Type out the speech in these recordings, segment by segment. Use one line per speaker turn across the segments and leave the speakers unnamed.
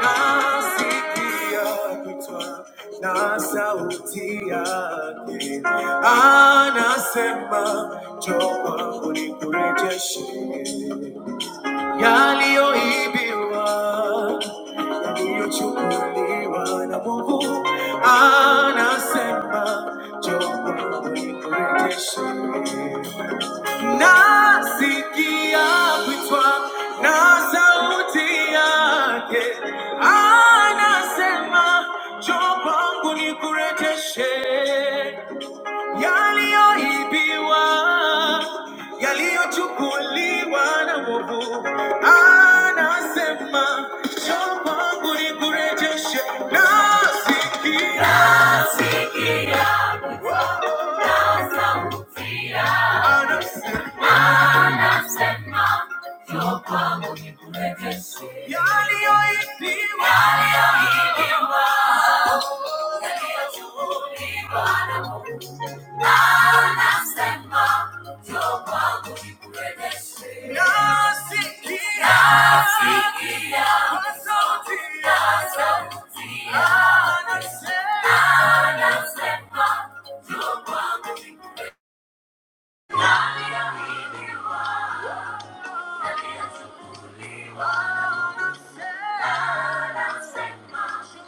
Nasi pia kitwa na sauti yake anasema, njoo kwangu nikurejeshe yaliyoibiwa, yaliyochukuliwa na Mungu. Anasema, njoo kwangu nikurejeshe. Nasikia kuitwa na sauti yake anasema, njoo kwangu nikurejeshe yaliyoibiwa, yaliyochukuliwa na wovu. Anasema, njoo kwangu nikurejeshe. Nasikia anasema, yaliyoibiwa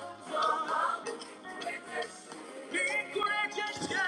Thank you. Encouragecer.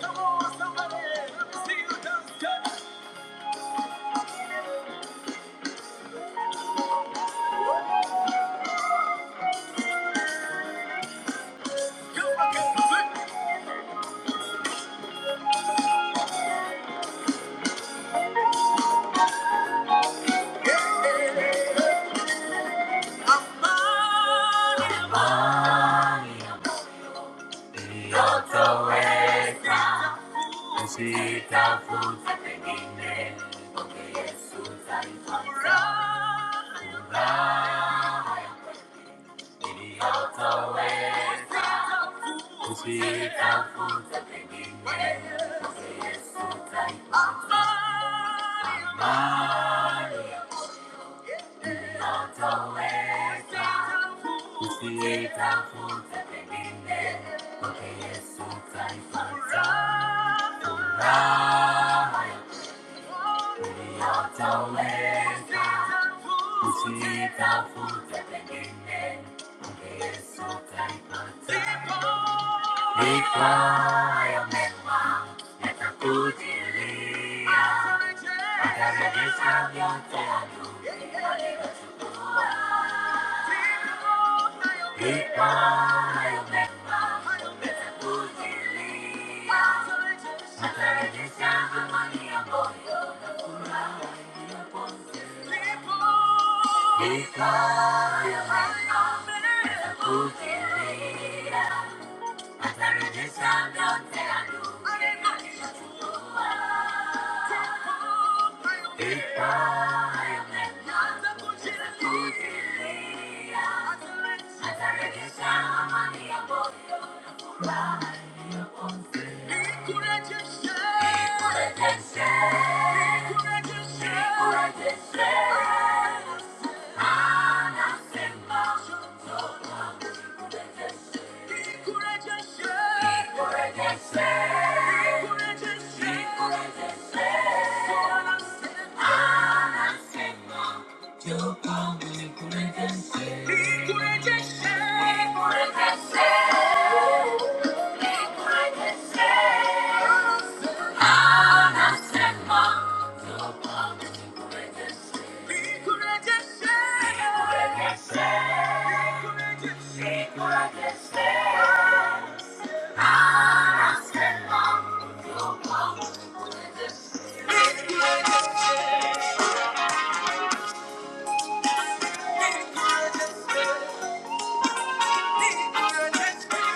Come on, somebody, let me see you dance. Come on, come on. Amani otoweza kitafuta pengine Mungu Yesu taipata. Furaha itoweza kujitafuta pengine Mungu Thank you. Because I'm a Nikurejeshe, nikurejeshe, Thank you. Thank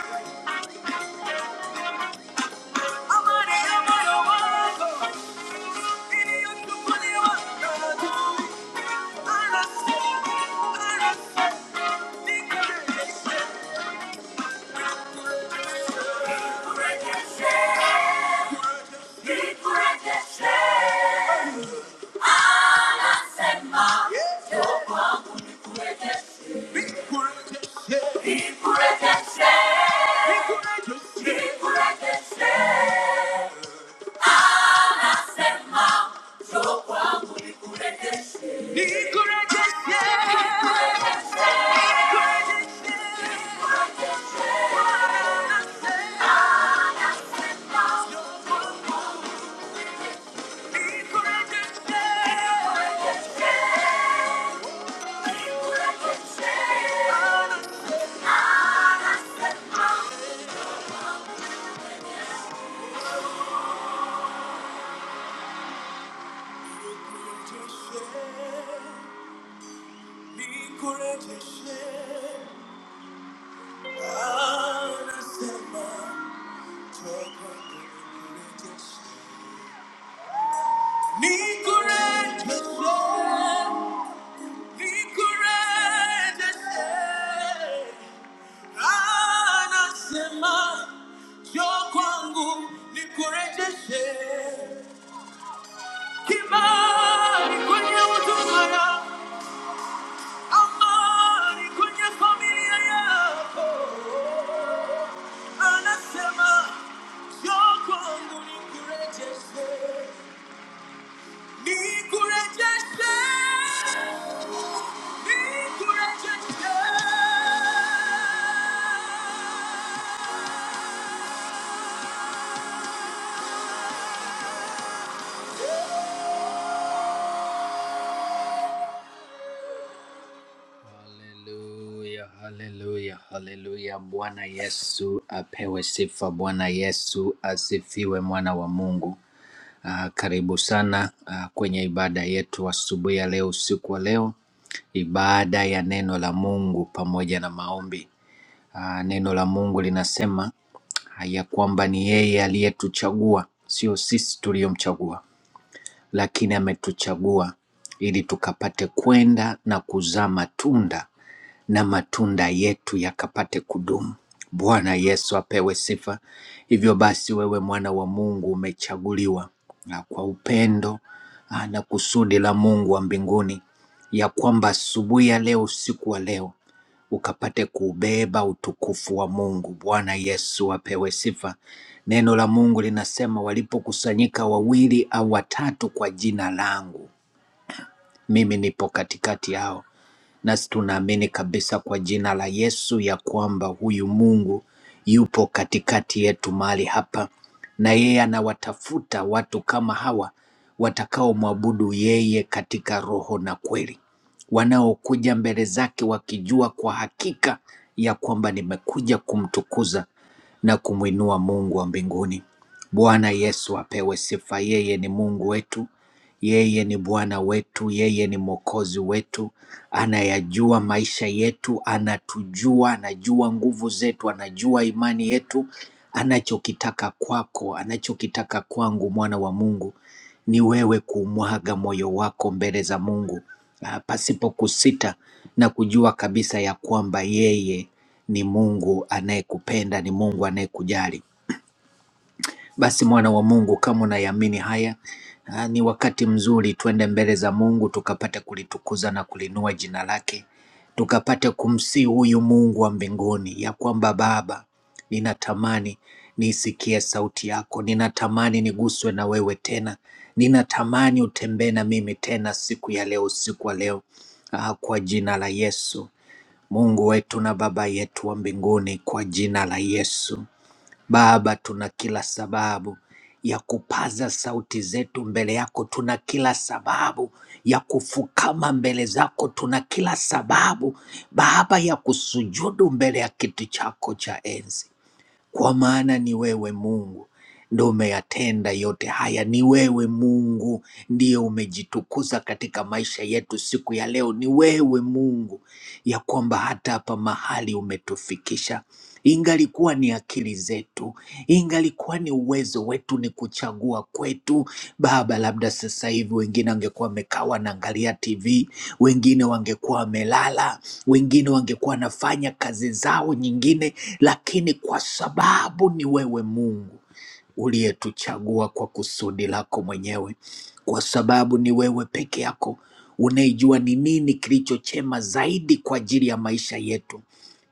you. Yeah. Nasema njoo kwangu nikurejeshe. Nikurejeshe. Nikurejeshe. Nikurejeshe. Anasema njoo kwangu nikurejeshe. Ni corregese, ni corregese. Anasema yo kwangu ni corregese. Kibali kwenye huduma yako, amani kwenye familia yako. Anasema yo kwangu ni corregese. Nikurejeshe, nikurejeshe. Haleluya, haleluya, haleluya. Bwana Yesu apewe sifa. Bwana Yesu asifiwe, mwana wa Mungu. Ah, karibu sana ah, kwenye ibada yetu asubuhi ya leo, usiku wa leo, ibada ya neno la Mungu pamoja na maombi. Ah, Neno la Mungu linasema ah, ya kwamba ni yeye aliyetuchagua, sio sisi tuliyomchagua, lakini ametuchagua ili tukapate kwenda na kuzaa matunda na matunda yetu yakapate kudumu. Bwana Yesu apewe sifa. Hivyo basi, wewe mwana wa Mungu umechaguliwa ah, kwa upendo ah, na kusudi la Mungu wa mbinguni, ya kwamba asubuhi ya leo, usiku wa leo ukapate kuubeba utukufu wa Mungu. Bwana Yesu apewe sifa. Neno la Mungu linasema walipokusanyika wawili au watatu kwa jina langu, mimi nipo katikati yao nasi tunaamini kabisa kwa jina la Yesu ya kwamba huyu Mungu yupo katikati yetu mahali hapa, na yeye anawatafuta watu kama hawa watakaomwabudu yeye katika roho na kweli, wanaokuja mbele zake wakijua kwa hakika ya kwamba nimekuja kumtukuza na kumwinua Mungu wa mbinguni. Bwana Yesu apewe sifa, yeye ni Mungu wetu yeye ni Bwana wetu, yeye ni Mwokozi wetu, anayajua maisha yetu, anatujua, anajua nguvu zetu, anajua imani yetu. Anachokitaka kwako, anachokitaka kwangu, mwana wa Mungu, ni wewe kumwaga moyo wako mbele za Mungu ah, pasipo kusita na kujua kabisa ya kwamba yeye ni Mungu anayekupenda, ni Mungu anayekujali. Basi mwana wa Mungu, kama unayamini haya, ah, ni wakati mzuri tuende mbele za Mungu tukapate kulitukuza na kulinua jina lake, tukapate kumsihi huyu Mungu wa mbinguni ya kwamba Baba, ninatamani niisikie sauti yako, ninatamani niguswe na wewe tena, ninatamani utembee na mimi tena siku ya leo, usiku wa leo, ah, kwa jina la Yesu. Mungu wetu na Baba yetu wa mbinguni, kwa jina la Yesu. Baba, tuna kila sababu ya kupaza sauti zetu mbele yako, tuna kila sababu ya kufukama mbele zako, tuna kila sababu Baba ya kusujudu mbele ya kiti chako cha enzi, kwa maana ni wewe Mungu ndo umeyatenda yote haya. Ni wewe Mungu ndiye umejitukuza katika maisha yetu siku ya leo. Ni wewe Mungu ya kwamba hata hapa mahali umetufikisha ingalikuwa ni akili zetu, ingalikuwa ni uwezo wetu, ni kuchagua kwetu Baba. Labda sasa hivi wengine wangekuwa wamekaa wanaangalia TV, wengine wangekuwa wamelala, wengine wangekuwa wanafanya kazi zao nyingine, lakini kwa sababu ni wewe Mungu uliyetuchagua kwa kusudi lako mwenyewe, kwa sababu ni wewe peke yako unaijua ni nini kilicho chema zaidi kwa ajili ya maisha yetu.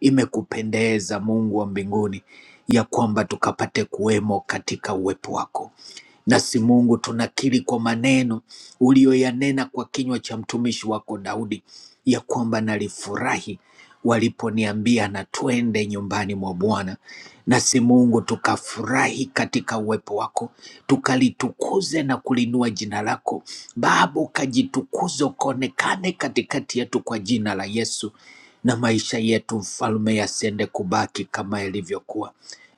Imekupendeza Mungu wa mbinguni ya kwamba tukapate kuwemo katika uwepo wako. Nasi Mungu tunakiri kwa maneno uliyoyanena kwa kinywa cha mtumishi wako Daudi, ya kwamba nalifurahi waliponiambia na twende nyumbani mwa Bwana. Nasi Mungu tukafurahi katika uwepo wako, tukalitukuze na kulinua jina lako Baba, ukajitukuze ukaonekane katikati yetu kwa jina la Yesu, na maisha yetu mfalme yasiende kubaki kama yalivyokuwa.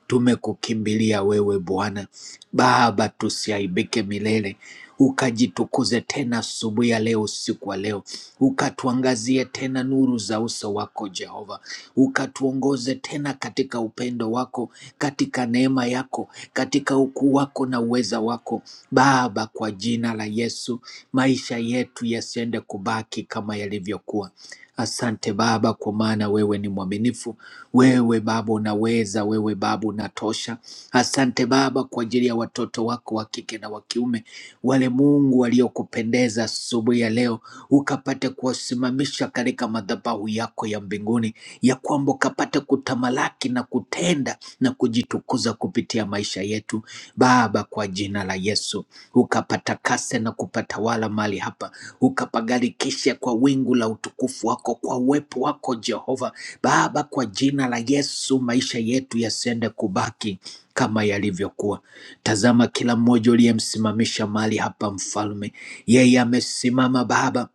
Tumekukimbilia wewe Bwana Baba, tusiaibike milele, ukajitukuze tena asubuhi ya leo, usiku wa leo, ukatuangazie tena nuru za uso wako Jehova, ukatuongoze tena katika upendo wako, katika neema yako, katika ukuu wako na uweza wako Baba. Kwa jina la Yesu, maisha yetu yasiende kubaki kama yalivyokuwa. Asante Baba, kwa maana wewe ni mwaminifu wewe Baba unaweza, wewe Baba unatosha. Asante Baba kwa ajili ya watoto wako wa kike na wa kiume, wale Mungu waliokupendeza asubuhi ya leo, ukapate kuwasimamisha katika madhabahu yako ya mbinguni, ya kwamba ukapate kutamalaki na kutenda na kujitukuza kupitia maisha yetu Baba, kwa jina la Yesu ukapatakase na kupatawala mahala mali hapa, ukapagarikishe kwa wingu la utukufu wako, kwa uwepo wako Jehova Baba, kwa jina la Yesu, maisha yetu yasiende kubaki kama yalivyokuwa. Tazama kila mmoja uliyemsimamisha mali hapa, Mfalme, yeye amesimama Baba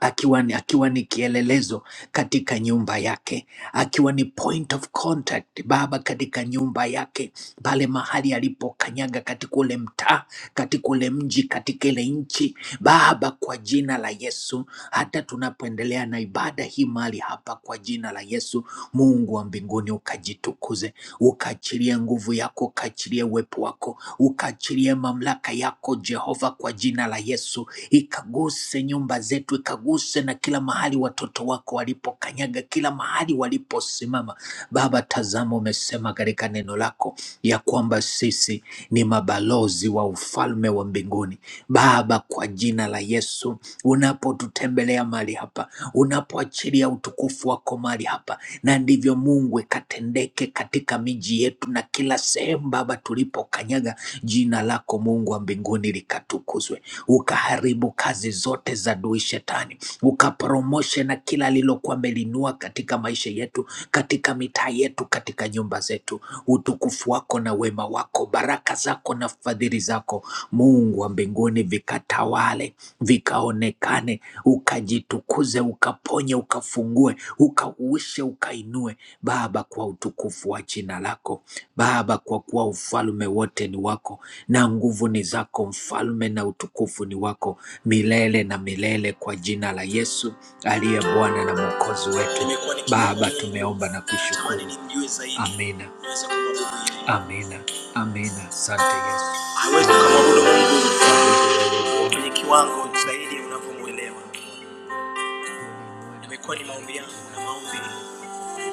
akiwa ni, akiwa ni kielelezo katika nyumba yake, akiwa ni point of contact Baba katika nyumba yake, pale mahali alipokanyaga katika ule mtaa, katika ule mji, katika ile nchi. Baba, kwa jina la Yesu, hata tunapoendelea na ibada hii mahali hapa, kwa jina la Yesu, Mungu wa mbinguni ukajitukuze, ukaachilie nguvu yako, ukaachilie uwepo wako, ukaachilie mamlaka yako Jehova, kwa jina la Yesu ikaguse nyumba zetu, ikaguse na kila mahali watoto wako walipokanyaga, kila mahali waliposimama. Baba, tazama, umesema katika neno lako ya kwamba sisi ni mabalozi wa ufalme wa mbinguni. Baba, kwa jina la Yesu, unapotutembelea mahali hapa, unapoachilia utukufu wako mahali hapa, na ndivyo Mungu ikatendeke katika miji yetu na kila sehemu Baba tulipokanyaga, jina lako Mungu wa mbinguni likatukuzwe, ukaharibu kazi kazi zote za adui shetani, ukapromoshe na kila alilokuwa amelinua katika maisha yetu, katika mitaa yetu, katika nyumba zetu. Utukufu wako na wema wako, baraka zako na fadhili zako, Mungu wa mbinguni, vikatawale, vikaonekane, ukajitukuze, ukaponye, ukafungue, ukauishe, ukainue Baba, kwa utukufu wa jina lako. Baba, kwa kuwa ufalme wote ni wako na nguvu ni zako, mfalme na utukufu ni wako milele na milele, kwa jina la Yesu aliye Bwana na Mwokozi wetu. Baba, tumeomba na kushukuru. Amina, amina, amina. Asante Yesu. Hawezi kumwabudu Mungu kwenye kiwango zaidi unavyomwelewa. Imekuwa ni maombi yangu na maombi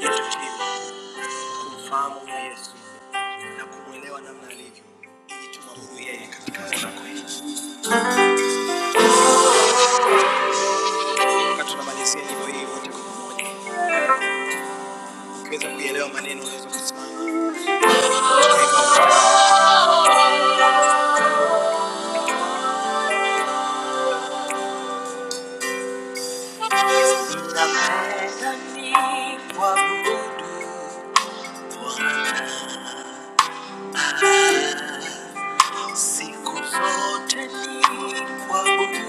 yetu chini kumfahamu Yesu. na kumwelewa namna alivyo, ili tumwabudu yeye katika tunakoishi. Wakati tunamalizia nyimbo hii wote kwa pamoja, ukiweza kuielewa maneno, unaweza kusimama. Ninakuabudu Bwana, siku zote nikuabudu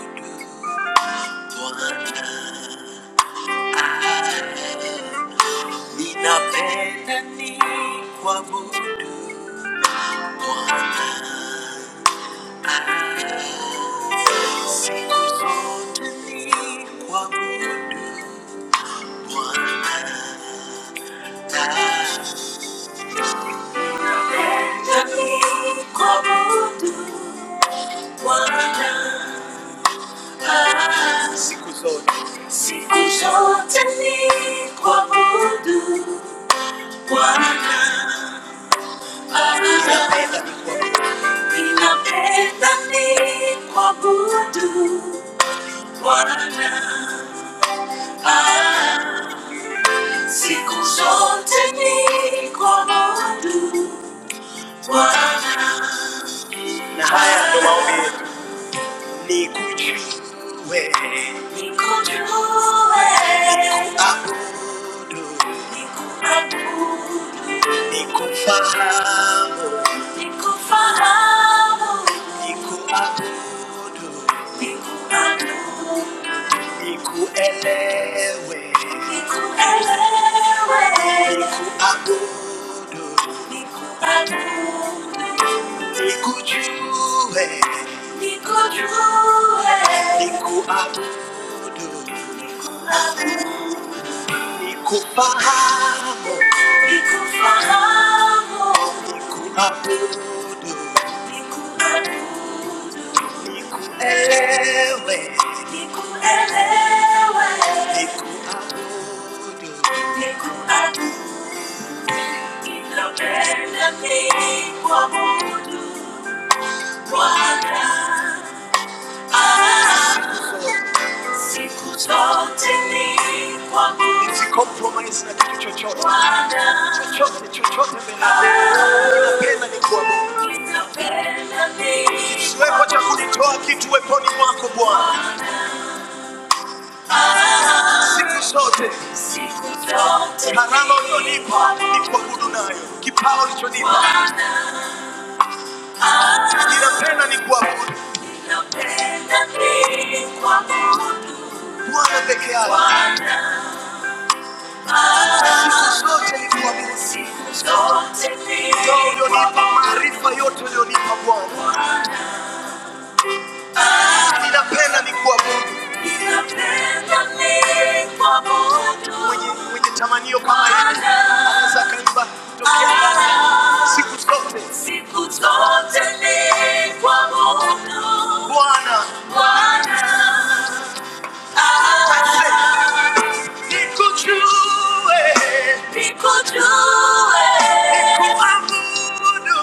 Bwana, ninapenda nikuabudu Bwana, nikuabudu Ah, ninakuabudu Bwana, ah, Siku zote ni kwa Mungu. Na haya ndo maombi nikujue Nikujue, nikuabudu nikuabudu, nikufahamu nikufahamu, nikuabudu nikuabudu. Nikuelewe. nikuelewe, Nikuabudu. nikuabudu, Nikujue. nikujue, Nikuabudu. Nikufahamu. nikufahamu, nikuabudu, elewe, Nikuelewe. nikuabudu. Ninapenda kuabudu Bwana. Ah, siku zote nikuabudu. Nisicompromise na kitu chochote. Bwana. Chochote, chochote mbele yako. Ninapenda nikuabudu. Ninapenda nikuabudu. Kisiwepo cha kunitoa kitu weponi mwako Bwana. Siku zote Siku zote. Karama ulionipa nikuabudu nayo. Kipawa ulichonipa Ninapenda ni kuabudu Ninapenda ni kuabudu. Bwana peke yake. Siku zote ni kuabudu. Siku zote ni. Ndio ulionipa maarifa yote ulionipa Bwana. Ninapenda mimi kuabudu. Ninapenda mimi kuabudu. Mwenye mwenye tamanio kama hili anaweza akaimba tokea Bwana siku zote. Siku zote ni kuabudu. Bwana. Bwana. Ah. Nikujue. Nikujue. Nikuabudu.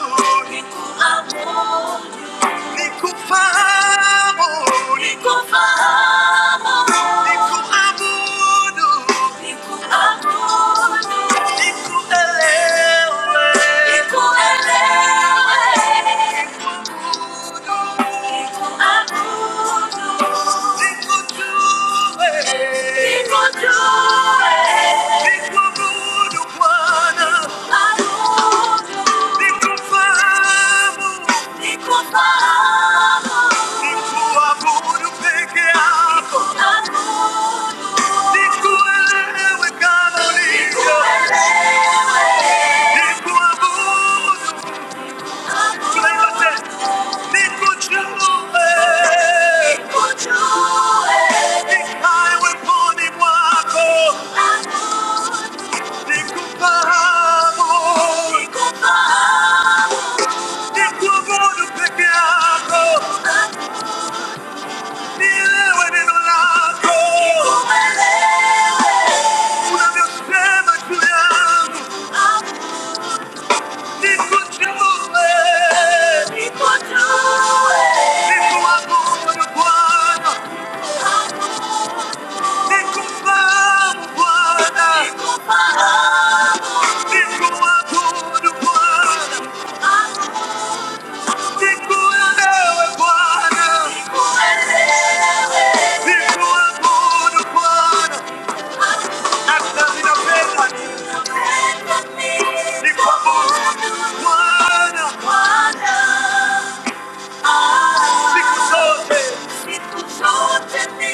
Nikuabudu. Nikufahamu. Nikufahamu. Nikuabudu. Nikuabudu. Nikuelewe. Nikuelewe. Nikuabudu. Nikuabudu. Nikujue. Nikujue. Nikuabudu Bwana. Abudu. Nikufahamu. Incomparado. Ni tu amor eu peguei alto. Ni tu elevo e canoniza. Ni tu elevo e- Ni tu amor eu levantei. Ni tu joelho. Ni tu joelho. Ni caiu em pone guaco. Ni tu amor. Ni tu amor eu peguei alto. Guarda! Siku zote ni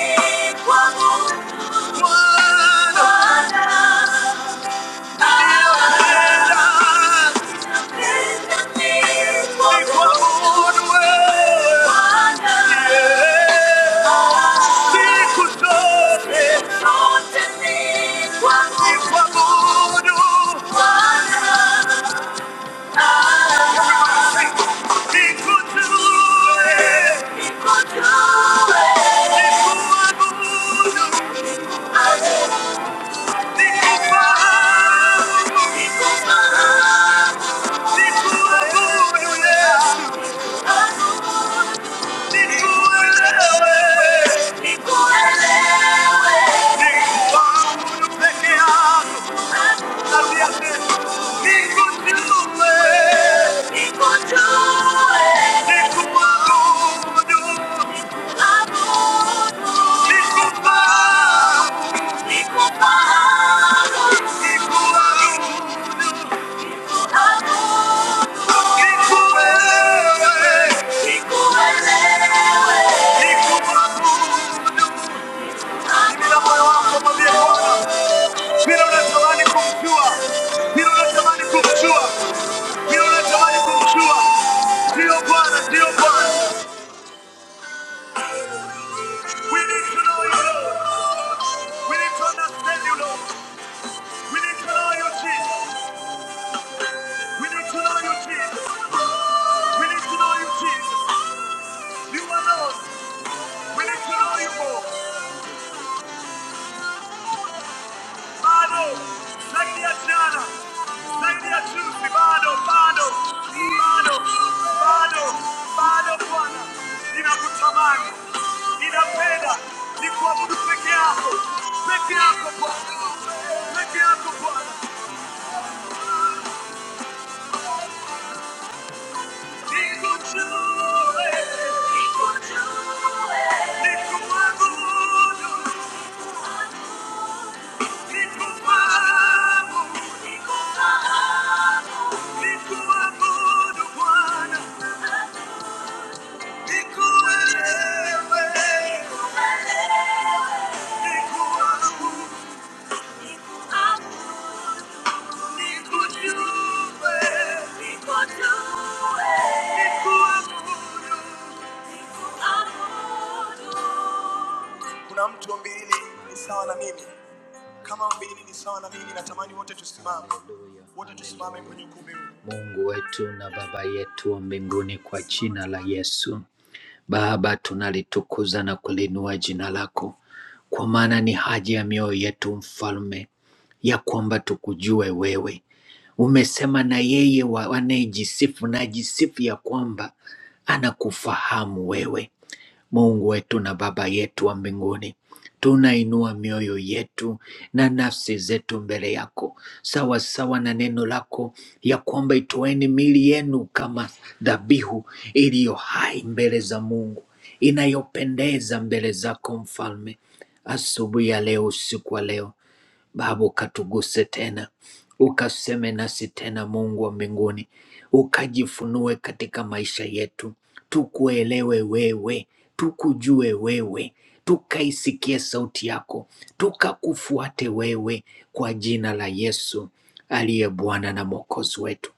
kwa Mungu Bwana. Yeah. Nico Bila moyo wako mwambie Bwana, bila unatamani kumjua, bila unatamani kumjua, bila unatamani kumjua. Ndiyo Bwana, ndiyo Bwana. We need to know you, Lord. We need to understand you, Lord. We need to know you, Jesus. We need to know you, Jesus. We need to know you, Jesus. You are alone. We need to know you more. Bado, saidia jana, saidia juzi, bado, bado, bado, bado, bado Bwana, ninakutamani, ninapenda nikuabudu peke yako, peke yako Bwana, peke yako Bwana, nikujue, nikuabudu, nikufahamu, nikuabudu Bwana. kuna mtu mbili ni sawa na mimi kama mbili ni sawa na mimi natamani wote tusimame Haleluya, wote tusimame haleluya. kwenye ukumbi huu Mungu wetu na Baba yetu wa mbinguni, kwa jina la Yesu, Baba, tunalitukuza na kuliinua jina lako, kwa maana ni haja ya mioyo yetu Mfalme ya kwamba tukujue wewe. Umesema na yeye wa- anayejisifu na ajisifu ya kwamba anakufahamu wewe. Mungu wetu na Baba yetu wa mbinguni, tunainua mioyo yetu na nafsi zetu mbele yako, sawa sawa na neno lako ya kwamba itoeni miili yenu kama dhabihu iliyo hai mbele za Mungu, inayopendeza mbele zako Mfalme. Asubuhi ya leo, usiku wa leo Baba ukatuguse tena, ukaseme nasi tena, Mungu wa mbinguni, ukajifunue katika maisha yetu, tukuelewe wewe, tukujue wewe, tukaisikie sauti yako, tukakufuate wewe, kwa jina la Yesu aliye Bwana na Mwokozi wetu.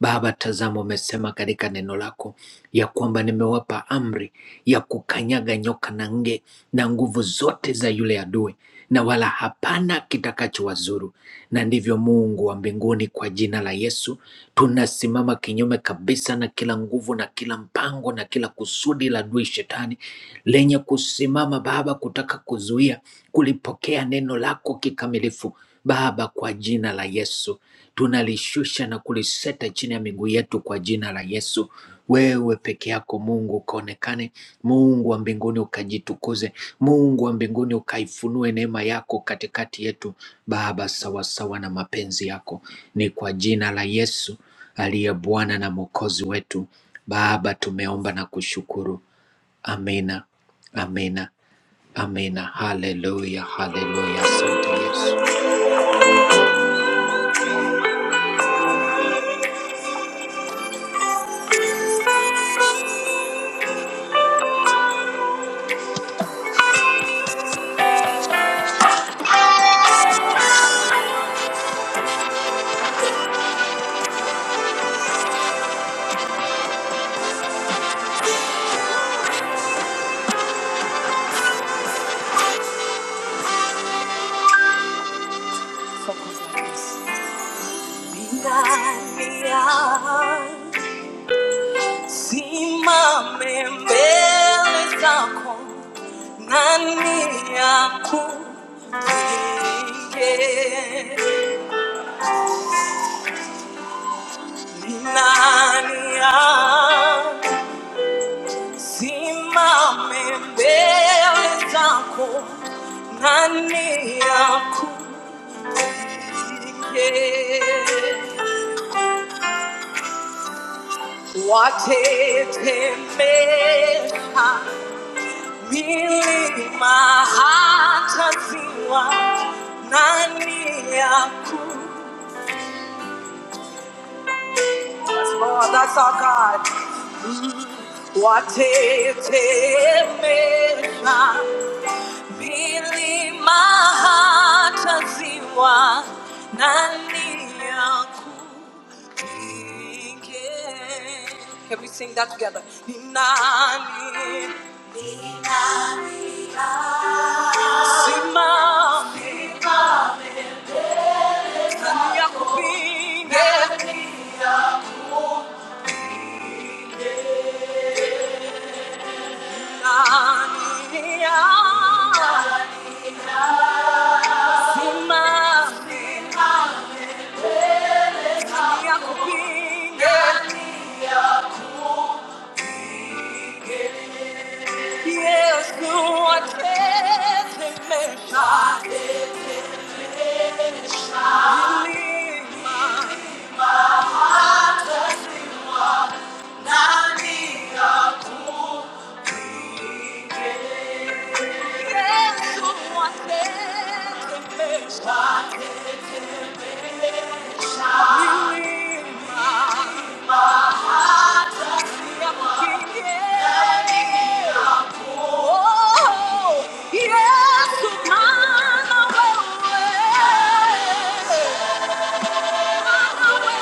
Baba, tazama, umesema katika neno lako ya kwamba nimewapa amri ya kukanyaga nyoka na nge na nguvu zote za yule adui, na wala hapana kitakachowazuru. Na ndivyo Mungu wa mbinguni, kwa jina la Yesu tunasimama kinyume kabisa na kila nguvu na kila mpango na kila kusudi la adui shetani lenye kusimama Baba, kutaka kuzuia kulipokea neno lako kikamilifu Baba, kwa jina la Yesu tunalishusha na kuliseta chini ya miguu yetu kwa jina la Yesu. Wewe peke yako Mungu ukaonekane, Mungu wa mbinguni ukajitukuze, Mungu wa mbinguni ukaifunue neema yako katikati yetu Baba, sawasawa na mapenzi yako. Ni kwa jina la Yesu aliye Bwana na Mwokozi wetu Baba, tumeomba na kushukuru. Amina, amina, amina. Haleluya, haleluya. Asante Yesu. Simame mbele zako, nani akupinge? Ni nani a- Simame mbele zako, nani akupinge? Watetemesha Nilima hata ziwa nani ya kutwa. That's our God. Watetemesha milima hata nani ya Can we sing that together? nani simame nani ya kupinge Oh, yes, man,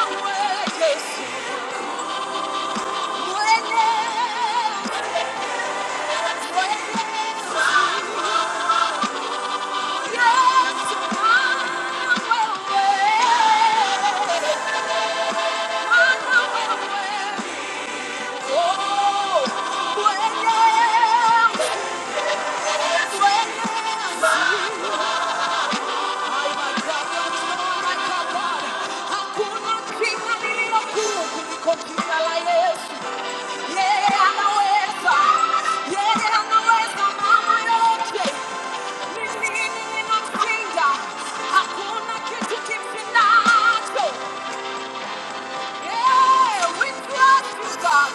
away. Yeah, anaweza. Yeah, anaweza mama yake. Yeah, we trust you, God.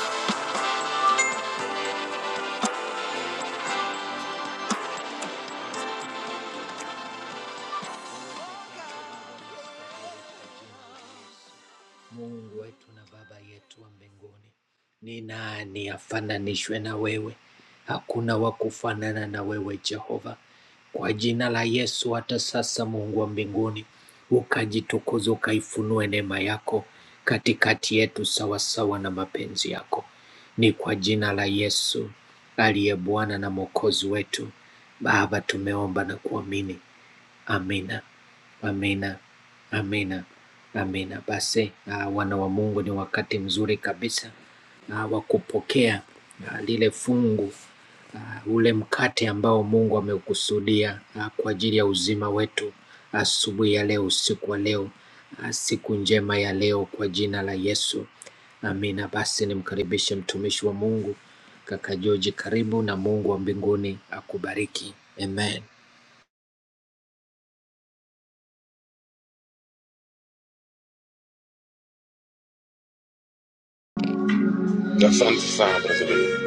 Mungu wetu na Baba yetu wa mbinguni, ni nani afananishwe na wewe? Hakuna wa kufanana na wewe Jehova. Kwa jina la Yesu, hata sasa Mungu wa mbinguni, ukajitukuze, ukaifunue neema yako katikati yetu sawasawa na mapenzi yako. Ni kwa jina la Yesu aliye Bwana na Mwokozi wetu. Baba, tumeomba na kuamini Amina, amina, amina, amina. Basi uh, wana wa Mungu, ni wakati mzuri kabisa uh, wa kupokea uh, lile fungu uh, ule mkate ambao Mungu amekusudia uh, kwa ajili ya uzima wetu asubuhi uh, ya leo, usiku wa leo, uh, siku njema ya leo, kwa jina la Yesu, amina. Basi nimkaribishe mtumishi wa Mungu kaka George, karibu na Mungu wa mbinguni akubariki. Amen.
Asante sana President,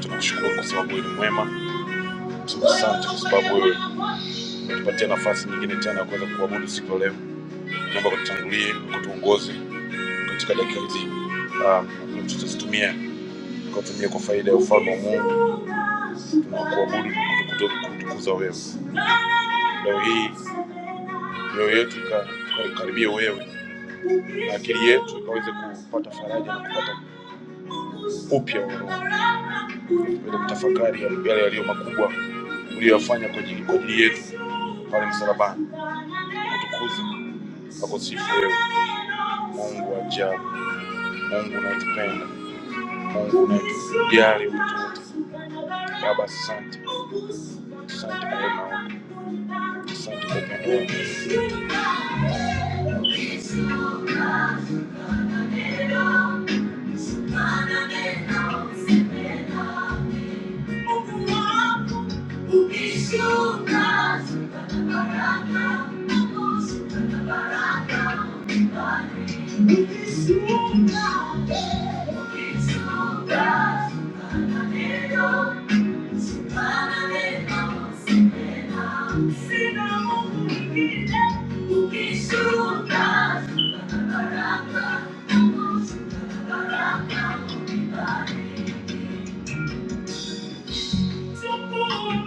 tunakushukuru kwa sababu wewe ni mwema. Asante kwa sababu wewe umetupatia nafasi nyingine tena ya kuweza kuabudu siku ya leo. Naomba kututangulie, kutuongoze katika dakika hizi um, ambazo tutazitumia kutumia kwa faida ya ufalme wa Mungu. Tunakuabudu na kutukuza kutukuza wewe leo hii, mioyo yetu ika- ikakaribia wewe na akili yetu ikaweze kupata faraja na kupata upya ili kutafakari yale yaliyo makubwa uliyoyafanya kwa ajili kwa ajili yetu pale msalabani, kutukuza na kusifu wewe, Mungu wa ajabu, Mungu unayetupenda, Mungu unatujali wote. Baba, asante, asante kwa wema wako, asante kwa upendo wako. Sukuma, yeah.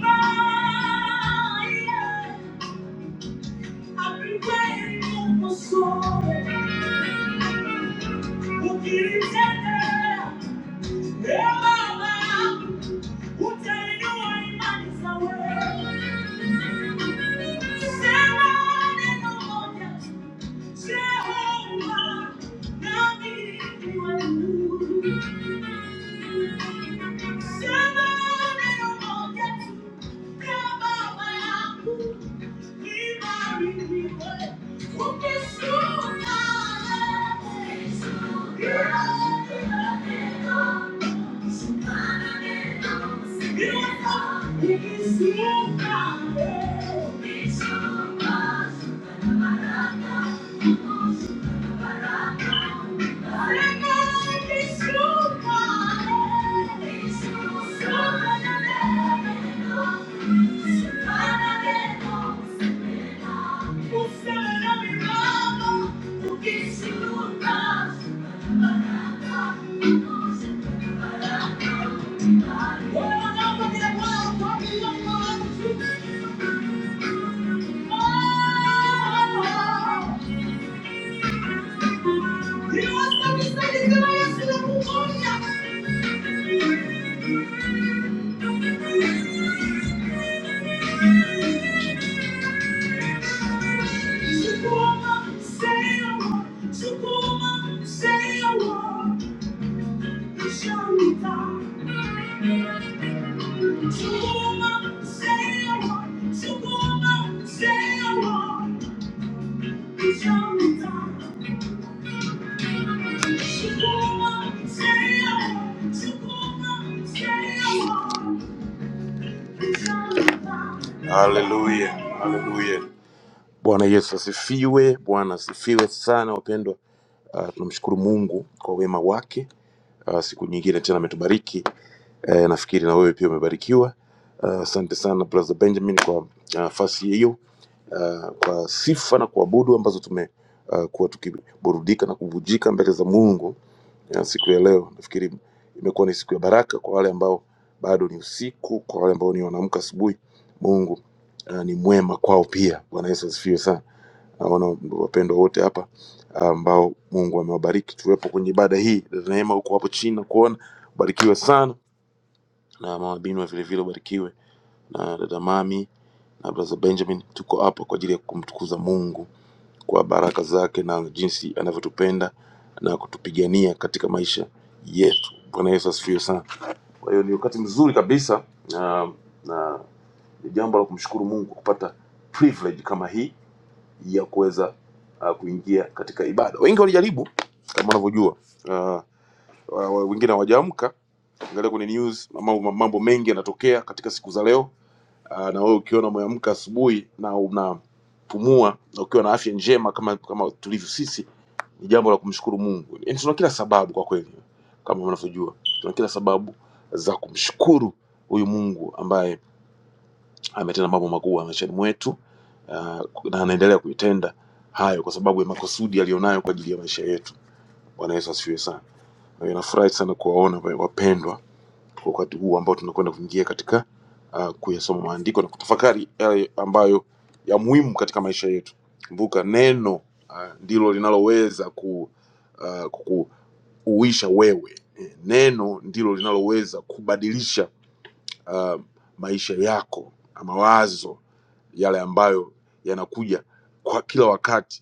I've been waiting on for so long. Who did it tender? Hey, mama. Who tell you I'm not his away? Say, Lord, and no more doubt. Say, Jehovah, now me, you are new. Say, Lord, and no more Thank you. Oh, Hallelujah. Hallelujah. Bwana Yesu asifiwe. Bwana asifiwe sana wapendwa. Uh, tunamshukuru Mungu kwa wema wake. Uh, siku nyingine tena ametubariki. Uh, nafikiri na wewe pia umebarikiwa. Ah, Asante sana brother Benjamin kwa uh, nafasi hiyo uh, kwa sifa na kuabudu ambazo tumekuwa tukiburudika na kuvujika mbele za Mungu ya siku ya leo. Nafikiri imekuwa ni siku ya baraka kwa wale ambao bado ni usiku, kwa wale ambao ni wanaamka asubuhi. Mungu uh, ni mwema kwao pia. Bwana Yesu asifiwe sana. Naona wapendwa wote hapa eh, ambao Mungu amewabariki. Tuwepo kwenye ibada hii. Dada Neema huko hapo chini na kuona, barikiwe sana na mama Binwa vile vile ubarikiwe na dada Mami na brother Benjamin. Tuko hapa kwa ajili ya kumtukuza Mungu kwa baraka zake na jinsi anavyotupenda na kutupigania katika maisha yetu. Bwana Yesu asifiwe sana. Kwa hiyo ni wakati mzuri kabisa na, na ni jambo la kumshukuru Mungu kupata privilege kama hii ya kuweza uh, kuingia katika ibada. Wengi walijaribu kama unavyojua uh, wa- wa- wengine hawajaamka. Angalia kwenye news, mambo, mambo mengi yanatokea katika siku za leo Ah, na wewe ukiona umeamka asubuhi na unapumua na ukiwa na afya njema kama kama tulivyo sisi ni jambo la kumshukuru Mungu. Yaani tuna kila sababu kwa kweli, kama mnavyojua, tuna kila sababu za kumshukuru huyu Mungu ambaye ametenda mambo makubwa maishani mwetu ah, na anaendelea kuitenda hayo kwa sababu ya makusudi aliyonayo kwa ajili ya maisha yetu. Bwana Yesu asifiwe sana. Na ninafurahi sana kuwaona wapendwa wakati huu ambao tunakwenda kuingia katika uh, kuyasoma maandiko na kutafakari yale ambayo ya muhimu katika maisha yetu. Kumbuka neno uh, ndilo linaloweza ku, uh, kuku, uisha wewe. Eh, Neno ndilo linaloweza kubadilisha uh, maisha yako na mawazo yale ambayo yanakuja kwa kila wakati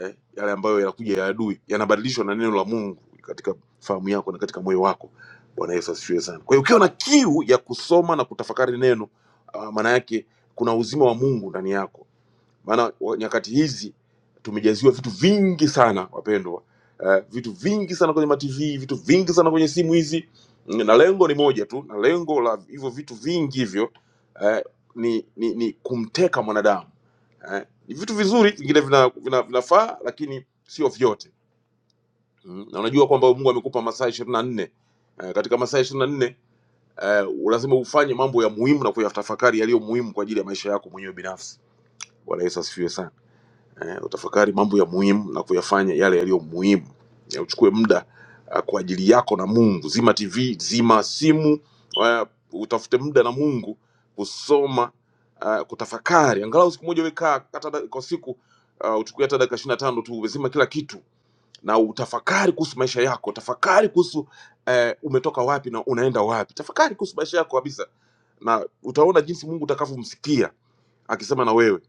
eh, yale ambayo yanakuja ya adui yanabadilishwa na neno la Mungu katika fahamu yako na katika moyo wako. Bwana Yesu asifiwe sana. Kwa hiyo ukiwa na kiu ya kusoma na kutafakari neno, ah, maana yake kuna uzima wa Mungu ndani yako maana wa- nyakati hizi tumejaziwa vitu vingi sana wapendwa eh, vitu vingi sana kwenye matv vitu vingi sana kwenye simu hizi Mm, na lengo ni moja tu na lengo la hivyo vitu vingi hivyo eh, ni, ni, ni kumteka mwanadamu eh, ni vitu vizuri vingine vinafaa vina, vina vinafaa, lakini sio vyote mm. na unajua kwamba mungu amekupa masaa ishirini na nne eh, katika masaa ishirini na nne eh, lazima ufanye mambo ya muhimu na kuyatafakari yaliyo muhimu kwa ajili ya maisha yako mwenyewe binafsi bwana yesu asifiwe sana eh, utafakari mambo ya muhimu na kuyafanya yale yaliyo muhimu ya uchukue muda ah, kwa ajili yako na mungu zima tv zima simu ah, utafute muda na mungu kusoma ah, kutafakari angalau siku moja wekaa hata da- kwa siku uh, uchukue hata dakika ishiri na tano tu umezima kila kitu na utafakari kuhusu maisha yako tafakari kuhusu eh, umetoka wapi na unaenda wapi tafakari kuhusu maisha yako kabisa na utaona jinsi mungu utakavyomsikia akisema na wewe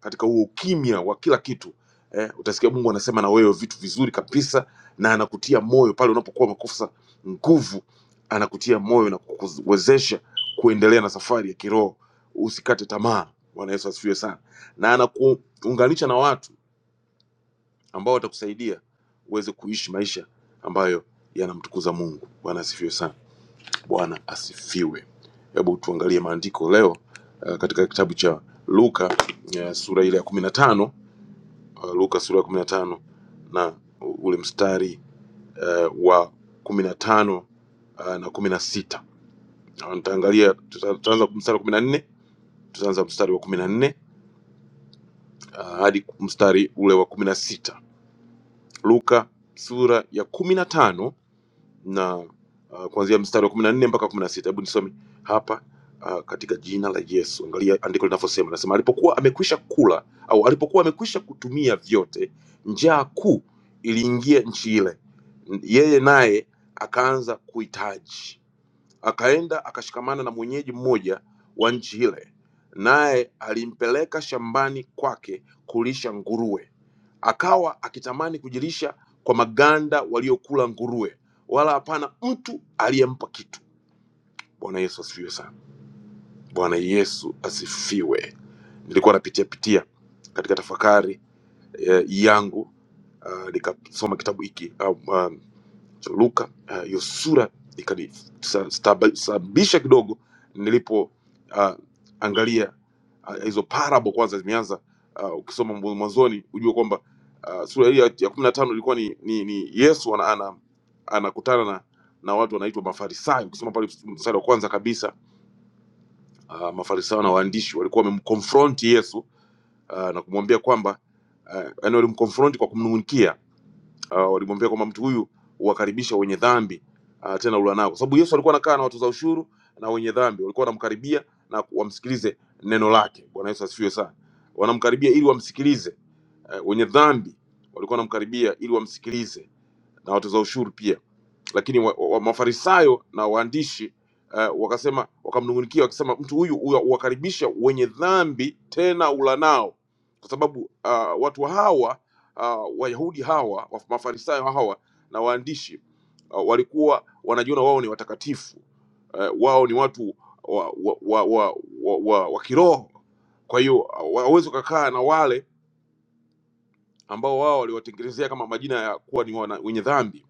katika huo ukimya wa kila kitu eh, utasikia Mungu anasema na wewe vitu vizuri kabisa, na anakutia moyo pale unapokuwa umekosa nguvu, anakutia moyo na kukuwezesha kuendelea na safari ya kiroho. Usikate tamaa. Bwana Yesu asifiwe sana, na anakuunganisha na watu ambao watakusaidia uweze kuishi maisha ambayo yanamtukuza Mungu. Bwana asifiwe sana. Bwana asifiwe. Hebu tuangalie maandiko leo uh, katika kitabu cha Luka uh, sura ile ya kumi na tano uh, Luka sura ya kumi na tano na ule mstari uh, wa kumi na tano uh, na kumi na sita uh, nitaangalia tuta- tutaanza mstari wa kumi na nne tutaanza mstari wa kumi na nne uh, hadi mstari ule wa kumi na sita Luka sura ya kumi na tano na uh, kuanzia mstari wa kumi na nne mpaka kumi na sita hebu nisome hapa uh, katika jina la yesu angalia andiko linavyosema nasema alipokuwa amekwisha kula au alipokuwa amekwisha kutumia vyote njaa kuu iliingia nchi ile N- yeye naye akaanza kuhitaji Akaenda akashikamana na mwenyeji mmoja wa nchi ile, naye alimpeleka shambani kwake kulisha nguruwe. Akawa akitamani kujilisha kwa maganda waliokula nguruwe, wala hapana mtu aliyempa kitu. Bwana Yesu asifiwe sana. Bwana Yesu asifiwe. Nilikuwa napitia pitia katika tafakari eh, yangu uh, nikasoma kitabu hiki uh, uh, so luka uh, hiyo sura ikanisababisha kidogo nilipo uh, angalia uh, hizo parable kwanza zimeanza uh, ukisoma mbu- mwanzoni ujue kwamba uh, sura hii ya ya kumi na tano ilikuwa ni, ni, ni yesu ana, ana, anakutana na na watu wanaitwa mafarisayo ukisoma pale mstari wa kwanza kabisa uh, mafarisayo na waandishi walikuwa wamemkonfronti yesu uh, na kumwambia kwamba uh, yani walimkonfronti kwa kumnung'unikia uh, walimwambia kwamba mtu huyu wakaribisha wenye dhambi uh, tena ula nao, kwa sababu Yesu alikuwa anakaa na watoza ushuru na wenye dhambi, walikuwa wanamkaribia na wamsikilize neno lake. Bwana Yesu asifiwe sana. Wanamkaribia ili wamsikilize. Uh, wenye dhambi walikuwa wanamkaribia ili wamsikilize na watoza ushuru pia lakini wa, wa, mafarisayo na waandishi uh, wakasema wakamnungunikia wakisema mtu huyu huwa- huwakaribisha wenye dhambi tena ula nao kwa sababu uh, watu hawa uh, wayahudi hawa wa- mafarisayo hawa na waandishi uh, walikuwa wanajiona wao ni watakatifu uh, wao ni watu wa, wa, wa, wa, wa, wa, wa kiroho kwa hiyo uh, hawawezi kukaa na wale ambao wao waliwatengenezea kama majina ya kuwa ni wana, wenye dhambi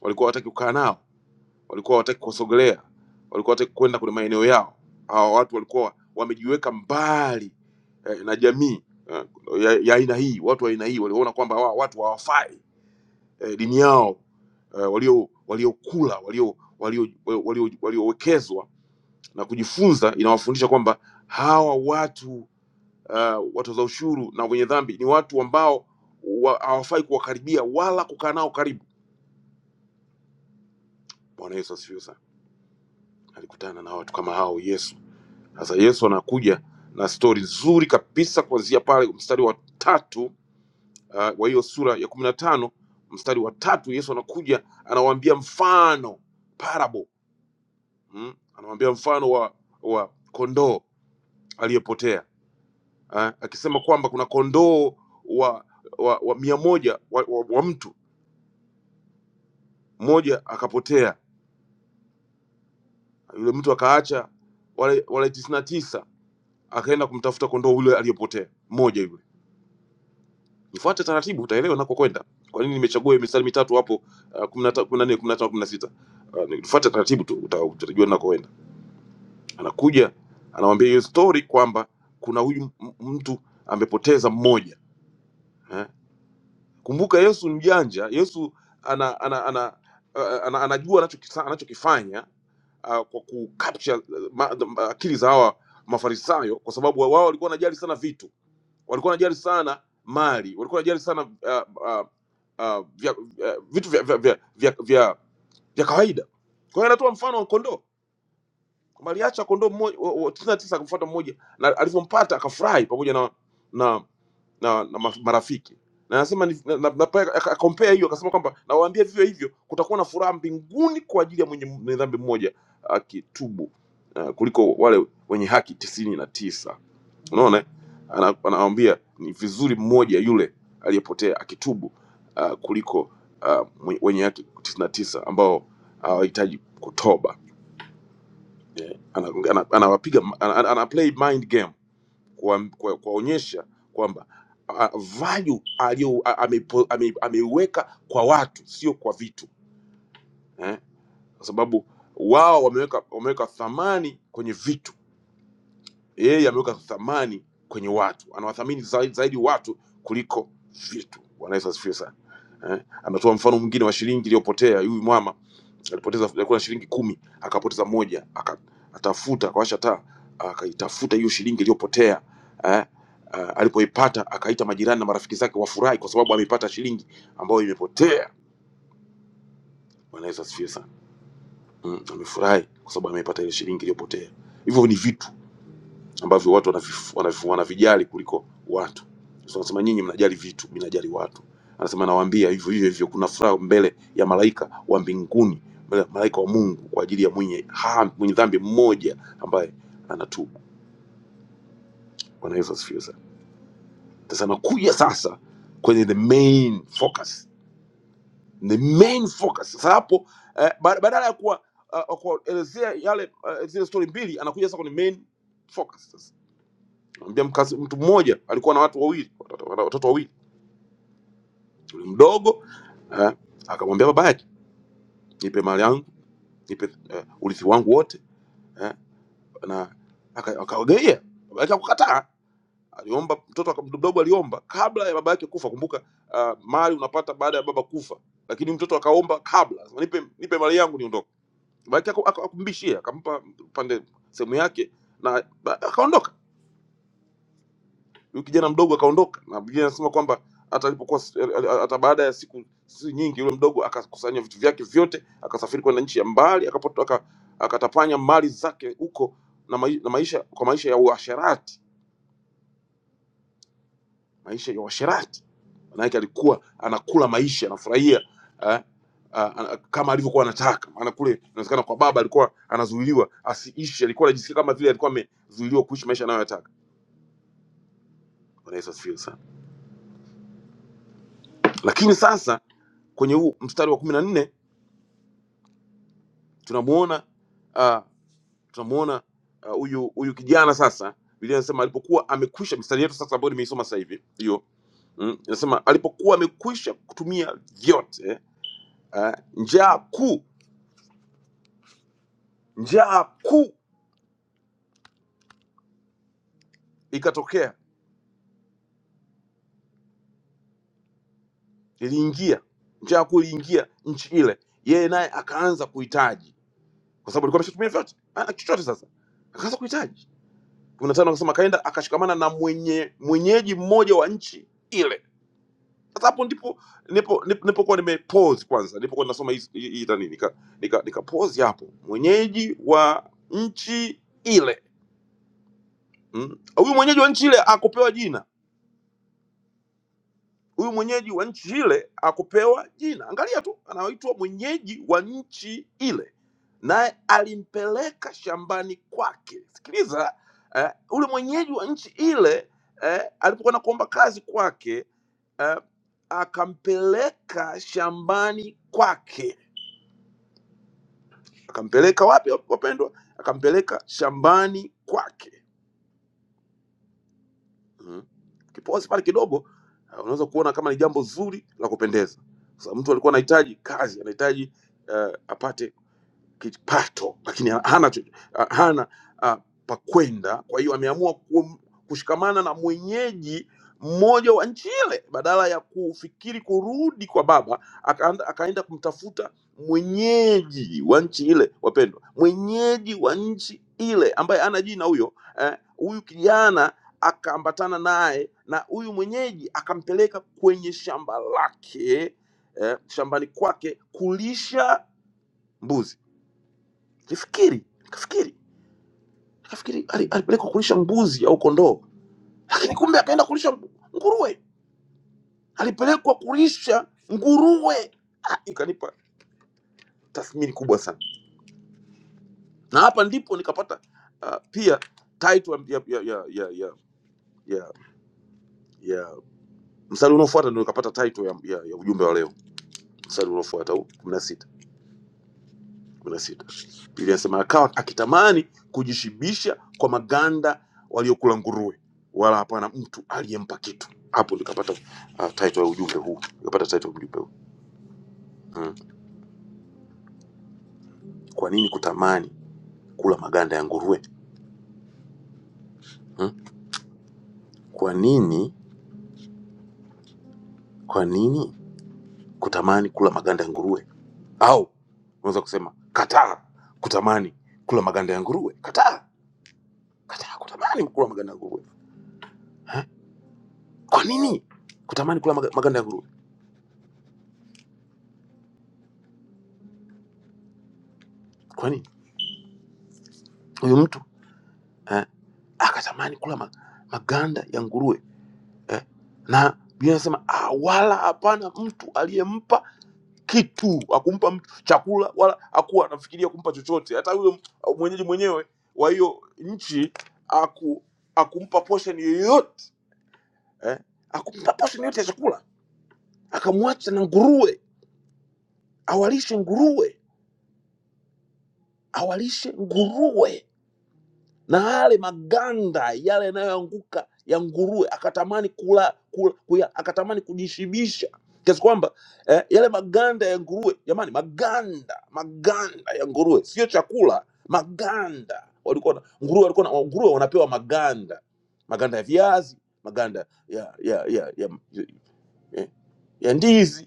walikuwa hawataki kukaa nao walikuwa hawataki kuwasogelea, walikuwa hawataki kwenda kwenye maeneo yao. Hawa watu walikuwa wamejiweka mbali eh, na jamii eh, ya ya aina hii. Watu wa aina hii waliona kwamba hawa watu hawafai eh, dini yao eh, walio waliokula walio walio walio waliowekezwa na kujifunza inawafundisha kwamba hawa watu uh, watoza ushuru na wenye dhambi ni watu ambao wa- hawafai wa, kuwakaribia wala kukaa nao karibu. Bwana Yesu asifiwe sana. Alikutana na watu kama hao Yesu Sasa Yesu anakuja na stori nzuri kabisa kuanzia pale mstari wa tatu uh, wa hiyo sura ya kumi na tano mstari wa tatu Yesu anakuja anawaambia mfano parable mm? anawaambia mfano wa wa kondoo aliyepotea uh, akisema kwamba kuna kondoo wa wa, wa mia moja wa, wa, wa mtu mmoja akapotea, yule mtu akaacha wale wale tisini na tisa akaenda kumtafuta kondoo yule aliyepotea mmoja yule Ifuate taratibu, utaelewa unakokwenda. Kwa nini nimechagua hiyo mistari mitatu hapo uh, 15 14 15 16? Uh, ifuate taratibu tu uta- utajua unakoenda. Anakuja anawaambia hiyo story kwamba kuna huyu m- mtu amepoteza mmoja. Eh? Kumbuka Yesu ni mjanja, Yesu ana ana ana, ana, ana anajua anachokisa- anachokifanya uh, kwa ku capture uh, ma- uh, akili za hawa Mafarisayo kwa sababu wao walikuwa wanajali sana vitu walikuwa wanajali sana mali, walikuwa wanajali sana uh, uh, uh, vya, uh, vitu vya, vya, vya, vya, vya, vya kawaida. Kwa hiyo anatoa mfano wa kondoo kwamba aliacha kondoo mmoja tisini na tisa akamfuata mmoja, na alivyompata akafurahi pamoja na na na, na ma- marafiki na anasema ni- na, na, na, pia aka- compare hiyo akasema kwamba nawaambia vivyo hivyo kutakuwa na furaha mbinguni kwa ajili ya mwenye mwenye dhambi mmoja akitubu uh, kuliko wale wenye haki tisini na tisa Unaona, eh? Ana- anawambia ni vizuri mmoja yule aliyepotea akitubu uh, kuliko uh, wenye haki tisini na tisa ambao hawahitaji uh, kutoba. Eh, ana- ana- Anawapiga ana, ana, ana play mind game kuwa- kuwa- kuwaonyesha kwa, kwamba uh, value aliyo a- amepo- ame- ameiweka kwa watu sio kwa vitu eh? Kwa sababu wao wameweka wameweka thamani kwenye vitu yeye ameweka thamani kwenye watu anawathamini zaidi, zaidi watu kuliko vitu bwana yesu asifiwe sana eh? anatoa mfano mwingine wa shilingi iliyopotea huyu mama alipoteza alikuwa na shilingi kumi akapoteza moja aka- atafuta akawasha taa akaitafuta hiyo shilingi iliyopotea eh? Uh, alipoipata akaita majirani na marafiki zake wafurahi kwa sababu ameipata shilingi ambayo imepotea bwana yesu asifiwe sana mm, amefurahi kwa sababu ameipata ile shilingi iliyopotea hivyo ni vitu ambavyo watu wanavif- wanavif- wanavijali kuliko watu. So, anasema nyinyi mnajali vitu, mimi najali watu. Anasema nawaambia hivyo hivyo hivyo, kuna furaha mbele ya malaika wa mbinguni, mbele ya malaika wa Mungu kwa ajili ya mwenye ha, mwenye dhambi mmoja ambaye anatubu. Bwana Yesu asifiwe sana. Sasa nakuja sasa kwenye the main focus, the main focus. Sasa hapo eh, ba- badala ya kuwa uh, kuelezea yale eh, zile story mbili, anakuja sasa kwenye main focus. Nikamwambia mkazi, mtu mmoja alikuwa na watu wawili, watoto watoto wawili, yule mdogo eh, akamwambia baba yake, nipe mali yangu, nipe eh, urithi wangu wote eh, na aka- akawagaia. Baba yake akukataa, aliomba mtoto aka- mdogo aliomba kabla ya baba yake kufa. Kumbuka uh, mali unapata baada ya baba kufa, lakini mtoto akaomba kabla, sema, nipe nipe mali yangu niondoke. Baba yake aku- aku- akumbishia, akampa pande sehemu yake na ba- akaondoka. Huyu kijana mdogo akaondoka, na Biblia inasema kwamba hata alipokuwa hata baada ya siku si nyingi, yule mdogo akakusanya vitu vyake vyote, akasafiri kwenda nchi ya mbali, akapoto, aka, akatapanya mali zake huko na, mai, na maisha kwa maisha ya uasherati, maisha ya uasherati. Maana yake alikuwa anakula maisha, anafurahia eh, ah, ana- kama alivyokuwa anataka. Maana kule inawezekana kwa baba alikuwa anazuiliwa asiishi, alikuwa anajisikia kama vile alikuwa amezuiliwa kuishi maisha anayotaka. Bwana Yesu asifiwe sana. Lakini sasa kwenye huu mstari wa kumi na nne tunamuona ah, tunamuona ah, huyu uh, huyu kijana sasa biblia inasema alipokuwa amekwisha mstari yetu sasa ambayo nimeisoma sasa hivi hiyo mm, inasema alipokuwa amekwisha kutumia vyote ah, njaa kuu njaa kuu ikatokea iliingia njaa kuu iliingia nchi ile yeye naye akaanza kuhitaji kwa sababu alikuwa ameshatumia vyote ana chochote sasa akaanza kuhitaji kumi na tano akasema akaenda akashikamana na mwenye mwenyeji mmoja wa nchi ile Sasa hapo ndipo nipo nip- nipokuwa nime pause kwanza, nipokuwa ninasoma hizi- hii hii nani, nika, nika, nika pause hapo. Mwenyeji wa nchi ile mm, huyu mwenyeji wa nchi ile akupewa jina huyu mwenyeji wa nchi ile akupewa jina. Angalia tu, anaitwa mwenyeji wa nchi ile, naye alimpeleka shambani kwake. Sikiliza eh, ule mwenyeji wa nchi ile eh, alipokuwa nakuomba kazi kwake eh, akampeleka shambani kwake. Akampeleka wapi wapendwa? Akampeleka shambani kwake. Mm. Ukipozi pale kidogo uh, unaweza kuona kama ni jambo zuri la kupendeza. Sasa mtu alikuwa anahitaji kazi, anahitaji uh, apate kipato lakini ha- hana cho- ah, hana ah, pa kwenda kwa hiyo ameamua kum- kushikamana na mwenyeji mmoja wa nchi ile badala ya kufikiri kurudi kwa baba akaenda, akaenda kumtafuta mwenyeji wa nchi ile wapendwa mwenyeji wa nchi ile ambaye ana jina huyo eh, huyu kijana akaambatana naye na huyu mwenyeji akampeleka kwenye shamba lake eh, shambani kwake kulisha mbuzi Jifikiri, nikafikiri, nikafikiri ali- alipelekwa kulisha mbuzi au kondoo, lakini kumbe akaenda kulisha mbu- nguruwe. Alipelekwa kulisha nguruwe. Ah, ikanipa tathmini kubwa sana, na hapa ndipo nikapata uh, pia title ya ya ya ya ya, ya, ya mstari unaofuata ndio nikapata title ya, ya, ya ujumbe wa leo, mstari unaofuata huu kumi na sita kumi na sita. Biblia inasema akawa akitamani kujishibisha kwa maganda waliokula nguruwe, wala hapana mtu aliyempa kitu. Hapo nikapata uh, title ya ujumbe huu, nikapata title ya ujumbe huu mm. Kwa nini kutamani kula maganda ya nguruwe mm? Kwa nini, kwa nini kutamani kula maganda ya nguruwe? Au unaweza kusema kataa kutamani kula maganda ya nguruwe, kataa, kataa kutamani kula maganda ya nguruwe. Eh? Kwa nini kutamani kula maga- maganda ya nguruwe? Kwa nini huyu mtu eh? akatamani kula ma, maganda ya nguruwe eh? na Biblia inasema "Ah, wala hapana mtu aliyempa kitu, akumpa mtu chakula, wala hakuwa anafikiria kumpa chochote. Hata yule m- mwenyeji mwenyewe wa hiyo nchi aku, akumpa portion yoyote eh? akumpa portion yoyote ya chakula, akamwacha na nguruwe, awalishe nguruwe, awalishe nguruwe na yale maganda yale yanayoanguka ya nguruwe akatamani kula, kula kuya, akatamani kujishibisha kiasi kwamba eh, yale maganda ya nguruwe jamani, maganda maganda ya nguruwe sio chakula, maganda walikuwa na, nguruwe walikuwa na, nguruwe wanapewa maganda, maganda ya viazi, maganda ya ya ya, ya, ya, ya ya ndizi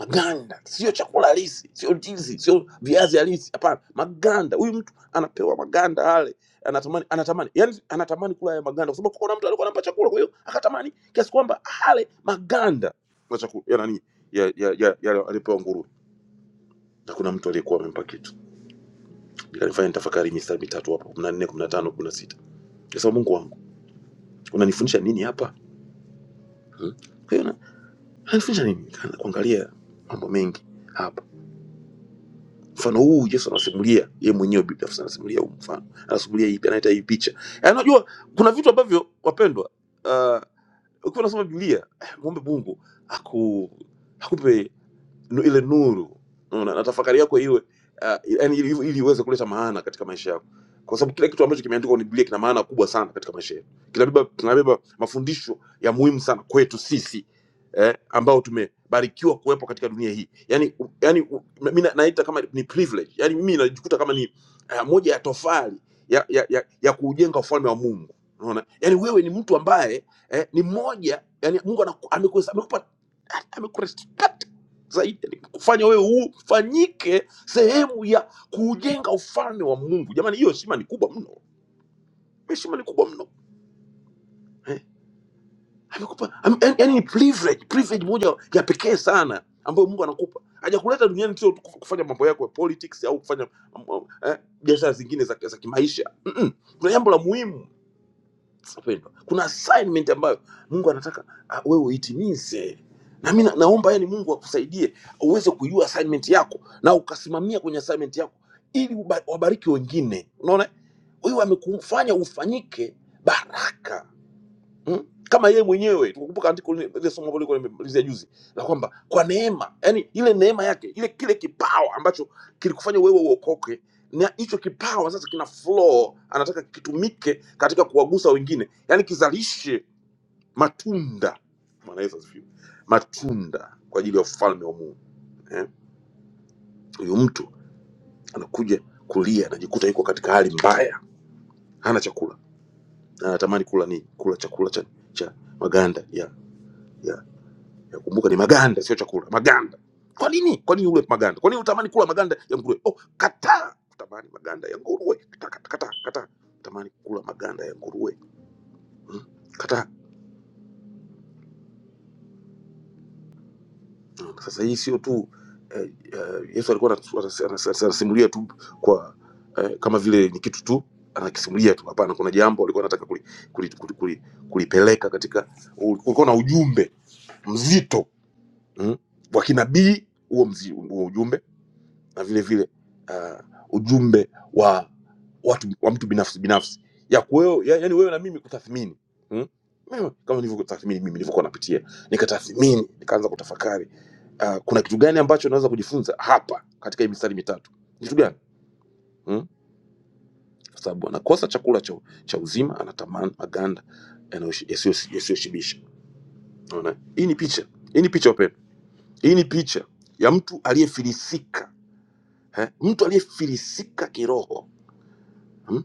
maganda, sio chakula halisi, sio ndizi, sio viazi halisi, hapana, maganda. Huyu mtu anapewa maganda yale, anatamani anatamani, yani anatamani kula haya maganda, kwa sababu kuna mtu alikuwa anampa chakula, kwa hiyo akatamani kiasi kwamba ale maganda ya chakula ya nani ya ya ya, ya alipewa nguruwe, na kuna mtu aliyekuwa amempa kitu. Ikanifanya nitafakari mistari mitatu hapa, 14, 15, 16. Sasa Mungu wangu, unanifundisha nini hapa? Hmm? Kwa hiyo na- unanifundisha nini? Nikaanza kuangalia mambo mengi hapa mfano huu Yesu anasimulia yeye mwenyewe binafsi anasimulia huu mfano, anasimulia hii, anaita hii picha. Yaani Unajua, kuna vitu ambavyo wapendwa, uh, ukiwa unasoma Biblia eh, muombe Mungu aku, akupe nu- ile nuru Unaona, na tafakari yako iwe ah, yaani ili, ili iweze kuleta maana katika maisha yako, kwa sababu kila kitu ambacho kimeandikwa kwenye Biblia kina maana kubwa sana katika maisha yetu. Kinabeba kinabeba mafundisho ya muhimu sana kwetu sisi eh, ambao tumebarikiwa kuwepo katika dunia hii. Yani, yani mimi na- naita kama ni privilege, yani mimi najikuta kama ni eh, moja ya tofali ya, ya, ya, ya kuujenga ufalme wa Mungu. Unaona, yani wewe ni mtu ambaye eh, ni mmoja, yani Mungu anaku- amekuhesabu- amekupa amekurespect zaidi ni kufanya wewe ufanyike sehemu ya kuujenga ufalme wa mungu jamani hiyo heshima ni kubwa mno heshima ni kubwa mno eh? amekupa am- yani yani ni privilege privilege moja ya pekee sana ambayo mungu anakupa hajakuleta duniani sio tu kuf- kufanya mambo yako ya politics au kufanya um, um, eh, biashara zingine za, za kimaisha Mm-mm. kuna jambo la muhimu Wapendwa, kuna assignment ambayo Mungu anataka ah, wewe uitimize. Na mimi na- naomba yani Mungu akusaidie uweze kujua assignment yako na ukasimamia kwenye assignment yako ili uba- wabariki wengine. Unaona, wewe amekufanya ufanyike baraka Mm? Kama yeye mwenyewe tukumbuka andiko lile lile somo ambalo lilikuwa nimemalizia juzi la kwamba kwa neema, yani ile neema yake, ile kile kipawa ambacho kilikufanya wewe uokoke, na hicho kipawa sasa kina flow, anataka kitumike katika kuwagusa wengine, yani kizalishe matunda. Bwana Yesu asifiwe. Matunda kwa ajili ya ufalme wa Mungu. Eh? Huyu mtu anakuja kulia, anajikuta yuko katika hali mbaya, hana chakula, anatamani kula nini? Kula chakula cha, cha maganda ya kumbuka ni maganda sio chakula maganda kwa nini kwa nini ule maganda kwa nini utamani kula maganda ya nguruwe oh kataa utamani maganda ya nguruwe kataa kataa kataa kataa. utamani kula maganda ya nguruwe hmm? kataa hmm. sasa hii sio tu eh, eh, yesu alikuwa anatu- anas- anas- anasimulia tu kwa eh, kama vile ni kitu tu anakisimulia tu hapana kuna jambo alikuwa anataka kulipeleka kuli, kuli, kuli, kuli, kulipeleka katika ulikuwa na ujumbe mzito hmm? wa kinabii huo mzi- huo ujumbe na vile vile uh, ujumbe wa watu wa mtu binafsi binafsi ya kuweo, ya, yani wewe na mimi kutathmini hmm? Mimi, kama nilivyotathmini mimi nilivyokuwa napitia nikatathmini nikaanza kutafakari uh, kuna kitu gani ambacho naweza kujifunza hapa katika hii mistari mitatu kitu gani hmm? kwa sababu anakosa chakula cha, cha uzima anatamani maganda yanayoshi- yasiyo- yasiyoshibisha unaona hii ni picha hii ni picha wapendwa hii ni picha ya mtu aliyefilisika eh? mtu aliyefilisika kiroho Hmm?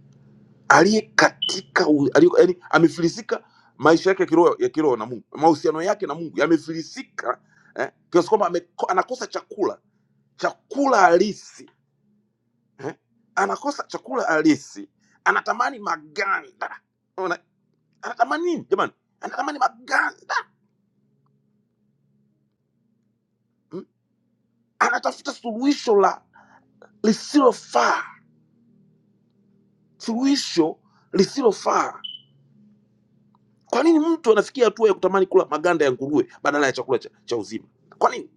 aliye katika u- aliye, yani, amefilisika maisha yake ya kiroho ya kiroho na Mungu, mahusiano yake na Mungu yamefilisika eh, kiasi kwamba ameko- anakosa chakula chakula halisi eh, anakosa chakula halisi, anatamani maganda. Unaona, anatamani nini jamani? Anatamani maganda mm? Anatafuta suluhisho la lisilofaa, suluhisho lisilofaa. Kwa nini mtu anafikia hatua ya kutamani kula maganda ya nguruwe badala ya chakula cha, cha uzima? Kwa nini?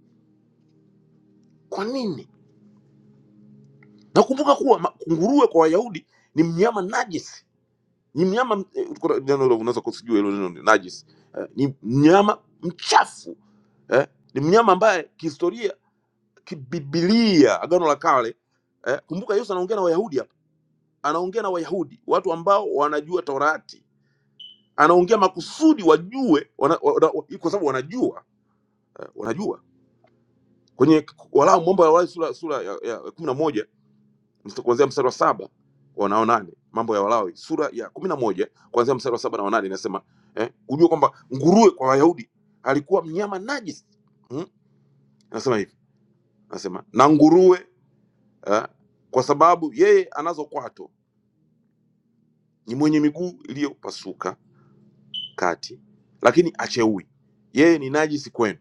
Kwa nini? na kumbuka kuwa ma- nguruwe kwa wayahudi ni mnyama najis ni mnyama eh, kuna neno hilo unaweza kusijua hilo neno ni najis eh, ni mnyama mchafu eh, ni mnyama ambaye kihistoria kibibilia agano la kale eh, kumbuka yesu anaongea na wayahudi hapa anaongea na wayahudi watu ambao wanajua torati anaongea makusudi wajue wana, wana, kwa sababu wanajua eh, wanajua kwenye walau mambo ya Walawi sura sura ya, ya kumi na moja Msta- kuanzia mstari wa saba wana wanane mambo ya walawi sura ya kumi na moja kuanzia mstari wa saba na wanane inasema eh, ujue kwamba nguruwe kwa wayahudi alikuwa mnyama najis hmm? nasema hivi nasema na nguruwe eh, kwa sababu yeye anazo kwato ni mwenye miguu iliyopasuka kati lakini acheui yeye ni najisi kwenu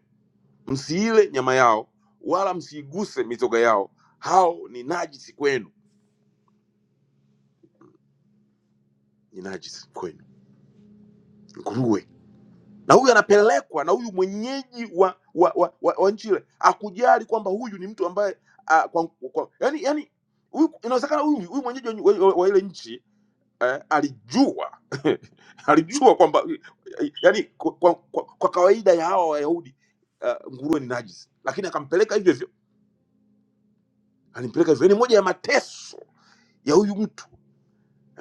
msiile nyama yao wala msiiguse mizoga yao hao ni najisi kwenu ni najisi kwenu nguruwe na huyu anapelekwa na huyu mwenyeji wa wa, wa, wa, wa nchi ile akujali kwamba huyu ni mtu ambaye a, kwa, kwa, yani, yani huyu inawezekana huyu huyu mwenyeji wa, wa, wa ile nchi eh, alijua alijua kwamba yani kwa, kwa, kwa, kwa kawaida ya hawa Wayahudi uh, nguruwe ni najisi, lakini akampeleka hivyo hivyo, alimpeleka hivyo. Ni moja ya mateso ya huyu mtu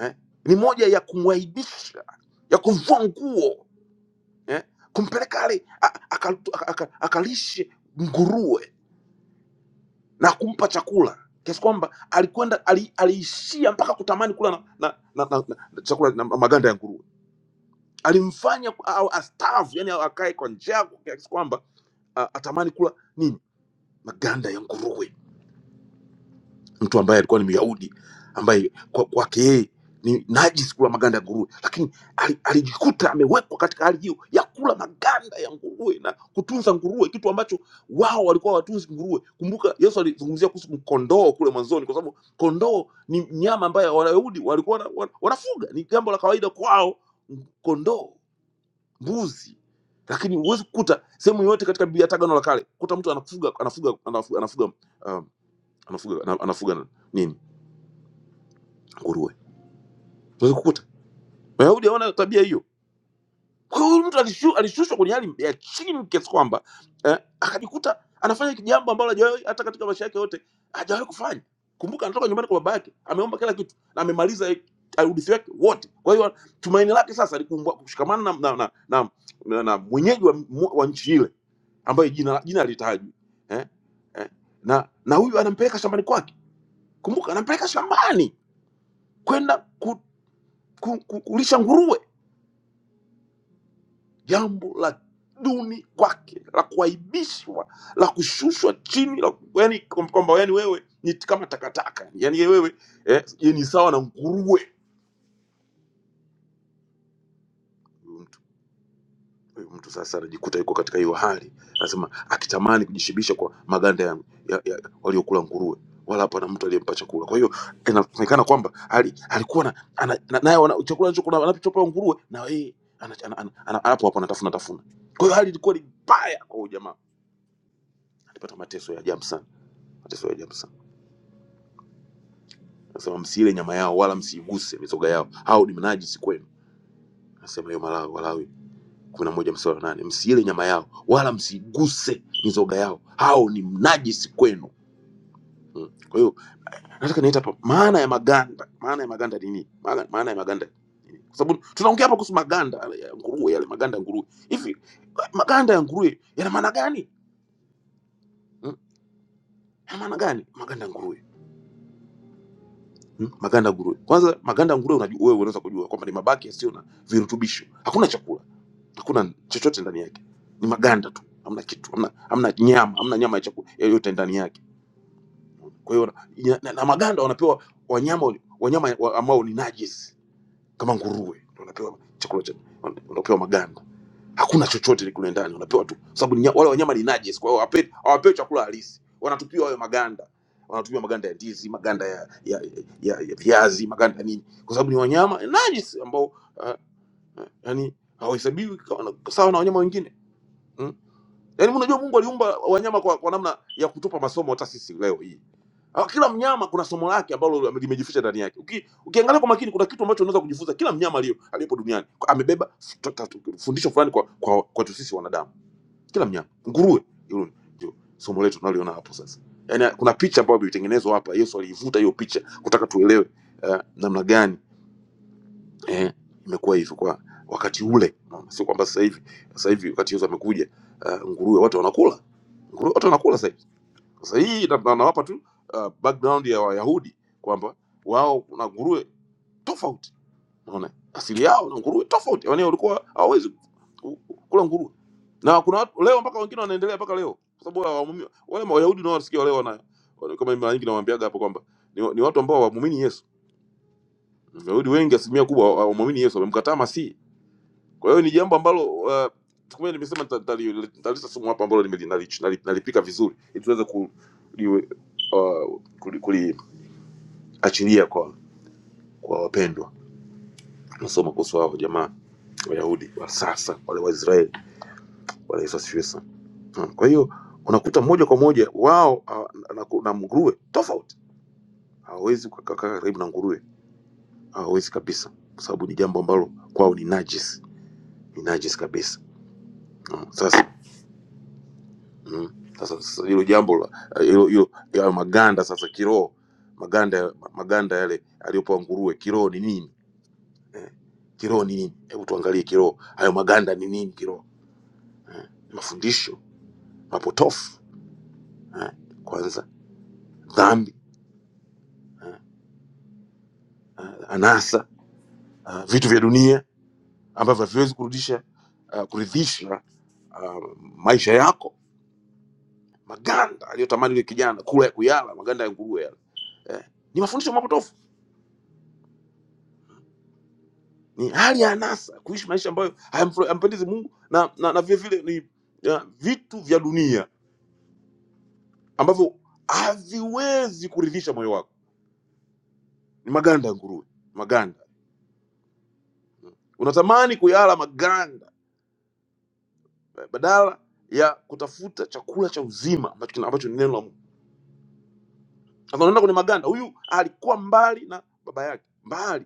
eh, ni moja ya kumwaibisha, ya kumvua nguo eh? kumpeleka ale a- aka- aka- akalishe nguruwe na kumpa chakula kiasi kwamba alikwenda ali- aliishia mpaka kutamani kula na, na, na, na, na chakula na maganda ya nguruwe alimfanya au astaafu yani akae kwa njaa kiasi kwamba a- atamani kula nini maganda ya nguruwe mtu ambaye alikuwa ni myahudi ambaye kwa- kwake yeye ni najis kula maganda ya nguruwe lakini ali- alijikuta amewekwa katika hali hiyo ya kula maganda ya nguruwe na kutunza nguruwe kitu ambacho wao walikuwa watunzi nguruwe kumbuka yesu alizungumzia kuhusu kondoo kule mwanzoni kwa sababu kondoo ni mnyama ambaye wayahudi walikuwa wana, wana, wanafuga ni jambo la kawaida kwao kondoo mbuzi lakini huwezi kukuta sehemu yoyote katika biblia hata agano la kale kuta mtu anafuga anafuga anafuga anafuga, um, anafuga, ana- anafuga nini nguruwe unaweza kukuta wayahudi hawana tabia hiyo kwa hiyo huyu mtu alishu, alishushwa kwenye hali ya chini kiasi kwamba eh, akajikuta anafanya jambo ambalo hajawahi hata katika maisha yake yote hajawahi kufanya kumbuka anatoka nyumbani kwa baba yake ameomba kila kitu na amemaliza eh, urithi wake wote kwa hiyo tumaini lake sasa likumbwa kushikamana na, na, na, na, na, na mwenyeji wa, wa nchi ile ambayo jina jina alitajwi eh, eh, na na huyu anampeleka shambani kwake kumbuka anampeleka shambani kwenda ku, ku, ku, kulisha nguruwe jambo la duni kwake la kuaibishwa la kushushwa chini la, yani, kwamba yani wewe ni kama takataka yani yeye wewe eh, yeye ni sawa na nguruwe Huyu mtu, huyu mtu sasa anajikuta yuko katika hiyo hali anasema akitamani kujishibisha kwa maganda ya, ya, ya waliokula nguruwe wala hapana mtu aliyempa chakula kwa hiyo inaonekana kwamba ali, alikuwa na, ana, na, naye wana- chakula anachokuwa anachopewa nguruwe na yeye ana- ana- ana- ana- hapo hapo anatafuna tafuna kwa hiyo hali ilikuwa ni mbaya kwa huyu jamaa alipata mateso ya ajabu sana Mateso ya ajabu sana. Anasema msiile nyama yao wala msiiguse mizoga yao, hao ni najisi kwenu. Anasema hiyo Malawi, Walawi kumi na moja mstari wa nane msiile nyama yao wala msiiguse mizoga yao, hao ni najisi kwenu. Mm. Kwa hiyo nataka niita hapa maana ya maganda. Maana ya maganda ni nini? Maana, maana ya maganda ni nini? Kwa sababu tunaongea hapa kuhusu maganda ya nguruwe, yale maganda ya nguruwe. Hivi maganda ya nguruwe yana maana gani? Mm. Yana maana gani maganda ya nguruwe? Mm, maganda ya nguruwe. Kwanza maganda ya nguruwe unajua, wewe unaweza kujua kwamba ni mabaki yasiyo na virutubisho, hakuna chakula, hakuna chochote ndani yake, ni maganda tu, hamna kitu, hamna, hamna nyama, hamna nyama ya chakula yoyote ndani yake. Kwa hiyo na, na, na maganda wanapewa wanyama wali- wanyama wa, ambao ni najis kama nguruwe, ndio wanapewa chakula cha, wanapewa maganda hakuna chochote kule ndani, unapewa tu, sababu ni nya- wale wanyama ni najis, kwa hiyo hawape- hawapewi chakula halisi, wanatupiwa hayo maganda, wanatupiwa maganda ya ndizi, maganda ya ya, ya, ya viazi, maganda ya nini, kwa sababu ni wanyama najis ambao uh, yani hawahesabiwi kama- sawa na wanyama wengine Hmm? Yaani unajua Mungu aliumba wanyama kwa, kwa namna ya kutupa masomo hata sisi leo hii. Ah, Kila mnyama kuna somo lake ambalo limejificha ndani yake. Uki, ukiangalia kwa makini kuna kitu ambacho unaweza kujifunza kila mnyama aliyo aliyepo duniani. Kwa- Amebeba fu- ta- ta- fundisho fulani kwa kwa kwetu sisi wanadamu. Kila mnyama. Nguruwe hilo ndio somo letu tunaliona hapo sasa. Yaani kuna picha ambayo ilitengenezwa hapa. Yesu aliivuta hiyo picha kutaka tuelewe uh, namna gani eh, imekuwa hivyo kwa wakati ule, Unaona? sio kwamba sasa hivi. Sasa hivi wakati Yesu amekuja, uh, nguruwe watu wanakula nguruwe, watu wanakula sasa hivi. Sasa hii na- na- nawapa tu uh, background ya Wayahudi kwamba wao na nguruwe tofauti, unaona asili yao na nguruwe tofauti, yaani walikuwa hawawezi ku- ku- kula nguruwe, na kuna watu leo mpaka wengine wanaendelea mpaka leo, kwa sababu hawaamini- wale Wayahudi nao wasikia leo wana wana- kama mara nyingi nawaambiaga hapo kwamba ni, ni watu ambao hawamwamini Yesu. Wayahudi wengi asilimia kubwa hawamwamini Yesu, wamemkataa Masihi kwa hiyo ni jambo ambalo uh, kumbe nimesema nita- nitali- nitalisa sumu hapa ambalo nimeli- nali- nali- nalipika vizuri ili tuweze ku- liwe, uh, kuli- kuliachilia kwa kwa wapendwa. Nasoma kuhusu hao jamaa Wayahudi wa sasa wale Waisraeli wale Yesu asifiwe sana. Hmm. Kwa hiyo unakuta moja kwa moja wao ah, na, na nguruwe tofauti, hawawezi kukaa karibu na nguruwe, hawawezi kabisa, kwa sababu ni jambo ambalo kwao ni najis, ni najis kabisa. Hmm. Sasa Mm. Sasa sasa hilo jambo la eh, hilo hilo hayo maganda sasa kiroho maganda ya- maganda yale aliyopewa nguruwe kiroho ni nini? Eh, kiroho ni nini? Hebu tuangalie kiroho, hayo maganda ni nini kiroho? Ni Mafundisho mapotofu eh, kwanza dhambi eh, eh, anasa eh, vitu vya dunia ambavyo haviwezi kurudisha uh, kuridhisha uh, maisha yako, maganda aliyotamani yule kijana kula ya kuyala maganda ya nguruwe yale eh, ni mafundisho mapotofu ni hali ya anasa kuishi maisha ambayo hayamfura- hayampendezi mungu na, na, na vile vile ni ya, vitu vya dunia ambavyo haviwezi kuridhisha moyo wako ni maganda ya nguruwe maganda unatamani kuyala maganda eh, badala ya kutafuta chakula cha uzima ambacho, kina- ambacho ni neno la mungu Sasa unaenda kwenye maganda, huyu alikuwa mbali na baba yake mbali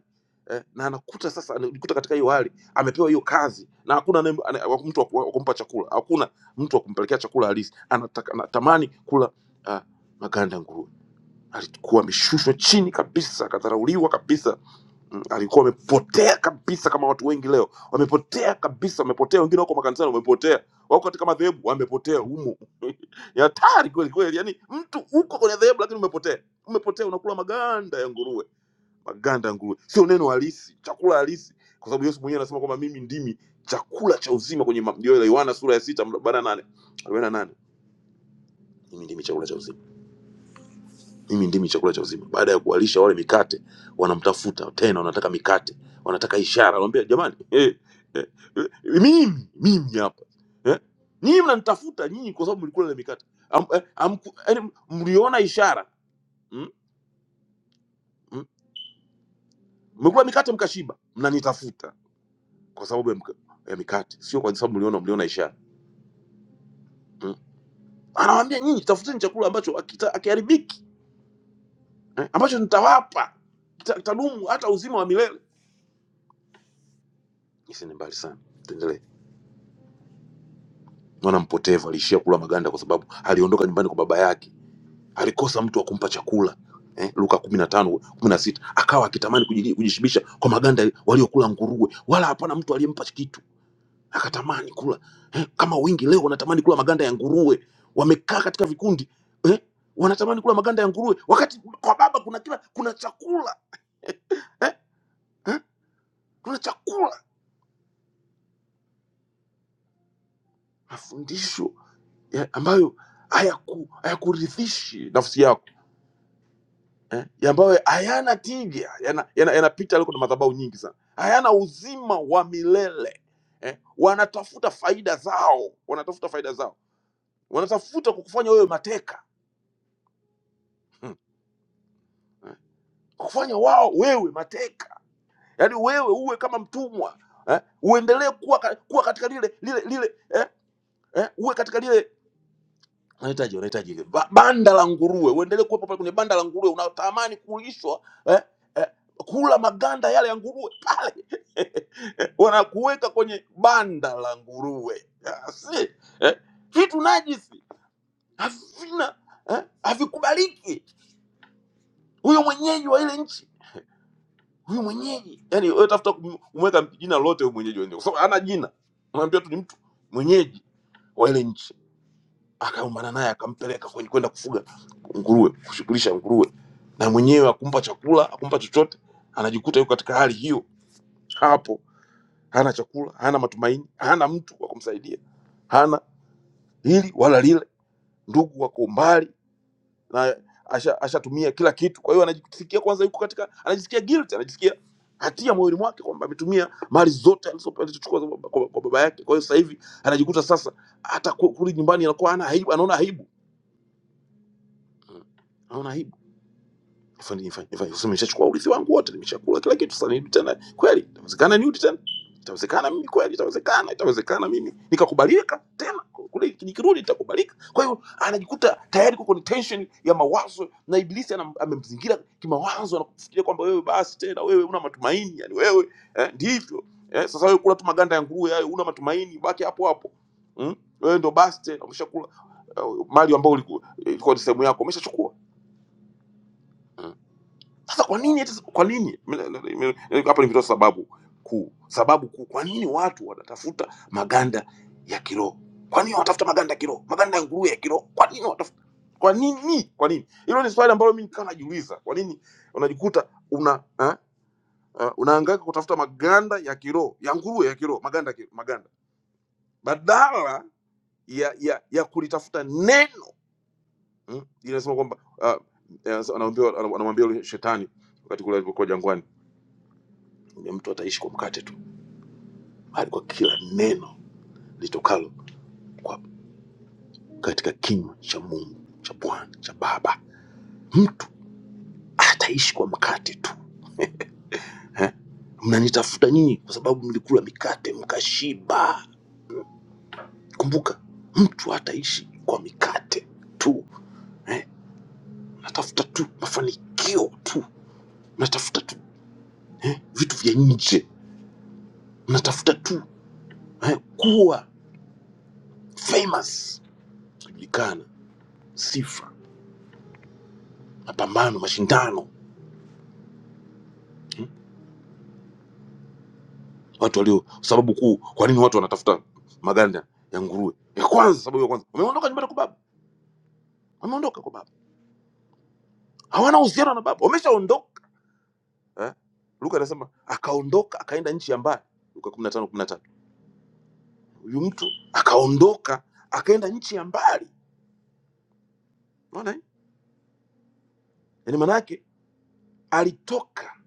eh, na anakuta sasa, anajikuta katika hiyo hali, amepewa hiyo kazi na hakuna anaye- ana- wa- mtu wa ku- wa kumpa chakula, hakuna mtu wa kumpelekea chakula halisi. Anataka- Anatamani kula uh, maganda ya nguruwe. Alikuwa ameshushwa chini kabisa, akadharauliwa kabisa Mm, alikuwa amepotea kabisa kama watu wengi leo wamepotea kabisa wamepotea wengine wako makanisani wamepotea wako katika madhehebu wamepotea humo Ni hatari kweli kweli yani mtu uko kwenye dhehebu lakini umepotea umepotea unakula maganda ya nguruwe maganda ya nguruwe sio neno halisi chakula halisi kwa sababu yesu mwenyewe anasema kwamba mimi ndimi chakula cha uzima kwenye ma- ndio ile yohana sura ya sita mra- arobaini na nane arobaini na nane mimi ndimi chakula cha uzima mimi ndimi chakula cha uzima. Baada ya kuwalisha wale mikate, wanamtafuta tena, wanataka mikate, wanataka ishara. Anamwambia jamani, eh, eh, eh, mimi mimi hapa eh, nyinyi mnanitafuta nyinyi kwa sababu mlikula ile mikate am, eh, am, yani, mliona ishara mmekula Mm, mm. mmekula mikate mkashiba, mnanitafuta kwa sababu ya, mka, ya mikate, sio kwa sababu mliona mliona ishara mm. Anawaambia nyinyi, tafuteni chakula ambacho hakita- hakiharibiki eh, ambacho nitawapa kita- kitadumu hata uzima wa milele. Isiende mbali sana, tuendelee. mwana mpotevu aliishia kula maganda kwa sababu aliondoka nyumbani kwa baba yake, alikosa mtu wa kumpa chakula eh, Luka kumi na tano kumi na sita akawa akitamani kujili- kujishibisha kwa maganda waliokula nguruwe, wala hapana mtu aliyempa kitu, akatamani kula eh, kama wengi leo wanatamani kula maganda ya nguruwe, wamekaa katika vikundi eh, wanatamani kula maganda ya nguruwe, wakati kwa baba kuna kila kuna chakula eh, eh, kuna chakula mafundisho eh, ambayo hayaku hayakuridhishi nafsi yako eh, ya ambayo hayana tija, yanapita yana, yana yanapita aliko na madhabahu nyingi sana, hayana uzima wa milele eh, wanatafuta faida zao, wanatafuta faida zao, wanatafuta kukufanya wewe mateka hmm. eh, kukufanya wao wewe mateka, yaani wewe uwe kama mtumwa eh, uendelee kuwa, ka- kuwa katika lile lile lile eh, eh, uwe katika lile unahitaji unahitaji hivi. ba, banda la nguruwe uendelee kuwepo pale kwenye banda la nguruwe unatamani kulishwa eh, eh, kula maganda yale ya nguruwe pale wanakuweka kwenye banda la nguruwe Ah, si eh, vitu najisi havina eh, havikubaliki huyo mwenyeji wa ile nchi huyo mwenyeji yani wewe tafuta kumweka jina lolote huyo mwenyeji wenyewe kwa sababu hana jina unaambia tu ni mtu mwenyeji wa ile nchi akaumana naye akampeleka kwenye kwenda kufuga nguruwe kushughulisha nguruwe na mwenyewe akumpa chakula akumpa chochote anajikuta yuko katika hali hiyo hapo hana chakula hana matumaini hana mtu wa kumsaidia hana hili wala lile ndugu wako umbali na asha- ashatumia kila kitu kwa hiyo anajisikia kwanza yuko katika anajisikia guilt anajisikia hatia moyoni mwake kwamba ametumia mali zote alizo- alizochukua za baba- kwa kwa baba yake kwa hiyo sasa hivi anajikuta sasa hata ku- kurudi nyumbani anakuwa ana aibu anaona aibu Hmm. anaona aibu Nifanye- nifanye- nifanye- sema nimeshachukua urithi wangu wote, nimeshakula kila kitu, sasa nirudi tena? Kweli itawezekana nirudi tena? Itawezekana mimi kweli? Itawezekana? Itawezekana mimi nikakubalika tena kule, nikirudi nitakubalika? Kwa hiyo anajikuta tayari kwa kwenye tension ya mawazo, na ibilisi anam- amemzingira kimawazo na kufikiria kwamba wewe basi tena, wewe una matumaini, yani wewe eh, ndivyo eh, sasa wewe kula tu maganda ya nguruwe hayo, una matumaini, baki hapo hapo mm? Wewe ndo basi tena, umeshakula eh, mali ambayo ilikuwa ilikuwa ni sehemu yako, umeshachukua Hmm? Sasa kwa nini eti, kwa nini Mimi- mimi- mimi- hapa nimetoa sababu kuu, sababu kuu kwa nini watu wanatafuta maganda ya kiroho? Kwa nini wanatafuta maganda ya kiroho, maganda ya nguruwe ya kiroho? Kwa nini wanatafuta? Kwa nini? Kwa nini? Hilo ni swali ambalo mimi nikawa najiuliza. Kwa nini unajikuta una eh, eh, unahangaika kutafuta maganda ya kiroho ya nguruwe ya kiroho, maganda ya kiroho, maganda badala ya ya, ya kulitafuta neno mm? Inasema kwamba uh, anamwambia anamwambia yule shetani wakati kule alipokuwa jangwani Yule mtu ataishi kwa mkate tu, bali kwa kila neno litokalo kwa katika kinywa cha Mungu cha Bwana cha Baba. Mtu ataishi kwa mkate tu eh? Mnanitafuta nyinyi kwa sababu mlikula mikate mkashiba. Kumbuka, mtu ataishi kwa mikate tu eh? Mnatafuta tu mafanikio tu, mnatafuta tu eh? vitu vya nje, mnatafuta tu eh? kuwa famous, kujulikana, sifa, mapambano, mashindano eh? watu walio sababu kuu kwa nini watu wanatafuta maganda ya nguruwe ya kwanza sababu ya kwanza wameondoka nyumbani kwa baba wameondoka kwa baba hawana uhusiano na baba wameshaondoka eh? luka anasema akaondoka akaenda nchi ya mbali luka 15 13 huyu mtu akaondoka akaenda nchi ya mbali unaona hii yani maana yake alitoka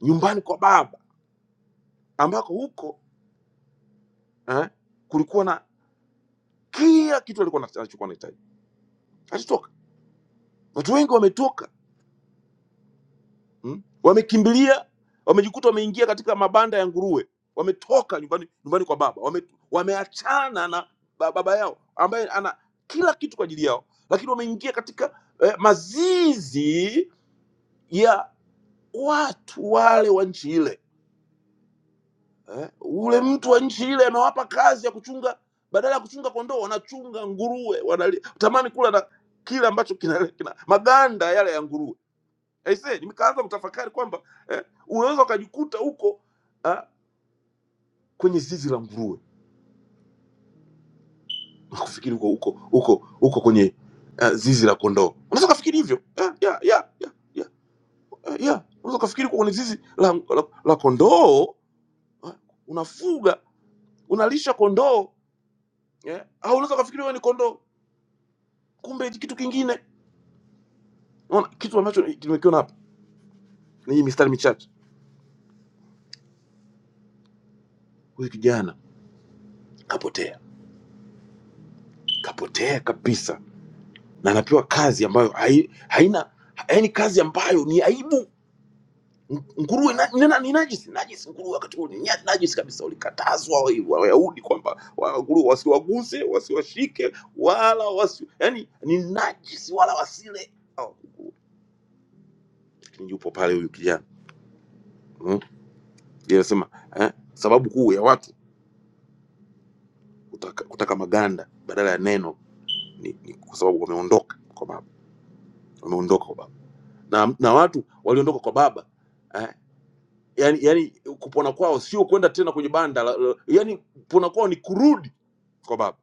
nyumbani kwa baba ambako huko eh, kulikuwa na kila kitu alikuwa anachokuwa anahitaji alitoka watu wengi wametoka mm? wamekimbilia wamejikuta wameingia katika mabanda ya nguruwe wametoka nyumbani nyumbani kwa baba wame, wameachana na ba- baba yao ambaye ana kila kitu kwa ajili yao lakini wameingia katika eh, mazizi ya watu wale wa nchi ile eh, ule mtu wa nchi ile amewapa kazi ya kuchunga badala ya kuchunga kondoo wanachunga nguruwe wanali, tamani kula na kile ambacho kina, kina maganda yale ya nguruwe Aisee, nikaanza kutafakari kwamba eh, unaweza ukajikuta huko ah, kwenye zizi la nguruwe na kufikiri huko huko huko huko kwenye ah, zizi la kondoo. Unaweza ukafikiri hivyo ya ya ya ya ya, eh, ya. Unaweza ukafikiri uko kwenye zizi la, la, la kondoo ah, unafuga unalisha kondoo eh, au unaweza ukafikiri wewe ni kondoo, kumbe ni kitu kingine. Unaona kitu ambacho nimekiona hapa ni hii mistari michache, huyu kijana kapotea, kapotea kabisa na anapewa kazi ambayo hai, haina yaani kazi ambayo ni aibu nguruwe na, ni, na- ni najisi najisi nguruwe wakati huo ni nya- najisi kabisa walikatazwa wa- wa- wayahudi kwamba wa- nguruwe wasiwaguse wasiwashike wala wasi yani ni najisi wala wasile Au, lakini yupo pale huyu kijana mm? Yeye anasema eh, sababu kuu ya watu kutaka, kutaka maganda badala ya neno ni, ni kwa sababu wameondoka kwa baba wameondoka kwa baba na, na watu waliondoka kwa baba eh, yani, yani kupona kwao sio kwenda tena kwenye banda la, la, yani kupona kwao ni kurudi kwa baba,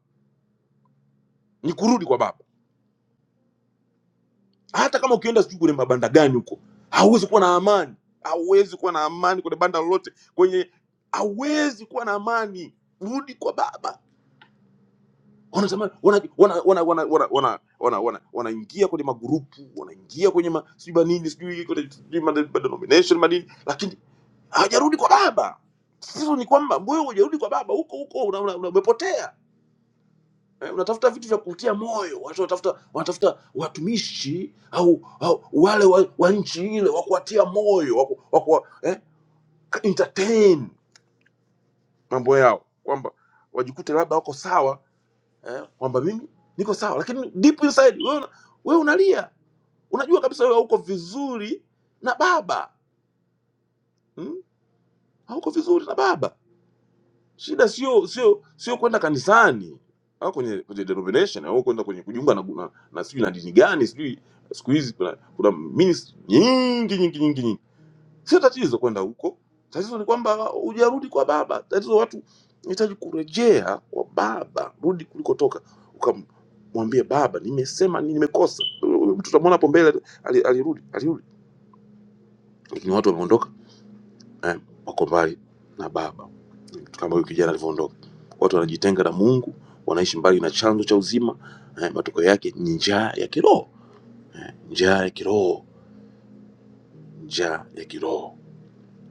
ni kurudi kwa baba. Hata kama ukienda sijui kwenye mabanda gani huko, hauwezi kuwa na amani, hauwezi kuwa na amani kwenye banda lolote, kwenye hauwezi kuwa na amani. Rudi kwa baba. Wanatamani wanaingia wana, wana, wana, wana, wana, wana, wana, wanaingia kwenye magurupu wanaingia kwenye ma, sijui manini sijui kwenye sijui ma- ma- denomination manini, lakini hawajarudi kwa baba. Sisi ni kwamba wewe hujarudi kwa baba, huko huko una- una- umepotea Eh, unatafuta vitu vya kutia moyo. Watu wanatafuta wanatafuta watumishi au, au wale wa, wa nchi ile wa kuwatia moyo wa ku- wa kuwa, eh, entertain mambo yao kwamba wajikute labda wako sawa eh, kwamba mimi niko sawa, lakini deep inside wewe una- wewe unalia, unajua kabisa wewe hauko vizuri na baba hmm? hauko vizuri na baba shida sio sio sio kwenda kanisani au kwenye kwenye denomination au kwenda kwenye kujiunga na na, na sijui na dini gani sijui siku hizi kuna kuna ministry nyingi nyingi nyingi nyingi sio tatizo kwenda huko tatizo ni kwamba hujarudi kwa baba tatizo watu unahitaji kurejea kwa baba rudi kulikotoka ukamwambie baba nimesema nini nimekosa Huyu mtu tutamwona hapo mbele ali- alirudi alirudi lakini watu wameondoka eh, wako mbali na baba kama huyu kijana alivyoondoka. Watu wanajitenga na Mungu, wanaishi mbali na chanzo cha uzima. Eh, matokeo yake ni njaa ya kiroho, eh, njaa ya kiroho, njaa ya kiroho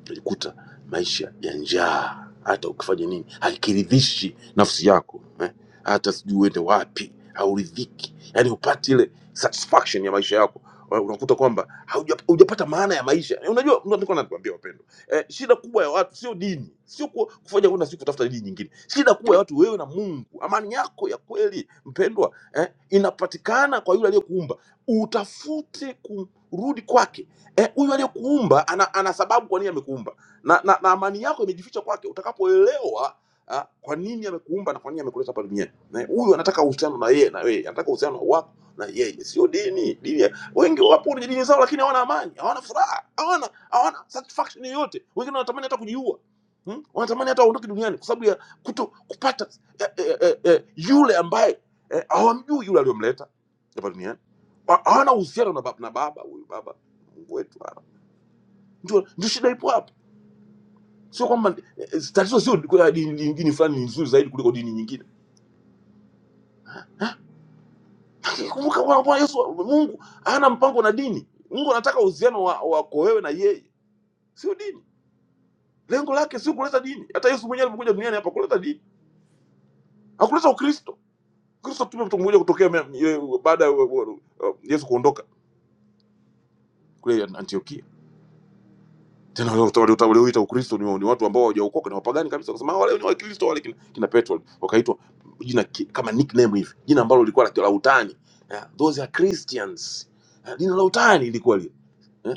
utajikuta maisha ya njaa, hata ukifanya nini hakiridhishi nafsi yako eh? hata sijui uende wapi hauridhiki, yani upati ile satisfaction ya maisha yako. Wa- Unakuta kwamba hauja- hujapata maana ya maisha. Eh, Unajua, ndio nilikuwa nakwambia wapendwa, eh, shida kubwa ya watu sio dini, sio ku- kufanya kwenda siku kutafuta dini nyingine. Shida kubwa ya watu wewe na Mungu, amani yako ya kweli mpendwa, eh, inapatikana kwa yule aliyekuumba. Utafute kurudi kwake Eh, huyu aliyekuumba ana, ana sababu kwa nini amekuumba na, na, na amani yako imejificha kwake. Utakapoelewa ah, kwa nini amekuumba na kwa nini amekuleta hapa duniani, Na huyu anataka uhusiano na yeye na wewe, anataka uhusiano wako na yeye, sio dini. Dini ya- wengi wapo kwenye dini zao, lakini hawana amani, hawana furaha, hawana hawana satisfaction yoyote. Wengine wanatamani hata kujiua hmm? Wanatamani hata waondoke duniani kwa sababu ya kuto kupata eh, eh, eh, eh, eh, yule ambaye eh, hawamjui yule aliyomleta hapa duniani. Wa- Hawana uhusiano na bab- na baba huyu baba Mungu wetu bwana. Ndio ndio shida ipo hapa. Sio kwamba eh, eh, tatizo sio kwa dini nyingine fulani ni nzuri zaidi kuliko dini nyingine. Kumbuka Bwana Bwana Yesu Mungu hana mpango na dini. Mungu anataka uhusiano wa- wako wewe na yeye, sio dini. Lengo lake sio kuleta dini. Hata Yesu mwenyewe alikuja duniani hapa kuleta dini. Hakuleta Ukristo. Kristo tume mtu mmoja kutokea mea- ye- baada ya wa- wa- wa- Yesu kuondoka kule Antiokia. tena wale watu walioita ukristo ni, ni watu ambao hawajaokoka ni wapagani kabisa wakasema "Ah, wale ni wakristo wale kina, kina petro wakaitwa jina ki- kama nickname hivi jina ambalo lilikuwa la la utani eh, those are christians eh, jina la utani ilikuwa lile eh,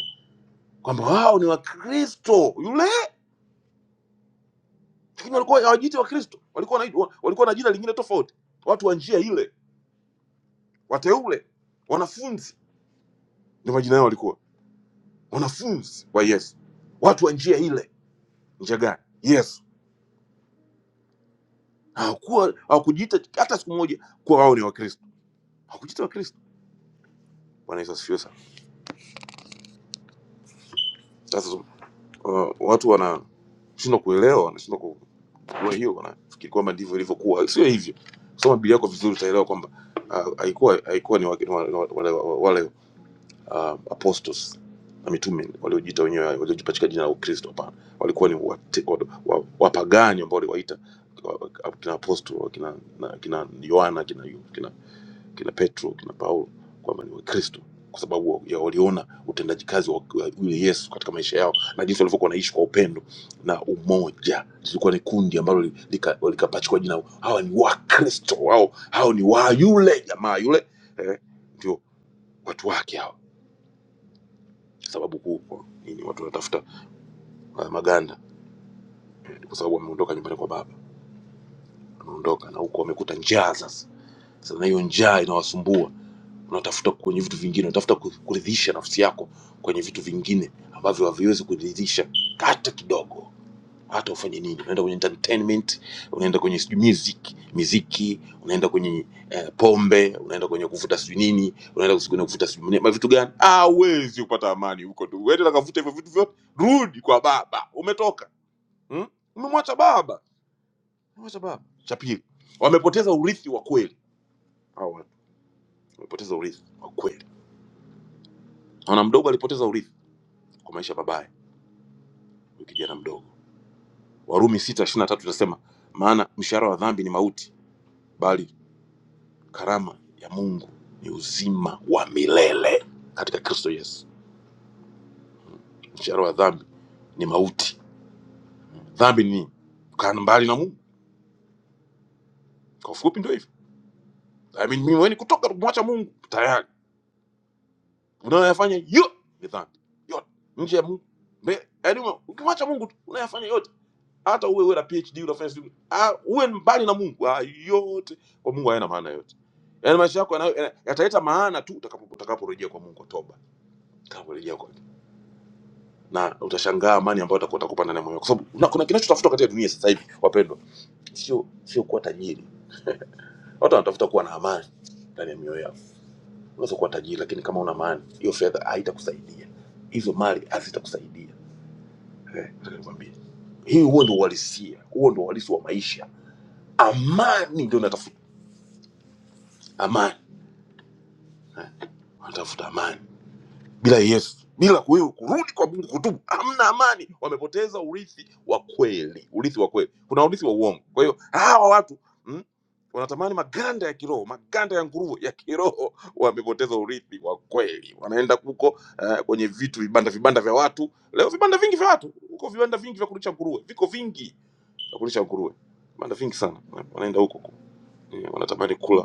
kwamba wao ni wakristo yule lakini walikuwa hawajiiti wakristo walikuwa wanaitwa- walikuwa na jina lingine tofauti watu wa njia ile wateule wanafunzi ndio majina yao walikuwa wanafunzi wa yesu watu wa njia ile njia gani yesu hawakuwa hawakujiita hata siku moja kuwa wao ni Wakristo, hawakujiita Wakristo. Bwana Yesu asifiwe sana. Sasa uh, watu wanashindwa kuelewa, wanashindwa ku- kuwa hiyo, wanafikiri kwamba ndivyo ilivyokuwa. Sio hivyo. Soma Biblia yako vizuri, utaelewa kwamba ah, haikuwa haikuwa ni wake- ni wale, wale, wale ah, apostles na mitume waliojiita wenyewe waliojipatika jina la Ukristo. Hapana, walikuwa ni wate- wa- wa- wapagani ambao waliwaita wa- wa- kina apostol kina na- kina Yohana kina, kina kina Petro kina Paulo kwamba ni Wakristo kwa sababu ya waliona utendaji kazi wa wa yule Yesu katika maisha yao na jinsi walivyokuwa wanaishi kwa upendo na umoja. Lilikuwa ni kundi ambalo li- lika- likapachikwa jina, hawa ni Wakristo, hao hao ni wa yule jamaa yule, eh, ndio watu wake hao. Sababu kuu kwa nini watu wanatafuta uh, maganda Ni kwa sababu wameondoka nyumbani kwa baba, wameondoka na huko wamekuta njaa sasa. Sasa na hiyo njaa inawasumbua unatafuta kwenye vitu vingine, unatafuta ku- kuridhisha nafsi yako kwenye vitu vingine ambavyo haviwezi kuridhisha hata kidogo. Hata ufanye nini, unaenda kwenye entertainment, unaenda kwenye sijui music, miziki, unaenda kwenye eh, pombe, unaenda kwenye kuvuta sijui nini, unaenda kus- kwenye kuvuta sijui nini, ma vitu gani? Hawezi kupata amani huko tu. Wewe unakavuta hivyo vitu vyote, rudi kwa baba, umetoka hmm? Umemwacha baba, umemwacha baba. Cha pili, wamepoteza urithi wa kweli hawa watu, wamepoteza urithi wa kweli. Naona mdogo alipoteza urithi kwa maisha babaye huyu kijana mdogo. Warumi sita ishirini na tatu inasema maana mshahara wa dhambi ni mauti, bali karama ya Mungu ni uzima wa milele katika Kristo Yesu. Mshahara wa dhambi ni mauti. Dhambi ni nini? kukaa mbali na Mungu. Kwa ufupi ndio hivyo. I mean, mimi wewe kutoka kumwacha Mungu tayari unayoyafanya yote ni dhambi, yote nje ya Mungu mbele, yaani ukimwacha Mungu tu unayafanya yote hata uwe uwe na phd unafanya sijui ah, uwe mbali na mungu ah, yote kwa mungu hayana maana yote yaani maisha yako yanayo- yana- yataleta maana tu utakapo- utakaporejea kwa mungu kwa toba utakaporejea kwake na utashangaa amani ambayo utakuwa utakupa ndani ya moyo wako. kwa sababu na kuna kinachotafuta katika dunia sasa hivi wapendwa sio sio kuwa tajiri watu wanatafuta kuwa na amani ndani ya mioyo yao unaweza kuwa tajiri lakini kama una amani hiyo fedha haitakusaidia hizo mali hazitakusaidia eh, nataka nikwambie hii huo ndio uhalisia huo ndio uhalisi wa maisha amani ndio inatafuta amani, wanatafuta amani bila Yesu, bila kuyo kurudi kwa Mungu, kutubu, hamna amani. Wamepoteza urithi wa kweli, urithi wa kweli. Kuna urithi wa uongo. Kwa hiyo hawa watu mm, wanatamani maganda ya kiroho, maganda ya nguruwe ya kiroho, wamepoteza urithi wa kweli. Wanaenda huko eh, kwenye vitu vibanda vibanda vya watu. Leo vibanda vingi vya watu huko, vibanda vingi vya kulisha nguruwe, viko vingi vya kulisha nguruwe, vibanda vingi sana, wanaenda huko ku- eh, wanatamani kula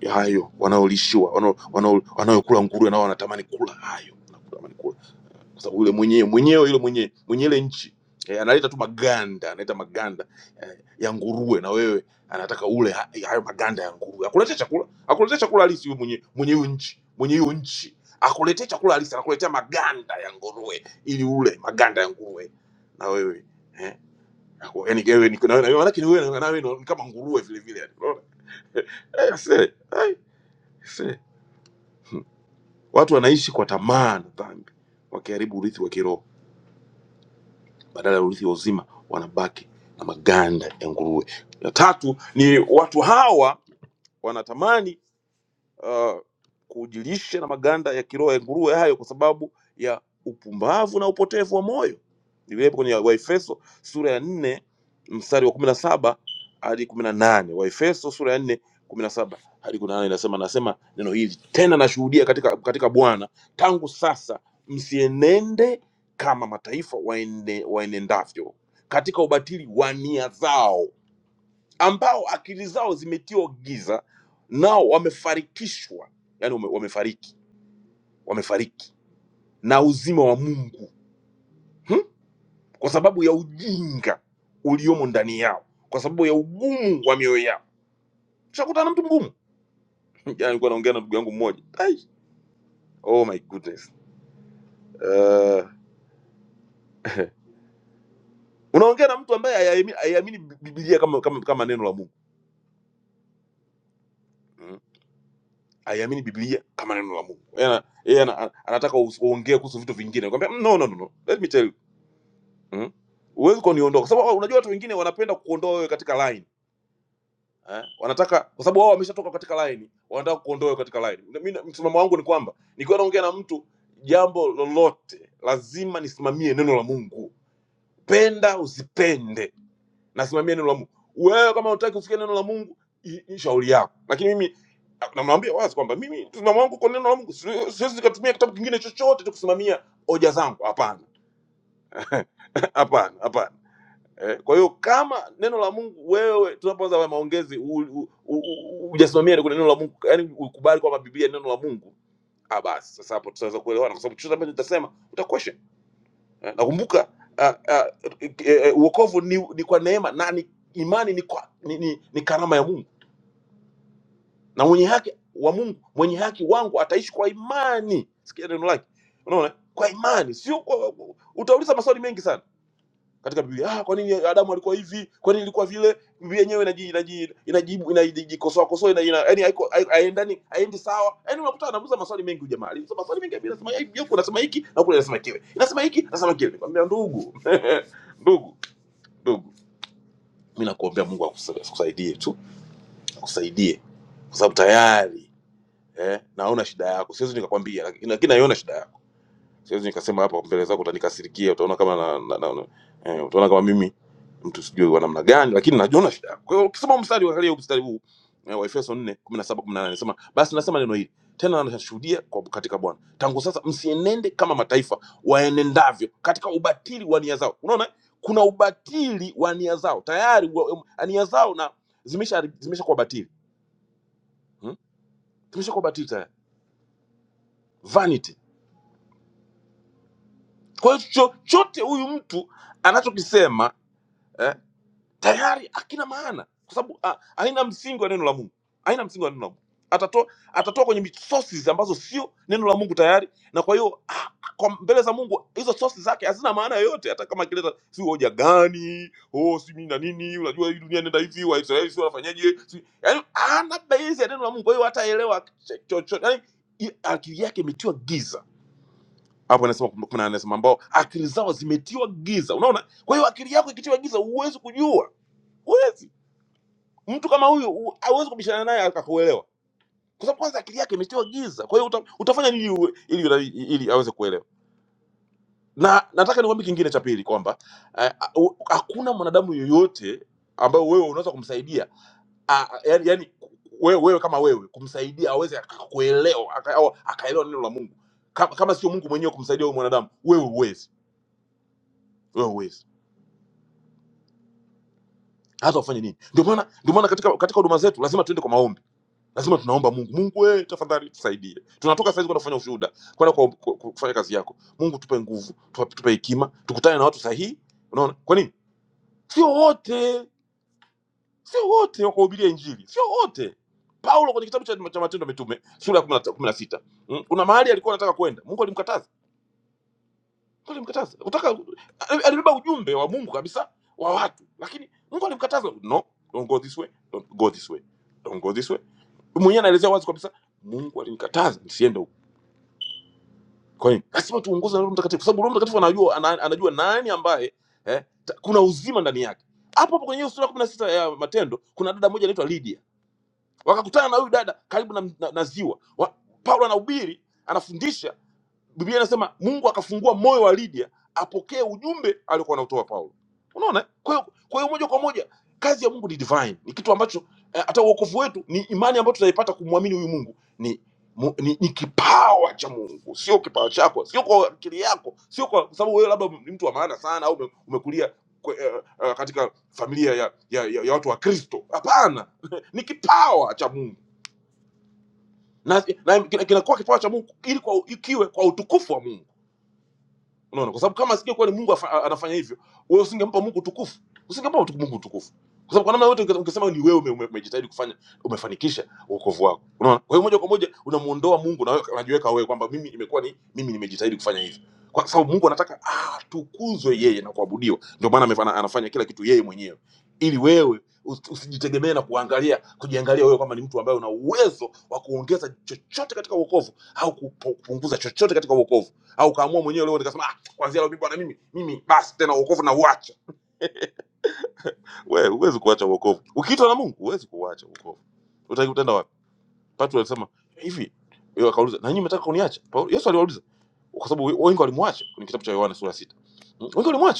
ya hayo wanaolishiwa wanao- wanao- wanayokula nguruwe nao wanatamani kula hayo wanatamani kula kwa sababu yule mwenyewe mwenyewe yule mwenyewe mwenye ile nchi eh, analeta tu maganda analeta maganda eh, ya nguruwe na wewe anataka ule ha- hayo maganda ya nguruwe akuletea chakula akuletea chakula halisi yule mwenye mwenye hiyo nchi mwenye hiyo nchi akuletea chakula halisi anakuletea maganda ya nguruwe ili ule maganda ya nguruwe na wewe eh, ako- yaani wewe ni- na wewe- na wewe- maanake ni wewe na wewe ni kama nguruwe vile vile yani unaona eh, see, eh, see. Watu wanaishi kwa tamaa na dhambi, wakiharibu urithi wa kiroho badala ya urithi wa uzima, wanabaki na maganda ya nguruwe. Ya tatu ni watu hawa wanatamani uh, kujilisha na maganda ya kiroho ya nguruwe hayo kwa sababu ya upumbavu na upotevu wa moyo. Iliwepo kwenye Waefeso sura ya nne mstari wa kumi na saba hadi kumi na nane. Waefeso sura ya nne kumi na saba hadi kumi na nane inasema nasema neno hili tena, nashuhudia katika katika Bwana tangu sasa, msienende kama mataifa waende, waenendavyo katika ubatili wa nia zao ambao akili zao zimetiwa giza, nao wamefarikishwa, yani wame, wamefariki wamefariki na uzima wa Mungu hmm? kwa sababu ya ujinga uliomo ndani yao, kwa sababu ya ugumu wa mioyo yao. Tushakutana na mtu mgumu. Jana nilikuwa naongea na ndugu yangu mmoja Ai, oh my goodness uh, unaongea na mtu ambaye haiamini haiamini Biblia kama, kama, kama neno la Mungu Mm. haiamini Biblia kama neno la Mungu. Yeye ana- yeye ana- anataka uongee kuhusu vitu vingine. Nikwambia no, no, no, no. Let me tell you. Mm? Huwezi kuniondoa kwa sababu unajua watu wengine wanapenda kuondoa wewe katika line. Eh? Wanataka kwa sababu wao wameshatoka katika line, wanataka kuondoa wewe katika line. Na Mimi na- msimamo wangu ni kwamba nikiwa naongea na mtu jambo lolote lazima nisimamie neno la Mungu. Penda usipende, nasimamia neno la Mungu. Wewe kama unataka usikie neno la Mungu, i- ni shauri yako. Lakini mimi namwambia wazi kwamba mimi msimamo wangu kwa neno la Mungu siwezi siwezi nikatumia kitabu kingine chochote tu kusimamia hoja zangu. Hapana, hapana, hapana. Eh, kwa hiyo kama neno la Mungu wewe, tunapoanza haya maongezi u- u- u- u- hujasimamia kwenye neno la Mungu, yani ukubali kwamba Biblia ni neno la Mungu, ah, basi sasa hapo tutaweza kuelewana, kwa sababu chochote ambacho nitasema utakwesha. Eh, nakumbuka ah, ah, eh, eh, uokovu ni, ni kwa neema na ni imani ni, kwa, ni, ni, ni karama ya Mungu na mwenye haki wa Mungu, mwenye haki wangu ataishi kwa imani. Sikia neno lake, unaona, kwa imani, sio kwa, utauliza maswali mengi sana katika Biblia. Ah, kwa nini Adamu alikuwa hivi? Kwa nini ilikuwa vile? Biblia yenyewe inaji inaji inajibu inajikosoa kosoa ina ina yani haiko hai- haendani haendi sawa. Yani unakuta anauliza maswali mengi huyu jamaa. Aliuliza maswali mengi bila sema hivi, huko nasema hiki na kule nasema kile. Nasema hiki, nasema kile. Nikamwambia ndugu. ndugu, ndugu. Mimi nakuombea Mungu akusa- akusaidie tu, akusaidie kwa sababu tayari eh, naona shida yako. Siwezi nikakwambia lakini lakini naiona shida yako siwezi nikasema hapa mbele zako utanikasirikia utaona kama na, na, na, na, eh, utaona kama mimi mtu sijui wa namna gani lakini najiona shida yako. kwa hiyo ukisoma mstari angalia huu mstari huu eh, wa Efeso 4 17 18 nasema basi nasema neno hili tena nashuhudia kwa katika Bwana tangu sasa msienende kama mataifa waenendavyo katika ubatili wa nia zao unaona kuna ubatili wa nia zao tayari wa- um, nia zao na zimesha zimeshakuwa batili hmm? zimeshakuwa batili tayari vanity kwa hiyo chochote huyu mtu anachokisema eh, tayari hakina maana kwa sababu ah, haina msingi wa neno la mungu haina msingi wa neno la mungu atatoa atatoa kwenye mi- sources ambazo sio neno la mungu tayari na kwa hiyo ah, kwa mbele za mungu hizo sources zake hazina maana yoyote hata kama akileta si hoja gani oh si mimi na nini unajua hii dunia inaenda hivi waisraeli si wanafanyaje si yani ana base ya neno la mungu kwa hiyo hataelewa ch- chochote yani i- akili yake imetiwa giza hapo anasema kum- kuna anasema ambao akili zao zimetiwa giza unaona kwa hiyo akili yako ikitiwa giza huwezi kujua huwezi Mtu kama huyu hu- hauwezi kubishana naye akakuelewa, kwa sababu kwanza akili yake imetiwa giza. Kwa hiyo uta, utafanya nini uwe- ili ili, ili aweze kuelewa? Na nataka nikwambie kingine cha pili kwamba eh, a- u- hakuna mwanadamu yoyote ambayo wewe unaweza kumsaidia a- a- yaani yaani wewe, wewe kama wewe kumsaidia aweze akakuelewa aka, au akaelewa neno la Mungu kama, kama sio Mungu mwenyewe kumsaidia huyo mwanadamu, wewe huwezi, wewe huwezi hata ufanye nini. Ndio maana ndio maana katika katika huduma zetu lazima tuende kwa maombi lazima tunaomba mungu mungu we tafadhali tusaidie tunatoka saizi kwenda kufanya ushuhuda kwenda kwa, kwa, kwa, kufanya kazi yako mungu tupe nguvu tupe tupe hekima tukutane na watu sahihi unaona kwa nini sio wote sio wote wakahubiria injili sio wote paulo kwenye kitabu cha cha matendo ya mitume sura ya kumi na kumi na sita mm, kuna mahali alikuwa anataka kwenda mungu alimkataza Mungu alimkataza Kutaka- alibeba ujumbe wa mungu kabisa wa watu lakini mungu alimkataza no don't go this way don't go this way don't go this way mwenyewe anaelezea wazi kabisa mungu alinikataza nisiende Kwa hiyo lazima tuongozwe na Roho Mtakatifu, kwa sababu Roho Mtakatifu anajua, ana, anajua nani ambaye eh, ta, kuna uzima ndani yake. Hapo hapo kwenye hiyo sura kumi na sita ya Matendo kuna dada moja anaitwa Lydia, wakakutana na huyu dada karibu na, na, na ziwa wa, Paulo anahubiri anafundisha Biblia inasema Mungu akafungua moyo wa Lydia apokee ujumbe aliokuwa anautoa Paulo. Unaona? eh? Kwa hiyo kwa hiyo moja kwa moja kazi ya Mungu ni divine, ni kitu ambacho eh, hata uokovu wetu ni imani ambayo tunaipata kumwamini huyu Mungu ni, mu, ni ni kipawa cha Mungu, sio kipawa chako, sio kwa akili yako, sio kwa sababu wewe labda ni mtu wa maana sana au ume- umekulia kwe, eh, eh, katika familia ya, ya, ya, ya watu wa Kristo. Hapana, ni kipawa cha Mungu na, na kinakuwa kipawa cha Mungu ili kwa, ikiwe kwa utukufu wa Mungu unaona kwa sababu kama asingekuwa ni mungu afa- anafanya hivyo wewe usingempa mungu utukufu usingempa utu- mungu utukufu kwa sababu kwa namna yote unge- ungesema ni wewe ume- ume- umejitahidi kufanya umefanikisha wokovu wako unaona kwa hiyo moja kwa moja unamuondoa mungu na wewe unajiweka wewe kwamba mimi imekuwa ni mimi nimejitahidi kufanya hivi kwa sababu mungu anataka atukuzwe yeye na kuabudiwa ndio maana amefanya- anafanya kila kitu yeye mwenyewe ili wewe usi- usijitegemee na kuangalia kujiangalia wewe kwamba ni mtu ambaye una uwezo wa kuongeza chochote katika wokovu au kupo- kupunguza chochote katika wokovu au kaamua mwenyewe leo nikasema ah, kwanzia leo mimi bwana mimi mimi basi tena wokovu na uacha wewe huwezi kuacha wokovu ukiitwa na Mungu huwezi kuacha wokovu utaki utaenda wapi Petro alisema hivi yeye akauliza na nyinyi mnataka kuniacha Paulo Yesu aliwauliza kwa sababu wengi walimwacha kwenye kitabu cha Yohana sura ya sita wengi walimwacha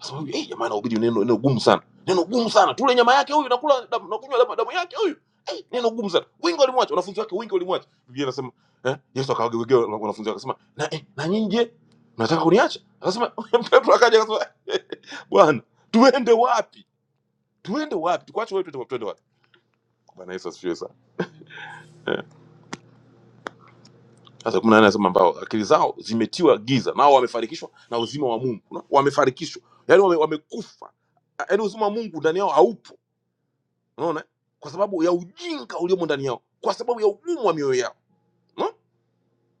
Sababu eh, jamaa anahubiri neno neno gumu sana. Neno gumu sana. Tule nyama yake huyu nakula damu nakunywa damu, damu yake huyu. Eh, neno gumu sana. Wengi walimwacha, wanafunzi wake wengi walimwacha. Biblia inasema, eh, Yesu akawageukia wanafunzi wake akasema, "Na eh, na nyinyi je, mnataka kuniacha?" Akasema Petro akaja akasema, "Bwana, tuende wapi? Tuende wapi? Tukuache wewe tuende tuende wapi?" Bwana Yesu asifiwe sana. Eh. Sasa kuna nani anasema ambao akili zao zimetiwa giza, nao wamefarikishwa na uzima wa Mungu. Unaona? Wamefarikishwa. Yaani wame, wamekufa. Yaani uzima wa Mungu ndani yao haupo unaona kwa sababu ya ujinga uliomo ndani yao kwa sababu ya ugumu wa mioyo yao unaona?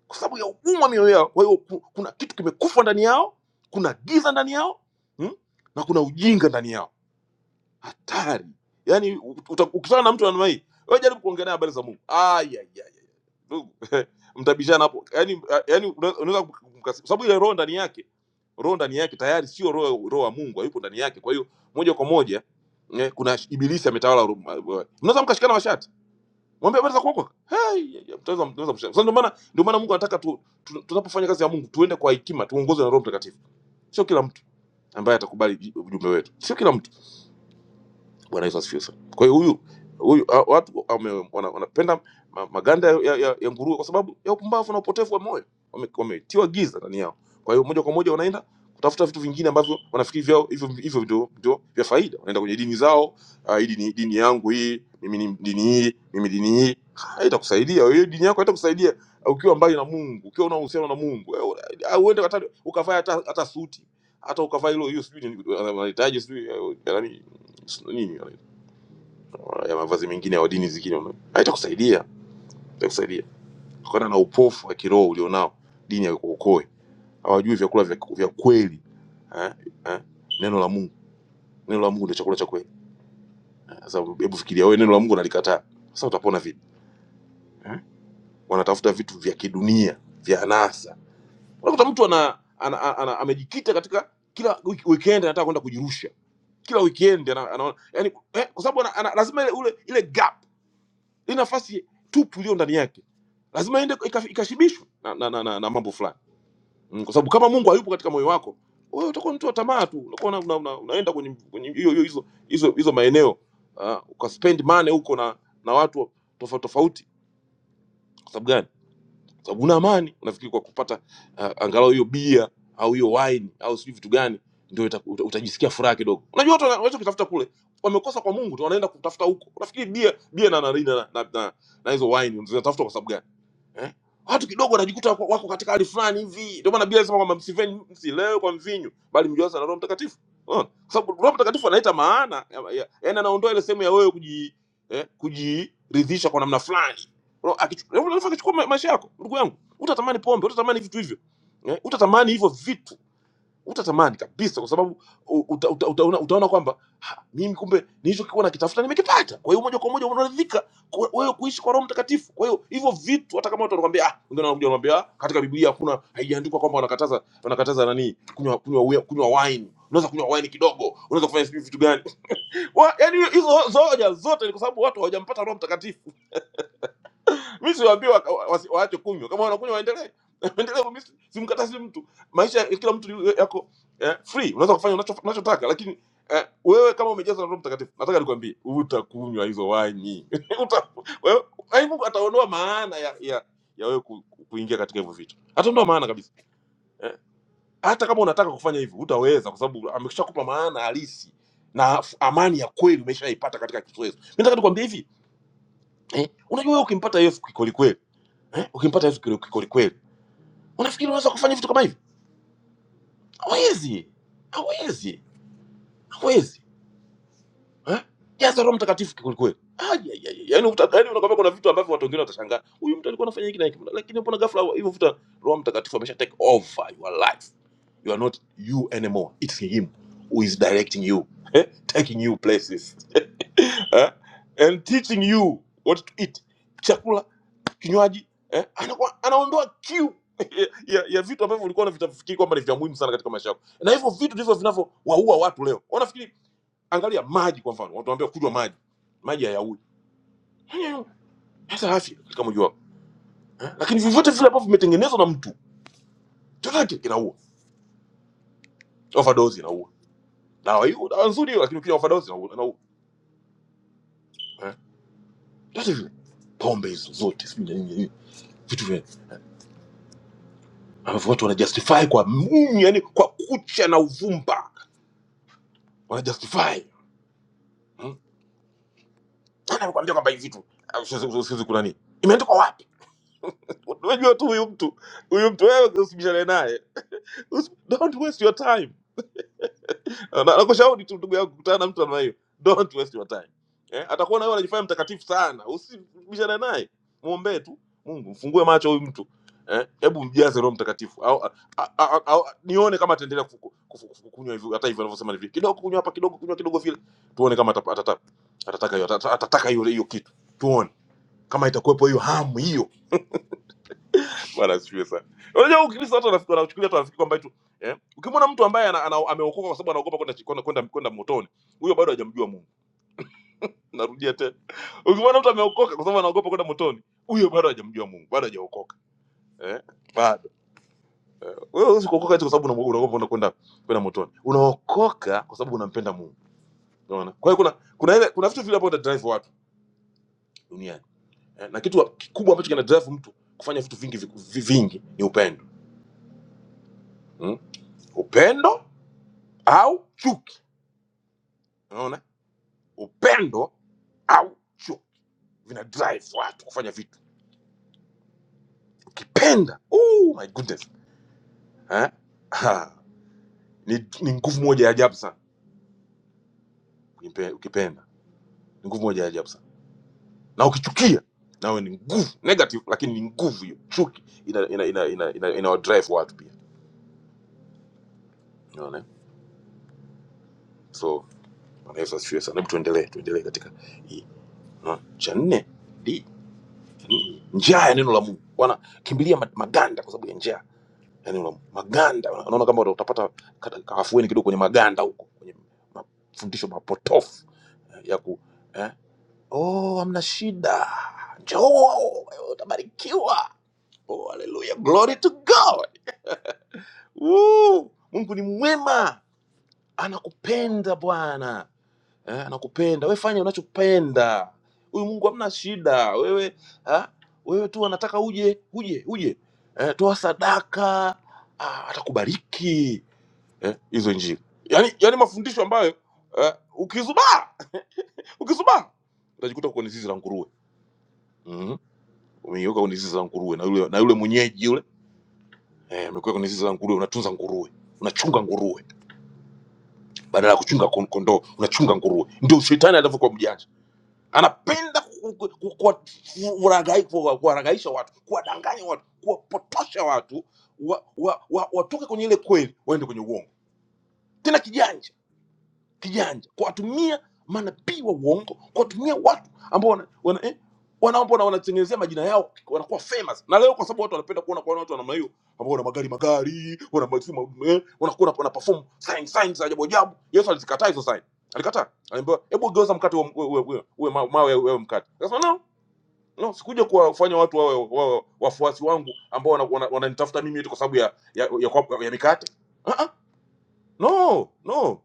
kwa sababu ya ugumu wa mioyo yao kwa hiyo ku- kuna kitu kimekufa ndani yao kuna giza ndani yao mm? na kuna ujinga ndani yao hatari yaani uta- ukikutana na mtu anamai wewe jaribu kuongelea habari za mungu ayayaya ndugu mtabishana hapo yaani yaani una- unaweza kumkasi- kwa sababu ile roho ndani yake roho ndani yake tayari sio roho roho wa mungu hayupo ndani yake kwa hiyo moja kwa moja eh, kuna ibilisi ametawala roho- mnaweza mkashikana washati Mwambie habari za kuokoka. Hey, yeah, yeah, mtaweza mtaweza kusema. Sasa ndio maana ndio maana Mungu anataka tu, tu, tunapofanya kazi ya Mungu tuende kwa hekima, tuongozwe na Roho Mtakatifu. Sio kila mtu ambaye atakubali ji- ujumbe wetu. Sio kila mtu. Bwana Yesu asifiwe sana. Kwa hiyo huyu huyu a- watu wame- wana- wanapenda ma- maganda ya, ya, ya nguruwe kwa sababu ya upumbavu na upotevu wa moyo, Wame- wametiwa giza ndani yao. Kwa hiyo moja kwa moja wanaenda kutafuta vitu vingine ambavyo wanafikiri vyao hivyo hivyo ndio ndio vya faida. Wanaenda kwenye dini zao, ah, hii dini, dini yangu hii, mimi ni dini hii, mimi dini hii haitakusaidia wewe. Dini yako haitakusaidia ukiwa mbali na Mungu, ukiwa una uhusiano na Mungu. Eh, una- ah, Uende hata ukavaa hata hata suti hata ukavaa hilo hiyo sijui ni- wanahitaji sijui eh, nani nini ya mavazi mengine au dini zingine ume- haitakusaidia haitakusaidia kutokana na upofu wa kiroho ulionao dini haikuokoe hawajui vyakula vya, vya kweli eh, eh, neno la mungu neno la mungu ndio chakula cha kweli Eh, sasa hebu fikiria wewe neno la mungu unalikataa sasa utapona vipi eh? wanatafuta vitu vya kidunia vya anasa unakuta mtu ana, ana, ana, ana amejikita katika kila wiki- weekend anataka kwenda kujirusha kila weekend ana, anaona yani eh, kwa sababu ana, ana, lazima ile ule ile gap Hii nafasi tupu iliyo ndani yake lazima iende ika- ikashibishwe na, na, na, na, na mambo fulani mm, kwa sababu kama Mungu hayupo katika moyo wako wewe utakuwa mtu wa tamaa tu, utakuwa una, una, una, unaenda kwenye kwenye hiyo hiyo hizo hizo hizo maeneo uh, ukaspend money huko na na watu tofauti tofauti. Kwa sababu gani? Kwa sababu una amani, unafikiri kwa kupata uh, angalau hiyo bia au hiyo wine au sijui vitu gani ndio ita- uta- utajisikia furaha kidogo. Unajua watu wana- wanachokitafuta kule wamekosa kwa Mungu tu, wanaenda kutafuta huko. Unafikiri bia bia na na na, na, na, na hizo wine zinatafuta kwa sababu gani? eh? watu kidogo wanajikuta wako, wako katika hali fulani hivi. Ndio maana Biblia inasema kwamba msiveni msilewe kwa mvinyo, bali mjaze na Roho Mtakatifu. Unaona? Kwa sababu Roho Mtakatifu analeta maana, ya- ya- yaani anaondoa ile sehemu ya wewe kuji eh, kujiridhisha kwa namna fulani. Roho akichu- Roho Mtakatifu akichukua ma- maisha yako, ndugu yangu, utatamani pombe, utatamani vitu hivyo eh, utatamani hivyo vitu utatamani kabisa kwa sababu u- uta, uta, utaona, utaona kwamba "Ha, mimi kumbe nilichokuwa nakitafuta nimekipata. Kwa hiyo moja kwa moja unaridhika kwa- wewe kuishi kwa Roho Mtakatifu. Kwa hiyo hivyo vitu hata kama watu wanakuambia ah, wengine wanakuja wanakuambia ah, katika Biblia hakuna haijaandikwa kwamba wanakataza wanakataza nani kunywa kunywa wi- kunywa wine. Unaweza kunywa wine kidogo, unaweza kufanya sijui vitu gani. Wa- Yaani hizo hizo hoja zote ni kwa sababu watu hawajampata Roho Mtakatifu mi siwaambie waka- wa- wasi- waache kunywa kama wanakunywa waendelee waendelee mimi si- simkatazi mtu maisha ya kila mtu ni- yako eh, free unaweza kufanya unacho- unachotaka lakini eh, wewe kama umejazwa na roho mtakatifu nataka nikwambie utakunywa hizo waini Uta- wewe- yaani mungu ataondoa maana ya, ya ya wewe ku, ku- kuingia katika hivyo vitu ataondoa maana kabisa eh, hata kama unataka kufanya hivyo utaweza kwa sababu ameshakupa maana halisi na f- amani ya kweli umeshaipata katika Kristo Yesu. Mimi Nataka nikwambie hivi eh, unajua wewe ukimpata Yesu kweli kweli, eh? ukimpata hivi kweli kweli kweli, unafikiri unaweza kufanya vitu kama hivi? Hawezi, hawezi, hawezi eh? jaza Roho Mtakatifu kweli kweli. Ai, ai, ai, Yaani utaka yaani unakwambia kuna vitu ambavyo watu wengine watashangaa, huyu mtu alikuwa anafanya hiki na hiki, lakini mbona ghafla hivyo vuta Roho Mtakatifu amesha take over your life. You are not you anymore. It's him who is directing you, eh? taking you places eh? and teaching you what to eat. Chakula kinywaji eh? anakuwa anaondoa kiu ya, ya vitu ambavyo ulikuwa unavitafikiri kwamba ni vya muhimu sana katika maisha yako, na hivyo vitu ndivyo vinavyowaua watu leo. Wanafikiri, angalia maji kwa mfano, watu wanaambia kunywa maji, maji hayaui. Sasa afya katika mwili wako eh? Lakini vyovyote vile ambavyo vimetengenezwa na mtu chochote kinaua, overdose inaua, dawa hiyo dawa nzuri hiyo, lakini ukinywa overdose inaua, inaua. eh? Vyote vile pombe hizo zote sijui na nini nini, vitu vya ambavyo watu wanajustify kwa munyu, yani kwa kucha na uvumba wanajustify Anakuambia kwamba hivi vitu ah, usiweze usiweze kunani. Imeandikwa wapi? Unajua tu huyu mtu, huyu mtu wewe usibishane naye. Usi- Don't waste your time. Na nakushauri tu ndugu yangu kukutana na mtu namna hiyo. Don't waste your time. Eh, atakuwa na wewe anajifanya mtakatifu sana. Usibishane naye. Muombe tu Mungu, mfungue macho huyu mtu. Eh, hebu mjaze Roho Mtakatifu. Au, a- a- a- au nione kama ataendelea kufu- kufu- kufu- kunywa hivyo hata hivyo anavyosema ni vile. Kidogo kunywa hapa kidogo kunywa kidogo vile. Tuone kama atapa- atata- atataka hiyo atataka hiyo hiyo kitu. Tuone kama itakuwepo hiyo hamu hiyo bwana asifiwe sana unajua ukristo watu wanafikiri wanachukulia tu wanafikiri kwamba tu eh ukimwona mtu ambaye ana, ana, ameokoka kwa sababu anaogopa kwenda kwenda kwenda kwenda motoni huyo bado hajamjua Mungu narudia tena ukimwona mtu ameokoka kwa sababu anaogopa kwenda motoni huyo bado hajamjua Mungu bado hajaokoka eh bado eh, wewe huwezi kuokoka eti kwa sababu una- unaogopa kwenda kwenda kwenda motoni unaokoka kwa sababu unampenda Mungu unaona kwa hiyo kuna kuna ile kuna vitu vile ambavyo vina drive watu duniani eh, na kitu kikubwa ambacho kina drive mtu kufanya vitu vingi viku- vingi ni upendo Mm? upendo au chuki unaona upendo au chuki vina drive watu kufanya vitu ukipenda oh my goodness eh? ha. ni, ni nguvu moja ya ajabu sana Ukimpe- ukipenda ni nguvu moja ya ajabu sana na ukichukia nawe ni nguvu negative lakini ni nguvu hiyo chuki ina ina ina ina, ina, ina drive watu pia unaona so Bwana Yesu asifiwe sana hebu tuendelee tuendelee katika hii unaona cha nne di- njaa ya neno la Mungu wanakimbilia ma- maganda kwa sababu ya njaa yani una maganda unaona kama utapata kata- kaafueni kidogo kwenye maganda huko kwenye mafundisho mapotofu eh, ya ku eh? oh amna shida njoo utabarikiwa oh, haleluya glory to god Woo! mungu ni mwema anakupenda bwana eh, anakupenda wewe fanya unachopenda huyu mungu amna shida wewe ha? wewe tu anataka uje uje uje eh, toa sadaka ah, atakubariki eh, hizo injili yani, yani mafundisho ambayo eh, ukizubaa ukizubaa utajikuta uko kwenye zizi la nguruwe mm-hmm. umeiweka kwenye zizi la nguruwe na yule, na yule mwenyeji yule eh, amekuweka kwenye zizi la nguruwe unatunza nguruwe unachunga nguruwe badala ya kuchunga kon- kondoo unachunga nguruwe ndio shetani alivyokuwa mjanja anapenda ku- ku- ku- kuwa- kuwaragai- kuwa- kuwaragaisha watu kuwadanganya watu kuwapotosha watu wa, wa, wa, watoke kwenye ile kweli waende kwenye uongo tena kijanja kijanja kuwatumia manabii wa uongo kuwatumia watu ambao wana, wana, eh, wanaomba na wanatengenezea majina yao wanakuwa famous na leo kwa sababu watu wanapenda kuona kwa watu wa namna hiyo ambao wana magari magari wana masimu eh, wanakuwa wana perform sign sign za ajabu ajabu Yesu alizikataa hizo sign alikataa aliambiwa hebu geuza mkate uwe uwe uwe, uwe ma- mawe wewe mkate akasema no no sikuja kuwafanya watu wawe wawe wafuasi wangu ambao wananitafuta wana, wana wananitafuta mimi eti kwa sababu ya ya, ya, ya, ya mikate uh -uh. no no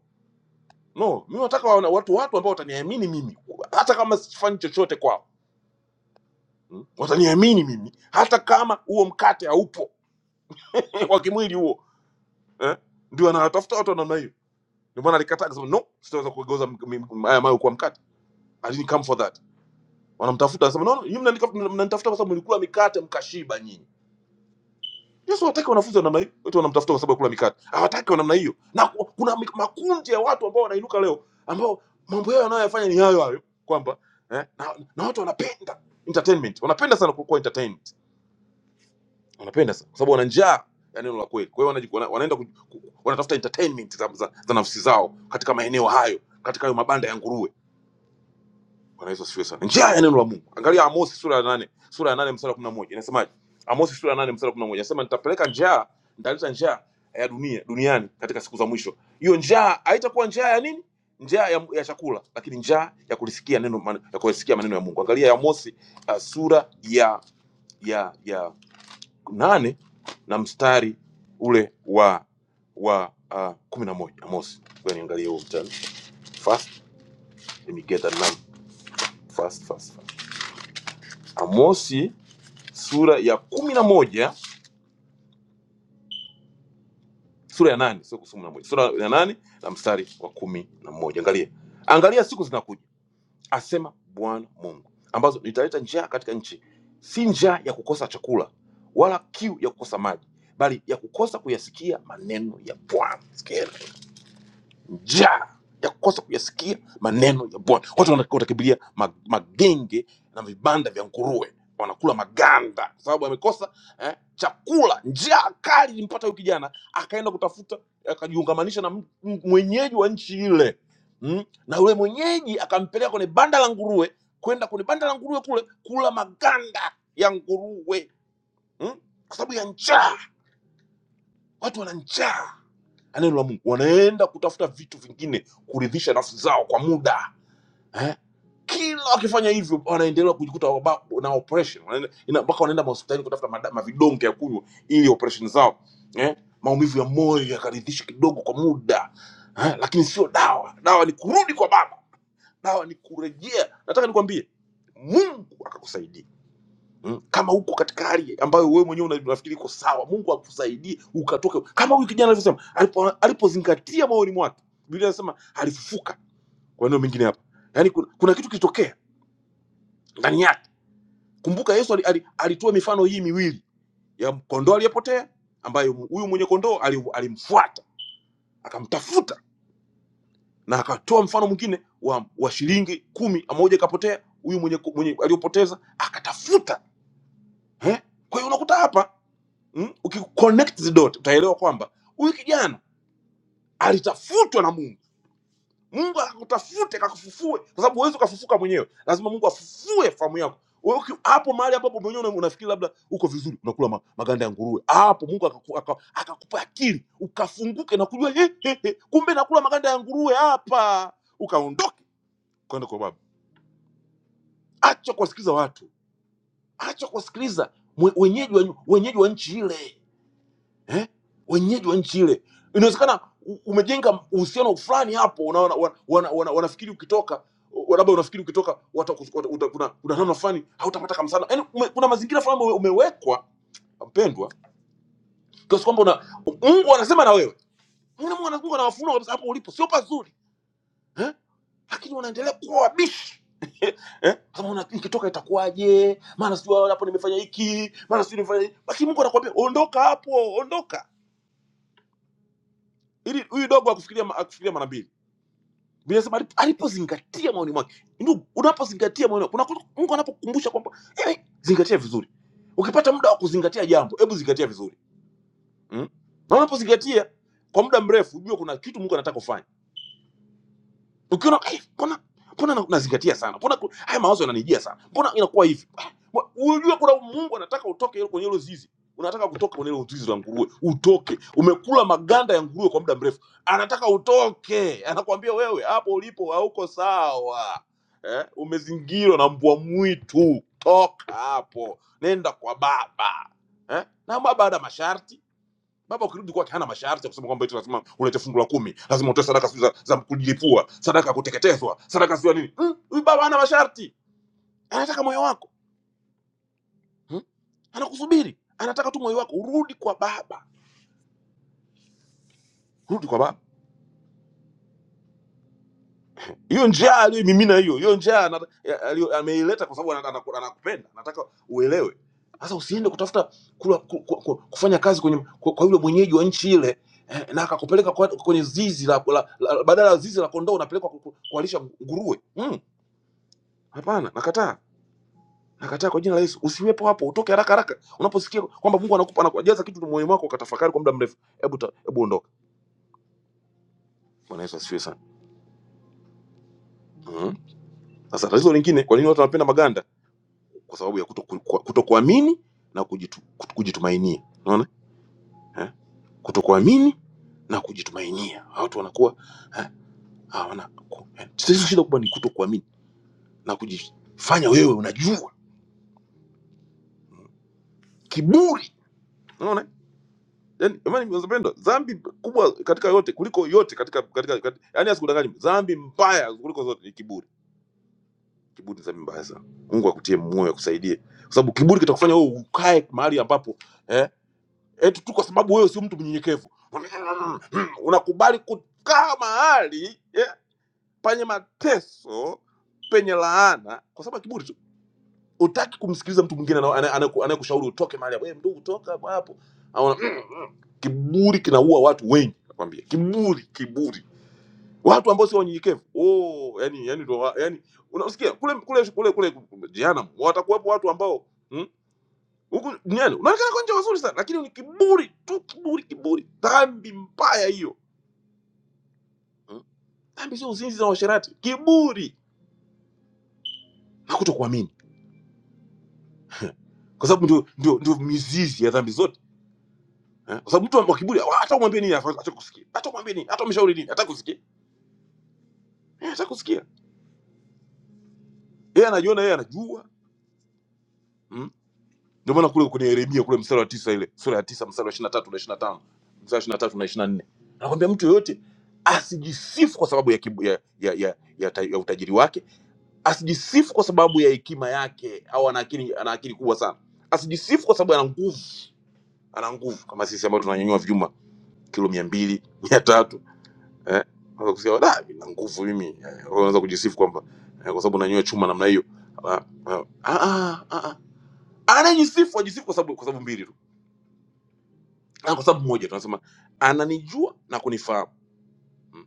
no mi nataka wana- watu watu ambao wataniamini mimi hata kama sifanyi chochote kwao mm? wataniamini mimi hata kama huo mkate haupo wa kimwili huo eh? ndio anawatafuta watu wa namna hiyo ndio maana alikataa akasema no sitaweza kugeuza m- m- haya mayo kuwa mkate I didn't come for that wanamtafuta anasema no, no, nyinyi mnanitafuta mnanitafuta kwa sababu mlikula mikate mkashiba nyinyi yesu hataki wanafunzi wa namna hiyo wote wanamtafuta kwa sababu ya kula mikate hawataki wa namna hiyo na ku- kuna mi- makundi ya watu ambao wanainuka leo ambao mambo yao yanayoyafanya ni hayo hayo kwamba eh, na, na watu wanapenda entertainment wanapenda sana kuwa entertained wanapenda sana kwa sababu wana njaa ya neno la kweli kwa hiyo wanaji- wana- wanaenda ku- ku- wanatafuta entertainment za, za, za nafsi zao katika maeneo hayo katika hayo mabanda ya nguruwe Bwana Yesu asifiwe sana. Njaa ya neno la Mungu. Angalia Amosi sura ya nane sura ya nane mstari wa kumi na moja inasemaje? Amosi sura ya nane mstari wa kumi na moja inasema nitapeleka njaa, nitaleta njaa ya dunia duniani katika siku za mwisho. Hiyo njaa haitakuwa njaa ya nini? Njaa ya, ya chakula, lakini njaa ya kulisikia neno man- ya kulisikia maneno ya Mungu. Angalia Amosi uh, sura ya ya ya nane na mstari ule wa wa uh, kumi na moja Amosi. Ngoja niangalie huo mstari. Fast, let me get that number. Fast, fast. Amosi sura ya kumi na moja sura ya nane sio kusoma na moja sura ya nane na mstari wa kumi na moja Angalia, angalia siku zinakuja, asema Bwana Mungu, ambazo nitaleta njaa katika nchi, si njaa ya kukosa chakula wala kiu ya kukosa maji, bali ya kukosa kuyasikia maneno ya Bwana. Sikia. njaa ya kukosa kuyasikia maneno ya Bwana. Watu wana- watakimbilia ma- magenge na vibanda vya nguruwe, wanakula maganda kwa sababu amekosa eh, chakula. Njaa kali ilimpata huyu kijana, akaenda kutafuta, akajiungamanisha na m- m- mwenyeji wa nchi ile mm? na yule mwenyeji akampeleka kwenye banda la nguruwe, kwenda kwenye banda la nguruwe kule kula maganda ya nguruwe mm? kwa sababu ya njaa. Watu wana njaa na neno la Mungu, wanaenda kutafuta vitu vingine kuridhisha nafsi zao kwa muda eh? Kila wakifanya hivyo wanaendelea kujikuta waba- na operation Wanaenda- ina- mpaka wanaenda mahospitalini kutafuta mada- mavidonge ya kunywa ili operation zao eh? maumivu ya moyo yakaridhisha kidogo kwa muda eh? Lakini sio dawa. Dawa ni kurudi kwa Baba, dawa ni kurejea. Nataka nikwambie, Mungu akakusaidia Mm. kama uko katika hali ambayo wewe mwenyewe una- unafikiri iko sawa mungu akusaidie ukatoke kama huyu kijana alivyosema alipo- alipozingatia moyoni mwake biblia anasema alifufuka kwa neno mengine hapa yaani kuna, kuna kitu kilitokea ndani yake kumbuka yesu ali, ali, alitoa mifano hii miwili ya kondoo aliyepotea ambayo huyu mwenye kondoo ali- alimfuata akamtafuta na akatoa mfano mwingine wa, wa shilingi kumi moja ikapotea huyu mwenye, mwenye aliyopoteza akatafuta eh? kwa hiyo unakuta hapa mm? ukiconnect hizi dot utaelewa kwamba huyu kijana alitafutwa na mungu mungu akakutafute kakufufue kwa sababu huwezi ukafufuka mwenyewe lazima mungu afufue famu yako Wewe uki- hapo mahali ambapo mwenyewe una- unafikiri labda uko vizuri unakula ma, maganda ya nguruwe hapo mungu akaku- aka- akakupa akili ukafunguke na kujua he, he, he, kumbe nakula maganda ya nguruwe hapa ukaondoke kwenda kwa baba acha kuwasikiliza watu acha kuwasikiliza mwe- wenyeji wa wenyeji wa nchi ile eh? wenyeji wa nchi ile inawezekana u- umejenga uhusiano fulani hapo unaona wanafikiri wana, wana, wana, wanafikiri ukitoka wa- labda unafikiri ukitoka wata, wata, uta, kuna, kuna namna fulani hautapata kamsana yani ume, kuna mazingira fulani ume, umewekwa mpendwa kiasi kwamba una mungu anasema na wewe Mungu ana- Mungu anawafunua kabisa hapo ulipo sio pazuri eh? lakini wanaendelea kuwa wabishi eh? Kama una- nikitoka itakuwaje maana sijui hapo nimefanya hiki maana sijui nimefanya hiki. lakini mungu anakuambia ondoka hapo ondoka ili huyu dogo akufikiria ma- akufikiria mara mbili Biblia inasema alipo- alipozingatia maoni mwake. Ndio unapozingatia maoni mwake, unakuta Mungu anapokukumbusha kwamba eh, zingatia vizuri. Ukipata muda wa kuzingatia jambo, hebu zingatia vizuri. Mm? Na unapozingatia kwa muda mrefu, jua kuna kitu Mungu anataka ufanye ukiona "Eh, mbona mbona na- nazingatia sana mbona ku- haya mawazo yananijia sana mbona inakuwa hivi Ah, mbona- unajua kuna mungu anataka utoke hilo- kwenye hilo zizi unataka kutoka kwenye hilo zizi la nguruwe utoke umekula maganda ya nguruwe kwa muda mrefu anataka utoke anakuambia wewe hapo ulipo hauko sawa eh, umezingirwa na mbwa mwitu toka hapo nenda kwa baba eh? na baba ana masharti Baba ukirudi kwake hana masharti ya kusema kwamba eti lazima ulete fungu la kumi, lazima utoe sadaka sijui za, za kujilipua, sadaka ya kuteketezwa, sadaka sijui ya nini. Hmm? Huyu hmm? baba hana masharti, anataka moyo wako hmm? Anakusubiri, anataka tu moyo wako. Urudi kwa baba, rudi kwa baba. Hiyo njaa aliyoimimina hiyo, hiyo njaa ana- ya- aliyo- ameileta kwa sababu ana- ana- anakupenda, anataka uelewe. Sasa usiende kutafuta kula, ku, ku, ku, kufanya kazi kwenye kwa, kwa yule mwenyeji wa nchi ile eh, na akakupeleka kwa- kwenye zizi la, la, la badala ya zizi la kondoo unapelekwa ku- ku- kuwalisha nguruwe Mm. Hapana, nakataa. Nakataa kwa jina la Yesu. Usiwepo hapo, utoke haraka haraka. Unaposikia kwamba Mungu anakupa anakujaza kitu moyoni mwako ukatafakari kwa muda mrefu, hebu ta- hebu ondoka. Bwana Yesu asifiwe sana. Mhm. Sasa tatizo lingine, kwa nini watu wanapenda maganda? Kwa sababu ya kutoku- kwa- kutokuamini na kujitu, kutu- kujitumainia. Unaona? Eh? Kutokuamini na kujitumainia. Watu wanakuwa eh, hawana ku- eh. Tatizo shida kubwa ni kutokuamini na kujifanya wewe unajua. Kiburi. Unaona? yani jamani wazalendo dhambi kubwa katika yote kuliko yote katika katika, katika yani asikudanganyi dhambi mbaya kuliko zote ni kiburi kiburi ni dhambi mbaya sana mungu akutie moyo akusaidie kwa sababu kiburi kitakufanya wewe ukae mahali ambapo eh eti tu kwa sababu wewe sio mtu mnyenyekevu unakubali kukaa mahali eh, penye mateso penye laana kwa sababu ya kiburi tu utaki kumsikiliza mtu mwingine anayena- anayeku- anayekushauri utoke mahali hapo "Eh, ndugu toka hapo Anaona Kiburi kinaua watu wengi, nakwambia. Kiburi, kiburi, watu ambao sio wanyenyekevu. Oh, yani yani ndo wa- yani unasikia kule kule kule kule jehanamu watakuwepo watu ambao hmm? huku duniani unaonekana kwa nje wazuri sana, lakini ni kiburi tu, kiburi, kiburi, dhambi mbaya hiyo hmm? Dhambi sio uzinzi na uasherati, kiburi na kutokuamini, kwa sababu ndio ndio ndio mizizi ya dhambi zote eh? Kwa sababu mtu wa kiburi hata umwambie nini, hata kusikia, hata umwambie nini, hata umshauri nini, hata kusikia, Eh, hata kusikia, yeye anajiona yeye anajua Hmm? ndio maana kule kwenye yeremia kule mstari wa tisa ile sura ya tisa mstari wa ishiri na tatu na ishiri na tano mstari wa ishiri na tatu na ishiri na nne anakwambia mtu yoyote asijisifu kwa sababu ya, kibu- ya, ya, ya, ya, ta- ya utajiri wake asijisifu kwa sababu ya hekima yake au ana akili ana akili kubwa sana asijisifu kwa sababu ana nguvu ana nguvu kama sisi ambao tunanyanyua vyuma kilo mia mbili mia tatu eh? Unaweza kusikia da na nguvu mimi eh, wewe unaweza kujisifu kwamba eh, kwa sababu unanyanyua chuma namna hiyo Ah, ah, ah, ah, ah. anajisifu ajisifu kwa sababu kwa sababu mbili tu na kwa sababu moja tunasema ananijua na kunifahamu Mm.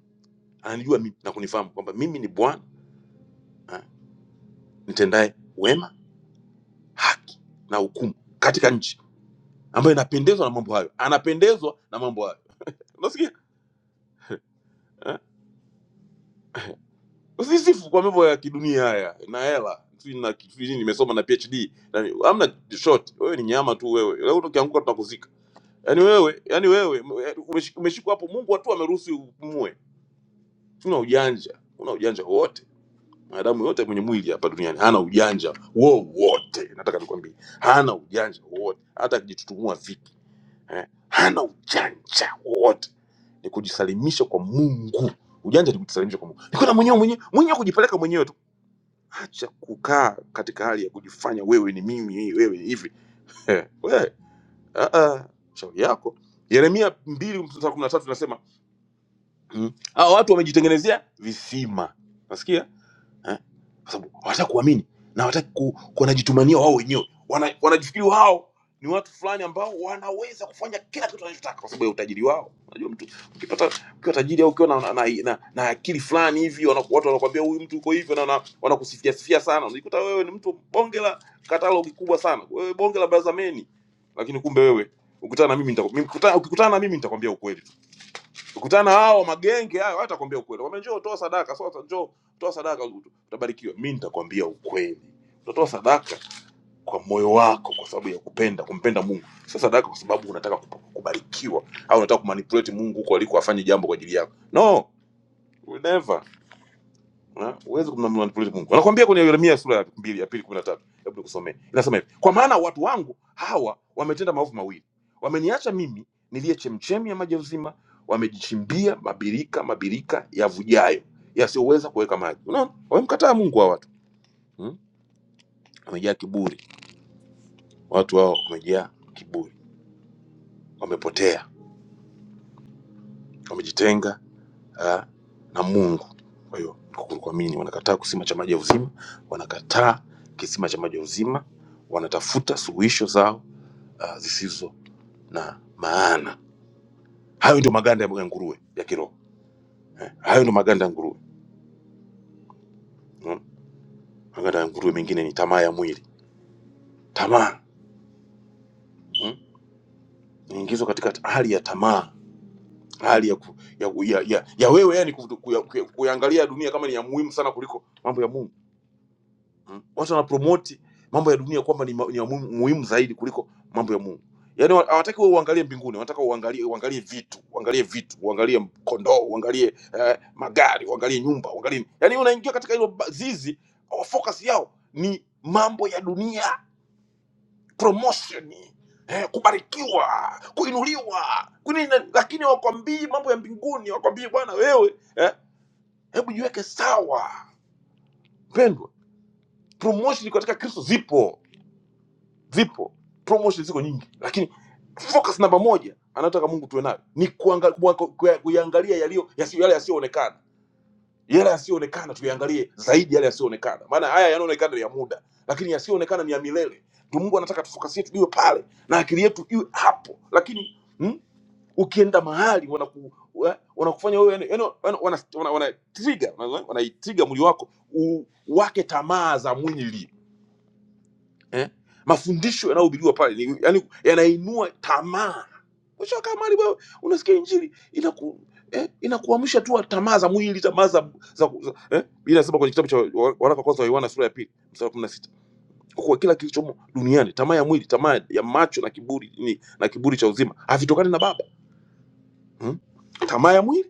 ananijua mi- na kunifahamu kwamba mimi ni bwana ah, nitendaye wema haki na hukumu katika nchi ambayo inapendezwa na mambo hayo anapendezwa na mambo hayo unasikia eh? usisifu kwa mambo ya kidunia haya na hela sijui na kitu nini, nimesoma na phd na ni- hamna short wewe ni nyama tu wewe leo ukianguka tunakuzika yaani wewe yaani wewe umeshi- umeshikwa hapo mungu watu ameruhusu upumue una ujanja una ujanja wote Mwanadamu yote mwenye mwili hapa duniani hana ujanja wowote, nataka nikwambie, hana ujanja wowote, hata akijitutumua vipi eh, hana ujanja wowote. Ni kujisalimisha kwa Mungu. Ujanja ni kujisalimisha kwa Mungu, ni kwenda mwenyewe mwenyewe mwenyewe, kujipeleka mwenyewe tu. Acha kukaa katika hali ya kujifanya wewe ni mimi, wewe ni hivi eh, wewe ah, ah, shauri yako. Yeremia mbili mstari wa kumi na tatu inasema mm, hao watu wamejitengenezea visima, nasikia eh? Kwa sababu hawataki kuamini na hawataki ku, ku- wanajitumania wao wenyewe, wana, wanajifikiri wao ni watu fulani ambao wanaweza kufanya kila kitu wanachotaka kwa sababu ya utajiri wao. Unajua mtu ukipata ukiwa tajiri au ukiwa na, na, na, na, na akili fulani hivi wana, watu wanakuambia huyu mtu uko hivyo na wana- wanakusifia sifia sana, unajikuta wewe ni mtu bonge la katalogi kubwa sana, wewe bonge la bazameni, lakini kumbe wewe ukutana na mimi nitaku- mimi- ukutana- ukikutana na mimi nitakwambia ukweli. Ukutana hao magenge hayo hatakwambia ukweli. Kwambia njoo toa sadaka, sasa njoo toa sadaka ut- utabarikiwa. Mimi nitakwambia ukweli. Utatoa sadaka kwa moyo wako kwa sababu ya kupenda, kumpenda Mungu. Sio sadaka kwa sababu unataka kup- kubarikiwa au unataka kumanipulate Mungu huko aliko afanye jambo kwa ajili yako. No, we never. Ha? Huwezi kummanipulate Mungu. Anakuambia kwenye Yeremia sura ya mbili ya pili kumi na tatu. Hebu nikusomee. Inasema hivi: kwa maana watu wangu hawa wametenda maovu mawili, wameniacha mimi niliye chemchemi ya maji ya uzima, wamejichimbia mabirika mabirika yavujayo yasiyoweza kuweka maji. Unaona, wamemkataa Mungu hawa watu hmm? Wamejaa kiburi, watu hao wamejaa kiburi, wamepotea, wamejitenga uh, na Mungu. Kwa hiyo kukuru kuamini, wanakataa kisima cha maji ya uzima, wanakataa kisima cha maji ya uzima, wanatafuta suluhisho zao uh, zisizo na maana. Hayo ndio maganda ya nguruwe ya kiroho eh. Hayo ndio maganda ya nguruwe mm. Maganda ya nguruwe mengine ni tamaa ya mwili, tamaa mm. Niingizwa katika hali ya tamaa, hali ya, ku, ya, ya, ya, ya wewe yani kuyangalia dunia kama ni ya muhimu sana kuliko mambo ya Mungu Mm. Watu wanapromote mambo ya dunia kwamba ni, ma- ni ya muhimu muhimu zaidi kuliko mambo ya Mungu. Yaani wa- hawataki wewe uangalie mbinguni, wanataka uangalie uangalie vitu, uangalie vitu, uangalie kondoo, uangalie eh, magari, uangalie nyumba, uangalie. nini. Yaani unaingia katika hilo ba- zizi, wa- focus yao ni mambo ya dunia, promotion, eh, kubarikiwa, kuinuliwa. Kwani na- lakini wakwambii mambo ya mbinguni, wakwambii bwana wewe, eh, hebu jiweke sawa. Mpendwa, promotion katika Kristo zipo zipo promotion ziko nyingi lakini focus namba moja anayotaka mungu tuwe nayo ni kuanga- kuwa- kuya- kuyaangalia yaliyo yasiyo- yale yasiyoonekana yale yasiyoonekana tuyaangalie zaidi yale yasiyoonekana maana haya yanaonekana ni ya muda lakini yasiyoonekana ni ya milele ndio mungu anataka tufokasie tuliwe pale na akili yetu iwe hapo lakini mm, ukienda mahali wanaku wa- wanakufanya wewe yani- yani wana, wana, wana, wana trigger, wana- wanaitrigger mwili wako uwake tamaa za mwili eh? mafundisho yanayohubiriwa pale ni, yani, yanainua tamaa Mwisho kama wewe unasikia injili inaku eh, inakuamsha tu tamaa za mwili tamaa za, za, za eh? Biblia inasema kwenye kitabu cha wa- waraka wa kwanza wa Yohana sura ya pili mstari wa 16 kwa kuwa kila kilichomo duniani tamaa ya mwili tamaa ya macho na kiburi ni, na kiburi cha uzima havitokani na Baba hmm? tamaa ya mwili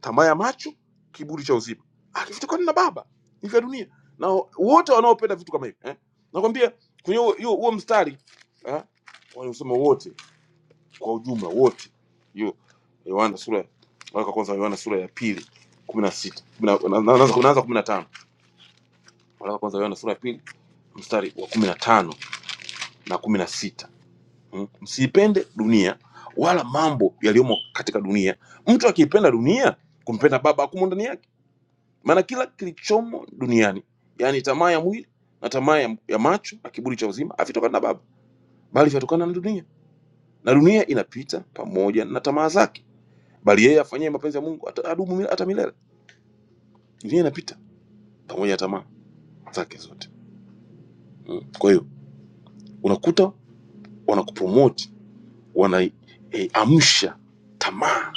tamaa ya macho, kiburi cha uzima, akivitokana na baba ni vya dunia, na wote wanaopenda vitu kama hivi eh? Nakwambia kwenye huo huo- huo mstari eh? wanaosema wote kwa ujumla wote, hiyo Yohana sura waraka wa kwanza wa Yohana sura ya pili kumi na sita kumi na- na- na- naanza naanza kumi na tano waraka wa kwanza wa Yohana sura ya pili mstari wa kumi na tano na kumi na sita Mm. msiipende dunia wala mambo yaliyomo katika dunia. Mtu akiipenda dunia, kumpenda Baba hakumo ndani yake maana kila kilichomo duniani yaani tamaa ya mwili na tamaa ya, ya macho na kiburi cha uzima havitokana na baba bali vyatokana na dunia na dunia inapita pamoja na tamaa zake bali yeye afanyaye mapenzi ya mungu ata- adumu mil- hata milele dunia inapita pamoja na tamaa zake zote mm. kwa hiyo unakuta wanakupromoti wanaiamsha tamaa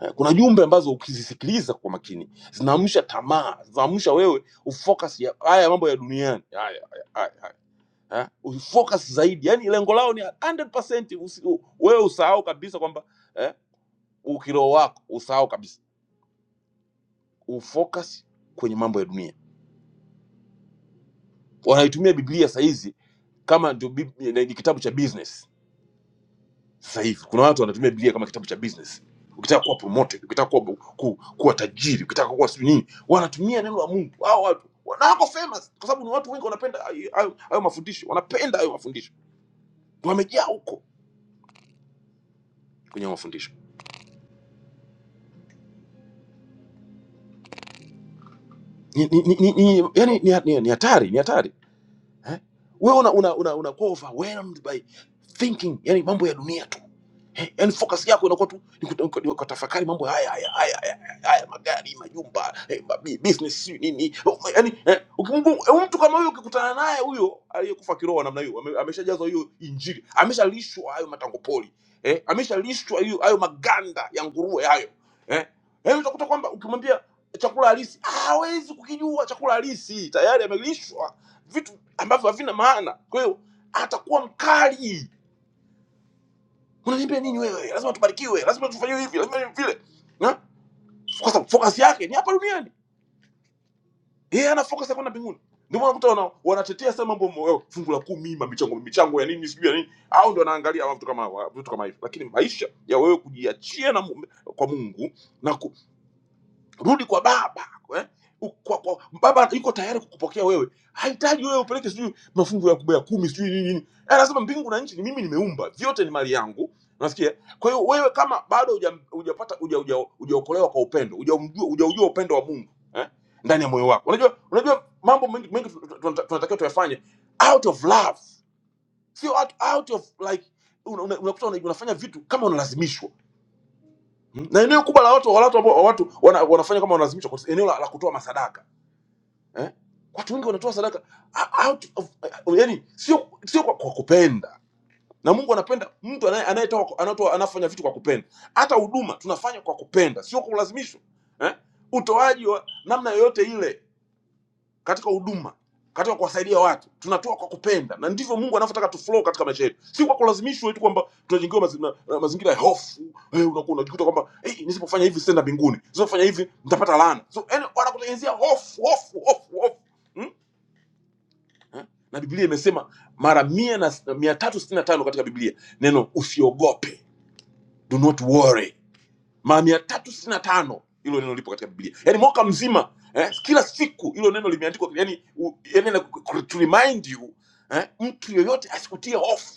Eh, kuna jumbe ambazo ukizisikiliza kwa makini zinaamsha tamaa zinaamsha wewe ufocus ya haya mambo ya duniani haya haya haya, haya. eh, ufocus zaidi yani lengo lao ni 100% usi, u, wewe usahau kabisa kwamba eh, ukiroho wako usahau kabisa ufocus kwenye mambo ya dunia wanaitumia biblia sahizi kama ndio bib- ni ni kitabu cha business sasa hivi kuna watu wanatumia biblia kama kitabu cha business ukitaka kuwa promoted ukitaka kuwa, bu- ku, kuwa tajiri ukitaka kuwa sijui nini wanatumia neno la mungu hao watu na wako famous kwa sababu ni watu wengi wanapenda hayo hayo- hayo mafundisho wanapenda hayo mafundisho wamejaa huko kwenye hayo mafundisho ni, ni, ni, ni, ni, yani, ni, ni, ni hatari ni hatari eh? we una, una, una, unakuwa overwhelmed by thinking yani mambo ya dunia tu Eh, yani focus yako inakuwa tu ni kut- ni kutafakari mambo haya haya haya haya, haya magari majumba eh, ma- bi- business sijui nini Oh, ma- yani eh, ukimgu- eh, mtu kama huyo ukikutana naye huyo aliyekufa kiroho namna hiyo ame- ameshajazwa hiyo injili ameshalishwa hayo matangopoli eh, ameshalishwa hiyo hayo maganda ya nguruwe hayo eh, yani utakuta kwamba ukimwambia chakula halisi ah, hawezi kukijua chakula halisi tayari amelishwa vitu ambavyo havina maana kwa hiyo atakuwa mkali unaniambia nini wewe lazima tubarikiwe lazima tufanye hivi lazima hivi vile Na? kwa sababu focus yake ni hapa duniani yeye ana focus ya kwenda mbinguni ndio maana mtu wana- wanatetea sana mambo mo- oh, fungu la kumi ma- michango michango ya nini sijui ya nini au ndio anaangalia vitu kama hawa, vitu kama hivyo lakini maisha ya wewe kujiachia na mu- kwa Mungu na ku, rudi kwa baba eh? U- kwa, kwa, baba yuko tayari kukupokea wewe hahitaji wewe upeleke sijui mafungu ya kubwa ya kumi sijui nini nini Eh, anasema mbingu na nchi ni mimi nimeumba vyote ni mali yangu unasikia kwa hiyo wewe kama bado hujam- hujapata huja- huja- hujaokolewa kwa upendo hujaumjua- hujaujua upendo wa mungu eh? ndani ya moyo wako unajua unajua mambo mengi mengi tun- tun- tunatakiwa tuyafanye out of love sio out, out of like unakuta una, una, unakuta una- unafanya vitu kama unalazimishwa Mm. na eneo kubwa la watu la watu ambao watu wana, wanafanya kama wanalazimisha kwa eneo la, la kutoa masadaka eh? watu wengi wanatoa sadaka ah, out of, uh, yani sio sio kwa, kwa kupenda na Mungu anapenda mtu anaye- anayetoa kwa- anatoa anafanya vitu kwa kupenda. Hata huduma tunafanya kwa kupenda, sio kwa kulazimishwa eh? utoaji wa namna yoyote ile katika huduma, katika kuwasaidia watu, tunatoa kwa kupenda, na ndivyo Mungu anavyotaka tu flow katika maisha yetu, si kwa kulazimishwa eti kwamba tunajengewa mazi, na- na mazingira ya hofu. Wewe unakuwa unajikuta kwamba hey, nisipofanya hivi sitaenda mbinguni, nisipofanya hivi nitapata laana. So yani wanakutengenezea hofu hofu hofu hofu hmm? Eh? Na Biblia imesema mara mia na mia tatu sitini na tano katika Biblia neno usiogope, do not worry mara mia tatu sitini na tano hilo neno lipo katika biblia yaani mwaka mzima eh, kila siku hilo neno limeandikwa yani, yani to remind you eh, mtu yoyote asikutie hofu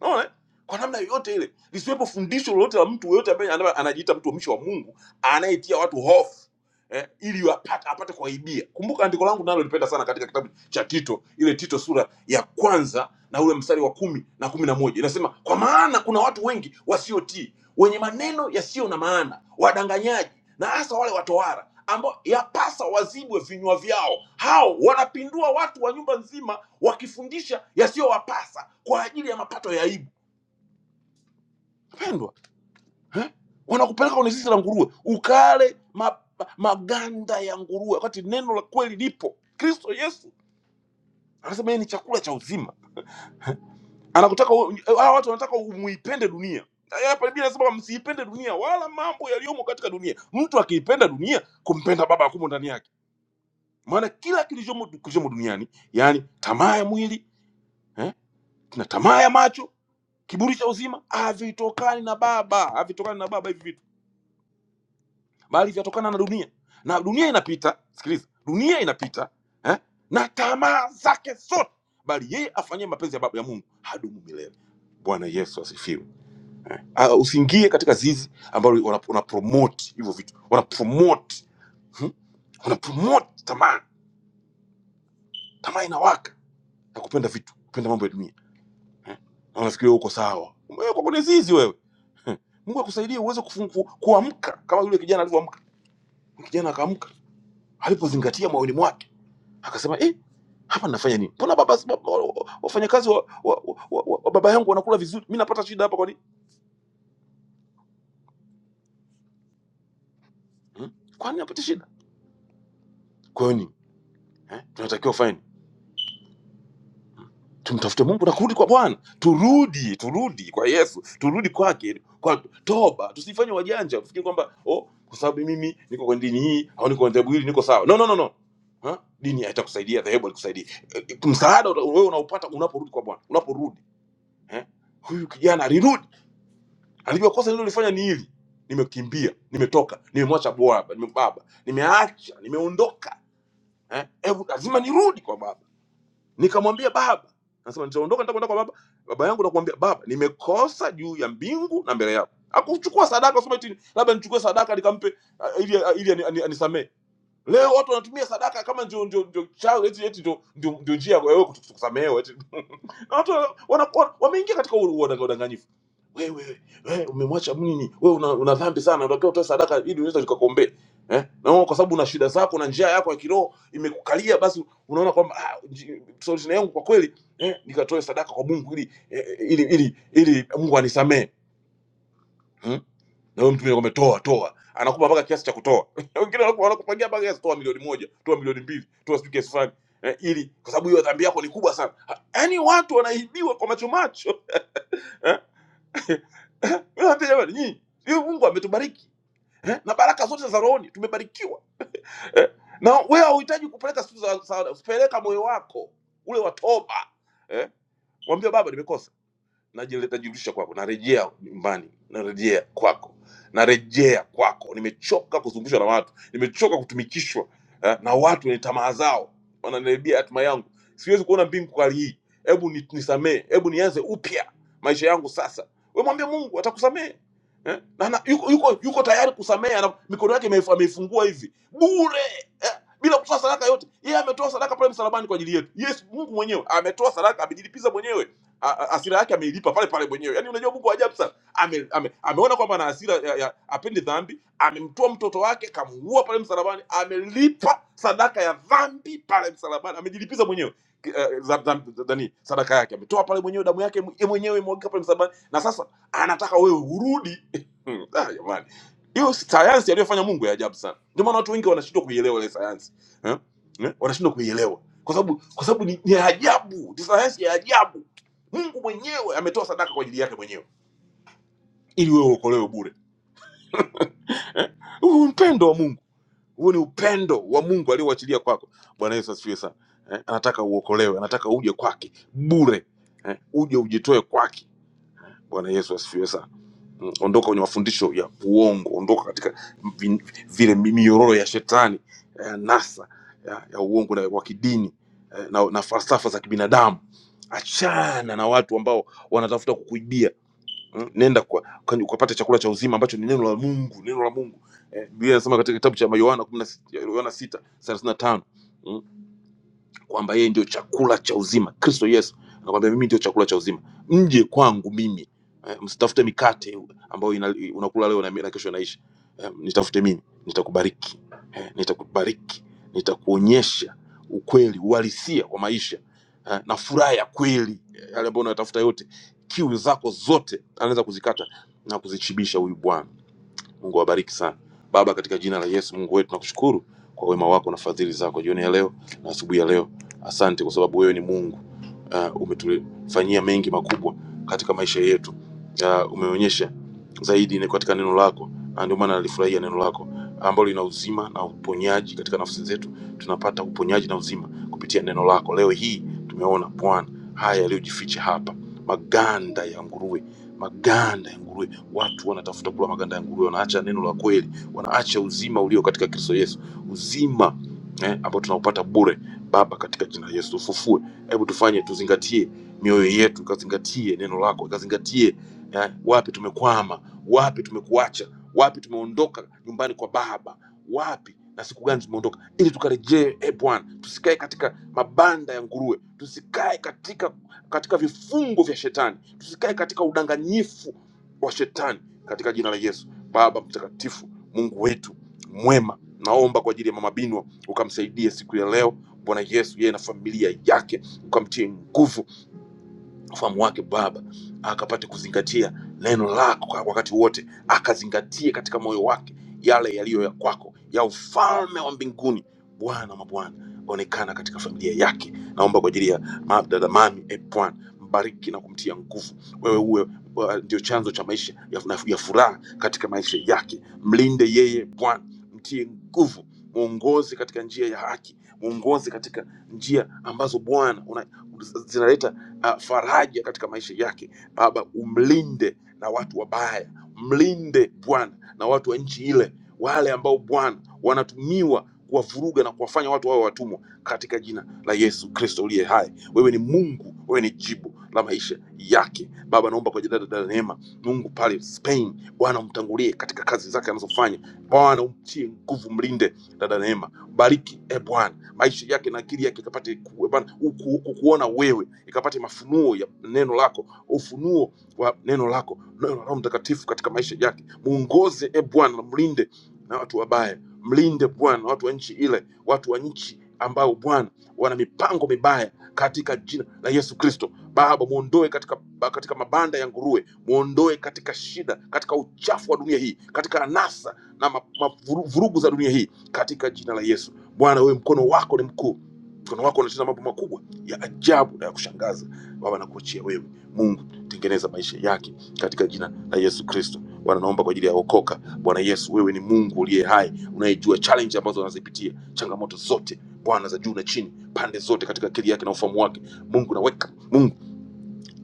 unaona eh? kwa namna yoyote ile lisiwepo fundisho lolote la mtu yoyote ambaye ana- anajiita mtumishi wa mungu anayetia watu hofu eh, ili apate, apate kuwaibia. Kumbuka andiko langu nalo lipenda sana katika kitabu cha Tito, ile Tito sura ya kwanza na ule mstari wa kumi na kumi na moja inasema, kwa maana kuna watu wengi wasiotii, wenye maneno yasiyo na maana, wadanganyaji, na hasa wale watowara ambao yapasa wazibwe vinywa vyao. Hao wanapindua watu wa nyumba nzima, wakifundisha yasiyowapasa kwa ajili ya mapato ya aibu. Pendwa, Eh? wanakupeleka kwenye zizi la nguruwe ukale ma, ma, maganda ya nguruwe wakati neno la kweli lipo kristo yesu anasema yeye ni chakula cha uzima anakutaka wewe- hawa watu wanataka umuipende dunia hapa biblia anasema msiipende dunia wala mambo yaliyomo katika dunia mtu akiipenda dunia kumpenda baba akumo ndani yake maana kila kilichomo kilichomo duniani yaani tamaa ya mwili eh? na tamaa ya macho kiburi cha uzima havitokani na baba havitokani na baba hivi vitu bali vyatokana na dunia na dunia inapita sikiliza dunia inapita eh? na tamaa zake zote bali yeye afanyaye mapenzi ya baba ya mungu hadumu milele bwana yesu asifiwe eh? Ah, usiingie katika zizi ambalo wana- wanapromote hivyo vitu wanapromote hmm? wanapromote tamaa tamaa inawaka na kupenda vitu kupenda mambo ya dunia eh? na unafikiria uko sawa umewekwa kwenye zizi wewe Eh, Mungu akusaidie uweze kufungu- kuamka kama yule kijana alivyoamka. Kijana akaamka alipozingatia moyoni mwake Akasema eh, hapa nafanya nini? Mbona baba baba- wafanyakazi wa, wa, wa, wa, wa baba yangu wanakula vizuri, mimi napata shida hapa kwa nini? Hmm? Kwa nini napata shida? Kwa hiyo nini? Eh? Tunatakiwa kufanya nini? Tumtafute Mungu na kurudi kwa Bwana. Turudi, turudi kwa Yesu, turudi kwake kwa toba. Tusifanye wajanja tufikiri kwamba oh, kwa sababu mimi niko kwa dini hii au niko kwa dhehebu hili niko sawa. No no no no. Ha? Dini haitakusaidia, dhehebu halikusaidii. Eh, Msaada uta- wewe unaupata unaporudi kwa Bwana, unaporudi. Eh? Huyu kijana alirudi alijua kosa nililolifanya ni hili nimekimbia nimetoka nimemwacha baba nime baba nimeacha nimeondoka eh? Hebu lazima nirudi kwa baba nikamwambia baba nasema nitaondoka nitakwenda kwa baba baba yangu nakuambia baba nimekosa juu ya mbingu na mbele yako akuchukua sadaka sema eti labda nichukue sadaka nikampe ah, ili ili ani- ani- anisamee leo watu wanatumia sadaka kama ndio ndio ndio chao eti eti ndio ndio ndio njia ya wewe kutu- kusamehewa eti Na watu wana- wana- wameingia katika huo udanganyifu wewe wewe umemwacha nini wewe una, una dhambi sana unatakiwa utoe sadaka ili unaweza ukakuombea eh na wewe kwa sababu una shida zako na njia yako ya kiroho imekukalia basi unaona kwamba ah, nji- solution yangu kwa kweli eh nikatoe sadaka kwa Mungu ili eh, ili ili, ili Mungu anisamee hmm? na wewe mtu mwingine kwamba toa toa anakupa mpaka kiasi cha kutoa wengine wanaku- wanakupangia mpaka kiasi toa milioni moja toa milioni mbili toa sijui kiasi fulani eh, ili kwa sababu hiyo dhambi yako ni kubwa sana Ha- yaani watu wanaibiwa kwa macho macho Eh? Wewe jamani, nyinyi hiyo Mungu ametubariki eh? na baraka zote za rohoni tumebarikiwa eh? na wewe hauhitaji kupeleka siku za za- za peleka moyo wako ule wa toba eh? mwambie baba, nimekosa najile- najirudisha kwako, narejea nyumbani, narejea kwako, narejea kwako. Nimechoka kuzungushwa na watu, nimechoka kutumikishwa eh, na watu wenye tamaa zao, wananiharibia hatima yangu. Siwezi kuona mbingu kwa hali hii. Hebu ni- nisamee, hebu nianze upya maisha yangu sasa. We mwambie Mungu atakusamehe eh? na, na, yuko, yuko, yuko tayari kusamehe, ana mikono yake imeif- ameifungua hivi bure eh? bila kutoa sadaka yote. Yeye ametoa sadaka pale msalabani kwa ajili yetu. Yes, Mungu mwenyewe ametoa sadaka, amejilipiza mwenyewe a- a- hasira yake ameilipa pale pale mwenyewe. Yaani unajua Mungu wa ajabu sana. Ame, ame, ameona kwamba ana hasira ya, ya apendi dhambi, amemtoa mtoto wake, kamuua pale msalabani, amelipa sadaka ya dhambi pale msalabani, amejilipiza mwenyewe ki- eh, za- za- za- nani sadaka yake, ametoa pale mwenyewe damu yake mwe- mwenyewe imwagika pale msalabani, na sasa anataka wewe urudi. Ah, jamani, hiyo sayansi aliyofanya Mungu ya ajabu sana. Ndio maana watu wengi wanashindwa kuielewa ile sayansi eh? Eh? wanashindwa kuielewa kwa sababu kwa sababu ni, ni ajabu, ni sayansi ya ajabu Mungu mwenyewe ametoa sadaka kwa ajili yake mwenyewe ili wewe uokolewe bure. Eh? Huu ni upendo wa Mungu, huu ni upendo wa Mungu alioachilia kwako. Bwana Yesu asifiwe sana. Eh? Anataka uokolewe, anataka uje kwake bure, eh? uje ujitoe kwake. Bwana Yesu asifiwe sana. Mm, Ondoka kwenye mafundisho ya uongo, ondoka katika vi- vile mi- minyororo ya shetani ya nasa ya, ya uongo na wa kidini eh, na, na falsafa za kibinadamu. Achana na watu ambao wanatafuta kukuibia Mm, nenda kwa kani- ukapata chakula cha uzima ambacho ni neno la Mungu, neno la Mungu. Eh, Biblia inasema katika kitabu cha Yohana 10 Yohana 6:35 kwamba yeye ndio chakula cha uzima kristo yesu anakwambia mimi ndio chakula cha uzima mje kwangu mimi eh, msitafute mikate ambayo ina, unakula leo na, na kesho inaishi eh, nitafute mimi nitakubariki eh, nitakubariki nitakuonyesha ukweli uhalisia wa maisha eh, na furaha ya kweli eh, yale ambayo unayatafuta yote kiu zako zote anaweza kuzikata na kuzichibisha huyu bwana Mungu awabariki sana. Baba, katika jina la Yesu Mungu wetu, tunakushukuru kwa wema wako na fadhili zako jioni ya leo na asubuhi ya leo. Asante kwa sababu wewe ni Mungu uh, umetufanyia mengi makubwa katika maisha yetu. Uh, umeonyesha zaidi ni katika neno lako, na ndio maana nalifurahia neno lako ambalo lina uzima na uponyaji katika nafsi zetu. Tunapata uponyaji na uzima kupitia neno lako. Leo hii tumeona Bwana haya yaliyojificha hapa, maganda ya nguruwe maganda ya nguruwe. Watu wanatafuta kula maganda ya nguruwe, wanaacha neno la kweli, wanaacha uzima ulio katika Kristo Yesu, uzima eh, ambao tunaupata bure. Baba, katika jina la Yesu tufufue, hebu tufanye, tuzingatie mioyo yetu, ikazingatie neno lako, ikazingatie eh, wapi tumekwama, wapi tumekuacha, wapi tumeondoka nyumbani kwa Baba, wapi na siku gani tumeondoka, ili tukarejee. E Bwana, tusikae katika mabanda ya nguruwe, tusikae katika katika vifungo vya shetani, tusikae katika udanganyifu wa shetani, katika jina la Yesu. Baba mtakatifu, Mungu wetu mwema, naomba kwa ajili ya mama Binwa ukamsaidie siku ya leo Bwana Yesu, yeye na familia yake, ukamtie nguvu ufahamu wake Baba, akapate kuzingatia neno lako kwa wakati wote, akazingatie katika moyo wake yale yaliyo ya kwako ya ufalme wa mbinguni. Bwana mabwana, onekana katika familia yake. Naomba kwa ajili ya ma- dada mami e Bwana, mbariki na kumtia nguvu. Wewe uwe wa- ndio chanzo cha maisha ya, na- ya furaha katika maisha yake. Mlinde yeye Bwana, mtie nguvu, muongozi katika njia ya haki, muongozi katika njia ambazo Bwana una- zinaleta uh, faraja katika maisha yake. Baba, umlinde na watu wabaya, mlinde Bwana na watu wa nchi ile, wale ambao Bwana wanatumiwa kuwavuruga na kuwafanya watu wawe watumwa, katika jina la Yesu Kristo uliye hai. Wewe ni Mungu, wewe ni jibu la maisha yake. Baba, naomba kwa jina la dada Neema, Mungu pale Spain, Bwana umtangulie katika kazi zake anazofanya. Bwana umtie nguvu, mlinde dada Neema bariki e bwana maisha yake na akili yake ikapate ku- eh, Bwana, uku- kukuona wewe ikapate mafunuo ya neno lako ufunuo wa neno lako neno la roho mtakatifu katika maisha yake muongoze e bwana na mlinde na watu wabaya mlinde bwana watu wa nchi ile watu wa nchi ambao bwana wana mipango mibaya katika jina la yesu kristo baba muondoe katika, katika mabanda ya nguruwe muondoe katika shida katika uchafu wa dunia hii katika anasa na ma, ma, vuru- vurugu za dunia hii katika jina la Yesu. Bwana, wewe mkono wako ni mkuu, mkono wako unatenda mambo makubwa ya ajabu na ya kushangaza. Baba, nakuachia wewe Mungu, tengeneza maisha yake katika jina la Yesu Kristo. Bwana, naomba kwa ajili ya wokoka. Bwana Yesu, wewe ni Mungu uliye hai, unayejua challenge ambazo wanazipitia, changamoto zote Bwana za juu na chini, pande zote katika akili yake na ufahamu wake. Mungu naweka Mungu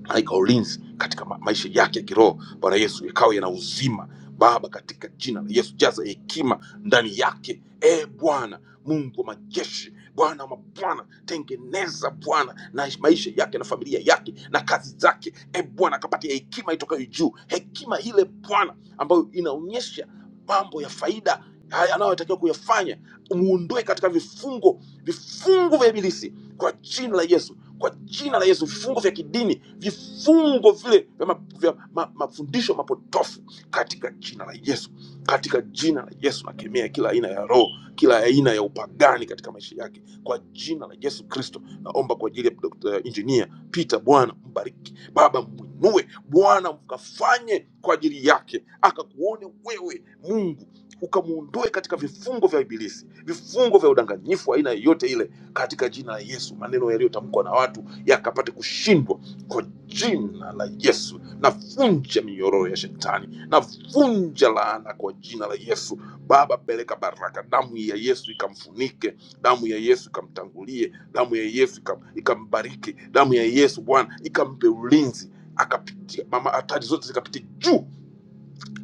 malaika wa ulinzi katika ma maisha yake ya kiroho bwana yesu yakawa yana uzima baba katika jina la yesu jaza hekima ndani yake e bwana mungu wa majeshi bwana wa mabwana tengeneza bwana na maisha yake na familia yake na kazi zake e bwana akapatia hekima itokayo juu hekima ile bwana ambayo inaonyesha mambo ya faida haya anayotakiwa kuyafanya, muondoe katika vifungo vifungo vya ibilisi kwa jina la Yesu, kwa jina la Yesu, vifungo vya kidini, vifungo vile vya, ma, vya ma, mafundisho mapotofu katika jina la Yesu, katika jina la Yesu nakemea kila aina ya roho, kila aina ya upagani katika maisha yake kwa jina la Yesu Kristo. Naomba kwa ajili ya Dr. Engineer Peter, Bwana mbariki Baba, mwinue Bwana, mkafanye kwa ajili yake, akakuone wewe Mungu, ukamwondoe katika vifungo vya ibilisi, vifungo vya udanganyifu aina yoyote ile, katika jina la Yesu. Maneno yaliyotamkwa na watu yakapate kushindwa kwa jina la Yesu. Navunja minyororo ya shetani, navunja laana kwa jina la Yesu. Baba, peleka baraka, damu ya Yesu ikamfunike, damu ya Yesu ikamtangulie damu ya yesu ikam- ikambariki damu ya yesu bwana ikampe ulinzi akapitia mama hatari zote zikapitia juu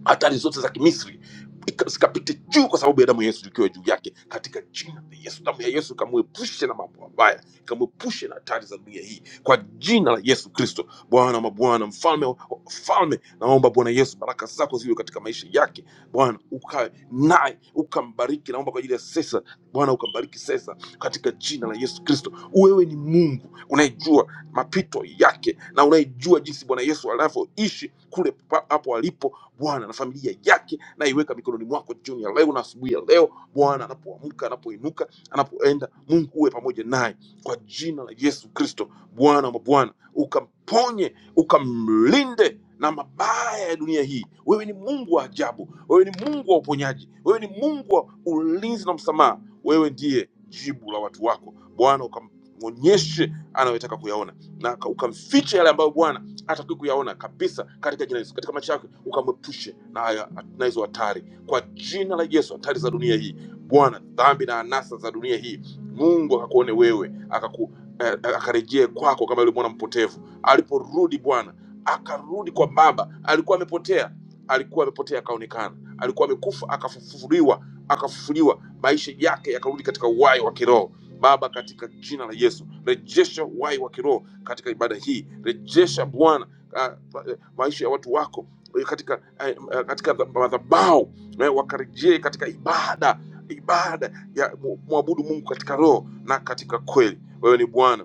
hatari zote za kimisri ika- zikapite juu kwa sababu ya damu ya yesu ikiwa juu yake katika jina la yesu damu ya yesu ikamwepushe na mambo mabaya ikamwepushe na hatari za dunia hii kwa jina la yesu kristo bwana wa mabwana mfalme wa wa- mfalme naomba bwana yesu baraka zako ziwe katika maisha yake bwana ukae naye ukambariki naomba kwa ajili ya sesa bwana ukambariki sesa katika jina la yesu kristo wewe ni mungu unayejua mapito yake na unayejua jinsi bwana yesu anavyoishi kule pa- hapo alipo Bwana na familia yake, naiweka mikononi mwako jioni ya leo na asubuhi ya leo. Bwana anapoamka, anapoinuka, anapoenda, Mungu uwe pamoja naye kwa jina la Yesu Kristo, Bwana wa mabwana, ukamponye, ukamlinde na mabaya ya dunia hii. Wewe ni Mungu wa ajabu, wewe ni Mungu wa uponyaji, wewe ni Mungu wa ulinzi na msamaha. Wewe ndiye jibu la watu wako Bwana, ukamwonyeshe anayotaka kuyaona na ukamfiche yale ambayo Bwana hataki kuyaona kabisa katika jina la Yesu, katika maisha yake ukamwepushe na haya na hizo hatari kwa jina la Yesu, hatari za dunia hii Bwana, dhambi na anasa za dunia hii. Mungu akakuone wewe akaku eh, eh, akarejee kwako kama yule mwana mpotevu aliporudi. Bwana akarudi kwa baba, alikuwa amepotea, alikuwa amepotea akaonekana, alikuwa amekufa akafufuliwa, akafufuliwa, maisha yake yakarudi katika uhai wa kiroho. Baba, katika jina la Yesu, rejesha uhai wa kiroho katika ibada hii, rejesha Bwana ah, ma- eh, maisha ya watu wako eh, katika eh, eh, katika dha- madhabahu eh, wakarejee katika ibada ibada ya mu- kumwabudu Mungu katika roho na katika kweli. Wewe ni Bwana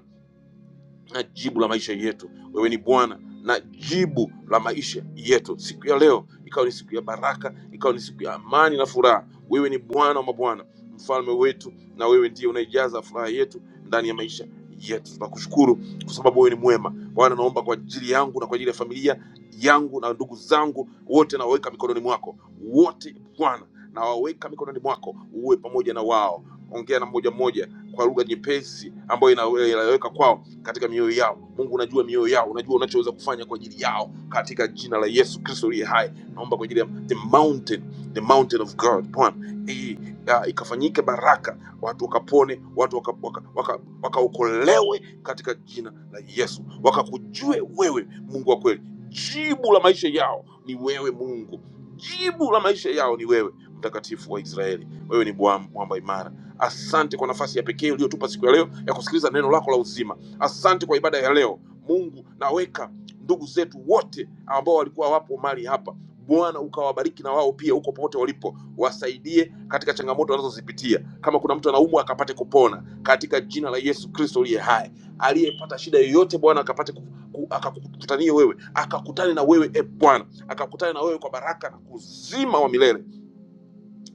na jibu la maisha yetu. Wewe ni Bwana na jibu la maisha yetu. Siku ya leo ikawa ni siku ya baraka, ikawa ni siku ya amani na furaha. Wewe ni Bwana wa mabwana, mfalme wetu, na wewe ndiye unaijaza furaha yetu ndani ya maisha yetu. Tunakushukuru kwa sababu wewe ni mwema. Bwana, naomba kwa ajili yangu na kwa ajili ya familia yangu na ndugu zangu wote, nawaweka mikononi mwako wote, Bwana nawaweka mikononi mwako, uwe pamoja na wao. Ongea na mmoja mmoja kwa lugha nyepesi ambayo inaeleweka kwao katika mioyo yao mungu unajua mioyo yao unajua unachoweza kufanya kwa ajili yao katika jina la yesu kristo liye hai naomba kwa ajili ya the mountain the mountain of god bwana hii ah, ikafanyike baraka watu wakapone watu wakaokolewe waka, waka, waka wakaokolewe katika jina la yesu wakakujue wewe mungu wa kweli jibu la maisha yao ni wewe mungu jibu la maisha yao ni wewe mtakatifu wa israeli wewe ni bwa- mwamba imara asante kwa nafasi ya pekee uliyotupa siku ya leo ya kusikiliza neno lako la uzima Asante kwa ibada ya leo Mungu, naweka ndugu zetu wote ambao walikuwa wapo mali hapa Bwana ukawabariki na wao pia huko popote walipo, wasaidie katika changamoto wanazozipitia. Kama kuna mtu anaumwa akapate kupona katika jina la Yesu Kristo aliye hai. Aliyepata shida yoyote Bwana akapate ku, ku, akakutanie wewe, akakutane na wewe e Bwana, akakutane na wewe kwa baraka na uzima wa milele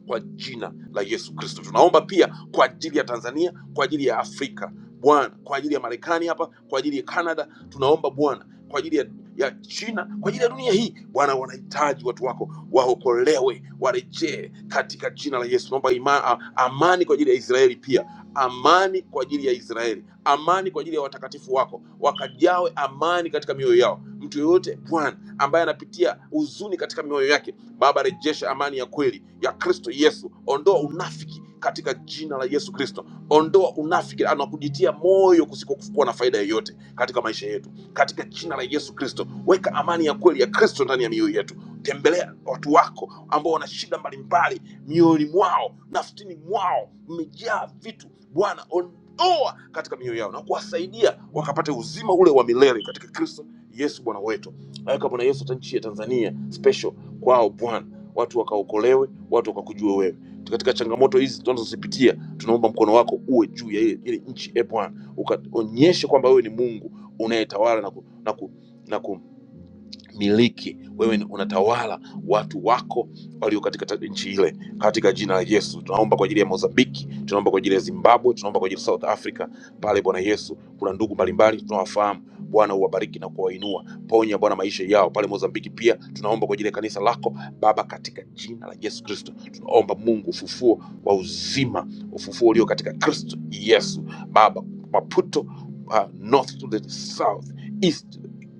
kwa jina la Yesu Kristo. Tunaomba pia kwa ajili ya Tanzania, kwa ajili ya Afrika Bwana, kwa ajili ya Marekani hapa, kwa ajili ya Canada, tunaomba Bwana, kwa ajili ya ya China, kwa ajili ya dunia hii Bwana, wanahitaji watu wako waokolewe, warejee katika jina la Yesu. Naomba ima, a- amani kwa ajili ya Israeli pia amani kwa ajili ya Israeli, amani kwa ajili ya watakatifu wako, wakajawe amani katika mioyo yao. Mtu yoyote Bwana ambaye anapitia huzuni katika mioyo yake, Baba, rejesha amani ya kweli ya Kristo Yesu. Ondoa unafiki katika jina la Yesu Kristo, ondoa unafiki anakujitia moyo kusikokuwa na faida yoyote katika maisha yetu katika jina la Yesu Kristo. Weka amani ya kweli ya Kristo ndani ya mioyo yetu. Tembelea watu wako ambao wana shida mbalimbali mioyoni mwao, nafsini mwao, mmejaa vitu. Bwana, ondoa katika mioyo yao na kuwasaidia wakapate uzima ule wa milele katika Kristo Yesu Bwana wetu. Weka Bwana Yesu hata nchi ya Tanzania special kwao Bwana, watu wakaokolewe, watu wakakujua wewe katika changamoto hizi tunazozipitia. Tunaomba mkono wako uwe juu ya ile ile nchi e Bwana, ukaonyeshe kwamba wewe ni Mungu unayetawala na ku, na ku, na ku, miliki wewe ni- unatawala watu wako walio katika ta- nchi ile katika jina la yesu tunaomba kwa ajili ya mozambiki tunaomba kwa ajili ya zimbabwe tunaomba kwa ajili ya south africa pale bwana yesu kuna ndugu mbalimbali tunawafahamu bwana uwabariki na kuwainua ponya bwana maisha yao pale mozambiki pia tunaomba kwa ajili ya kanisa lako baba katika jina la yesu kristo tunaomba mungu ufufuo wa uzima ufufuo ulio katika kristo yesu baba maputo uh, north to the south east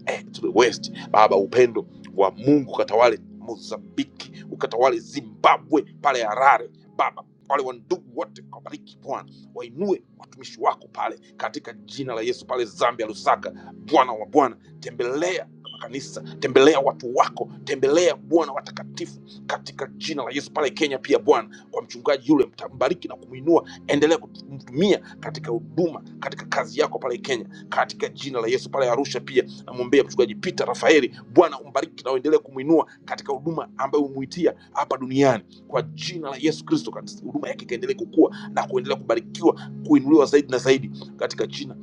eh, to the west baba upendo wa mungu ukatawale mozambiki ukatawale zimbabwe pale harare baba wale wandugu wote kabariki bwana wainue watumishi wako pale katika jina la yesu pale zambia lusaka bwana wa bwana tembelea makanisa tembelea watu wako tembelea bwana watakatifu katika jina la yesu pale kenya pia bwana kwa mchungaji yule mtambariki na kumwinua endelea kumtumia katika huduma katika kazi yako pale kenya katika jina la yesu pale arusha pia namwombea mchungaji Peter Rafaeli, Bwana umbariki na uendelee kumwinua katika huduma ambayo umuitia hapa duniani kwa jina la Yesu Kristo, katika huduma yake ikaendelee kukua na kuendelea kubarikiwa, kuinuliwa zaidi na zaidi katika jina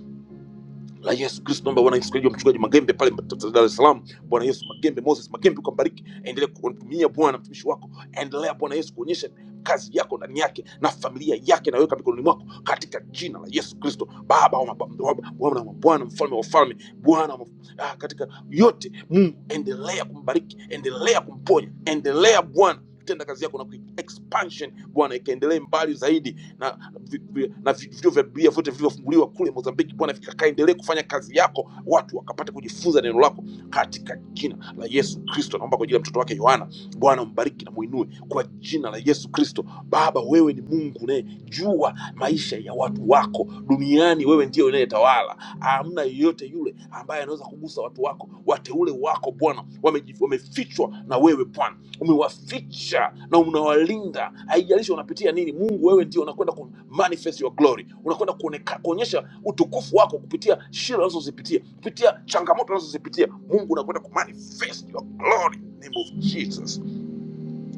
la Yesu Kristo. Naomba Bwana Yesu Kristo, mchungaji Magembe pale Dar es Salaam, Bwana Yesu Magembe, Moses Magembe, ukambariki, endelea kumtumia Bwana mtumishi wako, endelea Bwana Yesu kuonyesha kazi yako ndani yake na familia yake, naweka mikononi mwako katika jina la Yesu Kristo, Baba wa maba- wa- Bwana wa Bwana, mfalme wa wafalme, Bwana wa- ah, katika yote Mungu, endelea kumbariki, endelea kumponya, endelea Bwana tenda kazi yako na kui- expansion Bwana ikaendelee mbali zaidi na vi- vi- na vi- vituo vya Biblia vyote vilivyofunguliwa kule Mozambiki. Bwana vikaendelee kufanya kazi yako, watu wakapata kujifunza neno lako katika jina la Yesu Kristo. Naomba kwa ajili ya mtoto wake Yohana, Bwana umbariki na muinue kwa jina la Yesu Kristo. Baba, wewe ni Mungu unayejua maisha ya watu wako duniani, wewe ndiye unayetawala. Hamna yeyote yule ambaye anaweza kugusa watu wako, wateule wako Bwana wamejifichwa kichwa na wewe Bwana umewaficha na unawalinda, haijalishi wanapitia nini. Mungu, wewe ndio unakwenda ku manifest your glory, unakwenda kuoneka- kuonyesha utukufu wako kupitia shida unazozipitia, kupitia changamoto unazozipitia. Mungu, unakwenda ku manifest your glory in the name of Jesus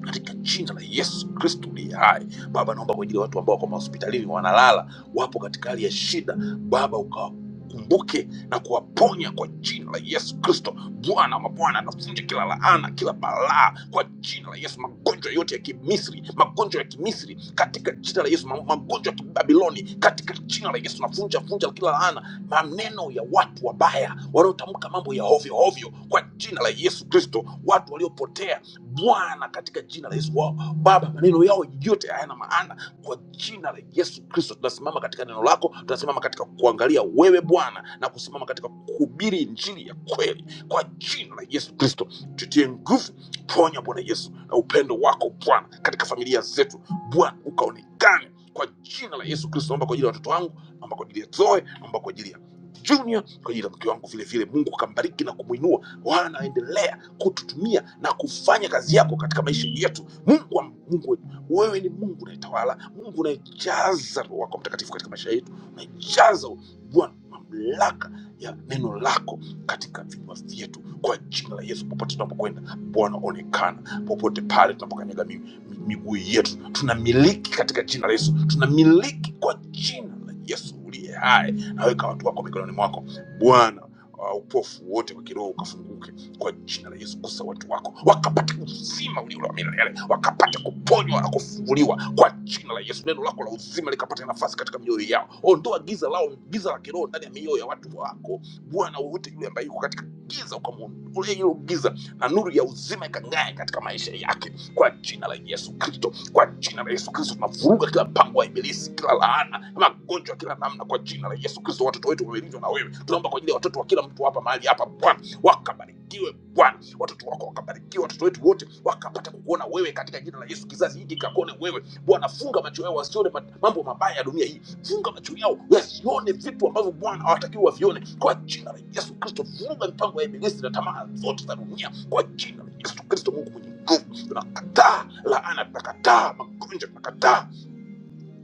katika jina la Yesu Kristo uliye hai. Baba, naomba kwa ajili ya watu ambao wako mahospitalini wanalala, wapo katika hali ya shida, Baba ukawakumbuke na kuwaponya kwa jina la Yesu Kristo. Bwana wa mabwana, navunja kila laana, kila balaa kwa jina la Yesu. Magonjwa yote ya Kimisri, magonjwa ya Kimisri katika jina la Yesu, ma- magonjwa ya Kibabiloni katika jina la Yesu, navunja vunja kila laana maneno ya watu wabaya wanaotamka mambo ya ovyo ovyo kwa jina la Yesu Kristo, watu waliopotea Bwana, katika jina la Yesu wao. Baba, maneno yao yote hayana maana kwa jina la Yesu Kristo. Tunasimama katika neno lako, tunasimama katika kuangalia wewe Bwana na kusimama katika kuhubiri injili ya kweli kwa jina la Yesu Kristo. Tutie nguvu, ponya Bwana Yesu, na upendo wako Bwana katika familia zetu Bwana, ukaonekane kwa jina la Yesu Kristo, naomba kwa ajili ya watoto wangu, naomba kwa ajili ya Zoe, naomba kwa ajili ya Junior, kwa ajili ya mke wangu vile vile. Mungu akambariki na kumwinua, wanaendelea kututumia na kufanya kazi yako katika maisha yetu. Mungu wa Mungu wetu, wewe ni Mungu unayetawala, Mungu unayejaza Roho wako Mtakatifu katika maisha yetu, unayejaza Bwana mamlaka ya neno lako katika vinywa vyetu kwa jina la Yesu. Popote tunapokwenda Bwana onekana, popote pale tunapokanyaga mi- mi- miguu yetu tunamiliki katika jina la Yesu, tunamiliki kwa jina la Yesu uliye hai. Naweka watu wako mikononi mwako Bwana, uh, upofu wote wa kiroho ukafunguke kwa jina la Yesu, gusa watu wako wakapate uzima ulio na milele, wakapate kuponywa na kufunguliwa kwa jina la Yesu. Neno lako la uzima likapate nafasi katika mioyo yao. Ondoa giza lao, giza la kiroho ndani ya mioyo ya watu wako Bwana, wowote yule ambaye yuko katika giza ukamuondolee hilo giza na nuru ya uzima ikang'ae katika maisha yake kwa jina la Yesu Kristo. Kwa jina la Yesu Kristo tunavuruga kila mpango wa ibilisi, kila laana, magonjwa kila namna, kwa jina la Yesu Kristo. Watoto wetu wamelindwa na wewe, tunaomba kwa ajili ya watoto wa kila mtu hapa mahali hapa, Bwana wakabarikiwe Bwana, watoto wako wakabarikiwe, watoto wetu wote wakapata kukuona wewe wewe katika jina la Yesu. Kizazi hiki kakone wewe Bwana, funga macho yao wasione ma- mambo mabaya ya dunia hii, funga macho yao wasione vitu ambavyo Bwana hawatakiwi wavione, kwa jina la Yesu Kristo. Funga mipango ya ibilisi na tamaa zote za dunia, kwa jina la Yesu Kristo. Mungu mwenye nguvu, tunakataa laana, tunakataa magonjwa, tunakataa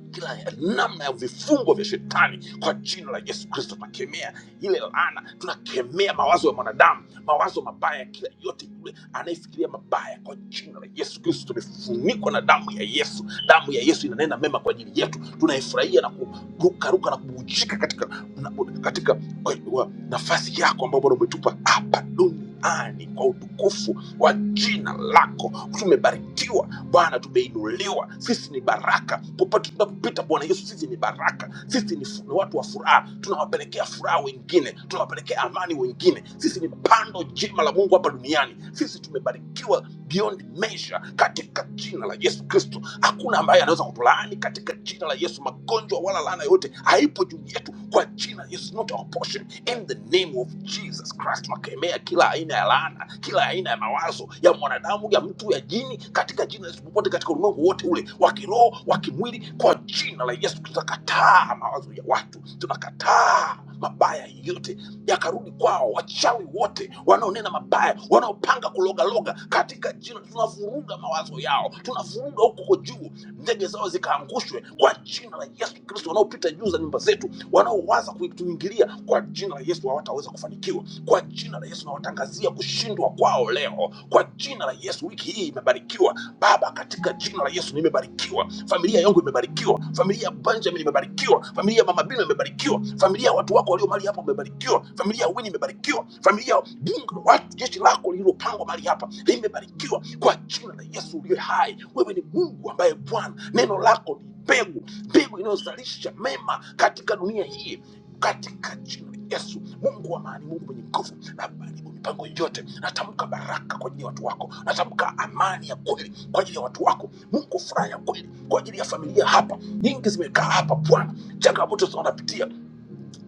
kila ya- namna ya vifungo vya shetani kwa jina la yesu kristo tunakemea ile laana tunakemea mawazo ya mwanadamu mawazo mabaya kila yote yule anayefikiria mabaya kwa jina la yesu kristo tumefunikwa na damu ya yesu damu ya yesu inanena mema kwa ajili yetu tunaifurahia na kurukaruka na kubujika katika, na, katika kwa kwa nafasi yako ambayo bwana umetupa hapa duniani kwa utukufu wa jina lako tumebarikiwa bwana tumeinuliwa sisi ni baraka popote tunapopita bwana yesu sisi ni baraka sisi ni, fu- ni watu wa furaha tunawapelekea furaha wengine tunawapelekea amani wengine sisi ni pando jema la mungu hapa duniani sisi tumebarikiwa beyond measure katika jina la yesu kristo hakuna ambaye anaweza kutulaani katika jina la yesu magonjwa wala laana yote haipo juu yetu kwa jina yesu not our portion in the name of jesus christ tunakemea kila aina ya laana kila aina ya mawazo ya mwanadamu ya mtu ya jini katika jina la yesu popote katika ulimwengu wote ule wa kiroho wa kimwili kwa jina la yesu tunakataa mawazo ya watu tunakataa mabaya yote yakarudi kwao wachawi wote wanaonena mabaya wanaopanga kulogaloga katika jina tunavuruga tunafunga mawazo yao, tunafunga huko huko juu, ndege zao zikaangushwe kwa jina la Yesu Kristo. Wanaopita juu za nyumba zetu, wanaowaza kutuingilia, kwa jina la Yesu hawataweza kufanikiwa. Kwa jina la Yesu nawatangazia kushindwa kwao leo, kwa jina la Yesu. Wiki hii imebarikiwa Baba, katika jina la Yesu nimebarikiwa, familia yangu imebarikiwa, familia ya Benjamin imebarikiwa, familia ya Mama Bino imebarikiwa, familia ya watu wako walio mahali hapa imebarikiwa, familia ya Wini imebarikiwa, familia Mungu na watu, jeshi lako lililopangwa mahali hapa limebarikiwa kwa jina la Yesu uliye hai. Wewe ni Mungu ambaye Bwana, neno lako ni mbegu, mbegu inayozalisha mema katika dunia hii, katika jina la Yesu. Mungu wa amani, Mungu mwenye nguvu, na baribu mipango yote. Natamka baraka kwa ajili ya watu wako, natamka amani ya kweli kwa ajili ya watu wako. Mungu, furaha ya kweli kwa ajili ya familia hapa, nyingi zimekaa hapa Bwana, changamoto zinazopitia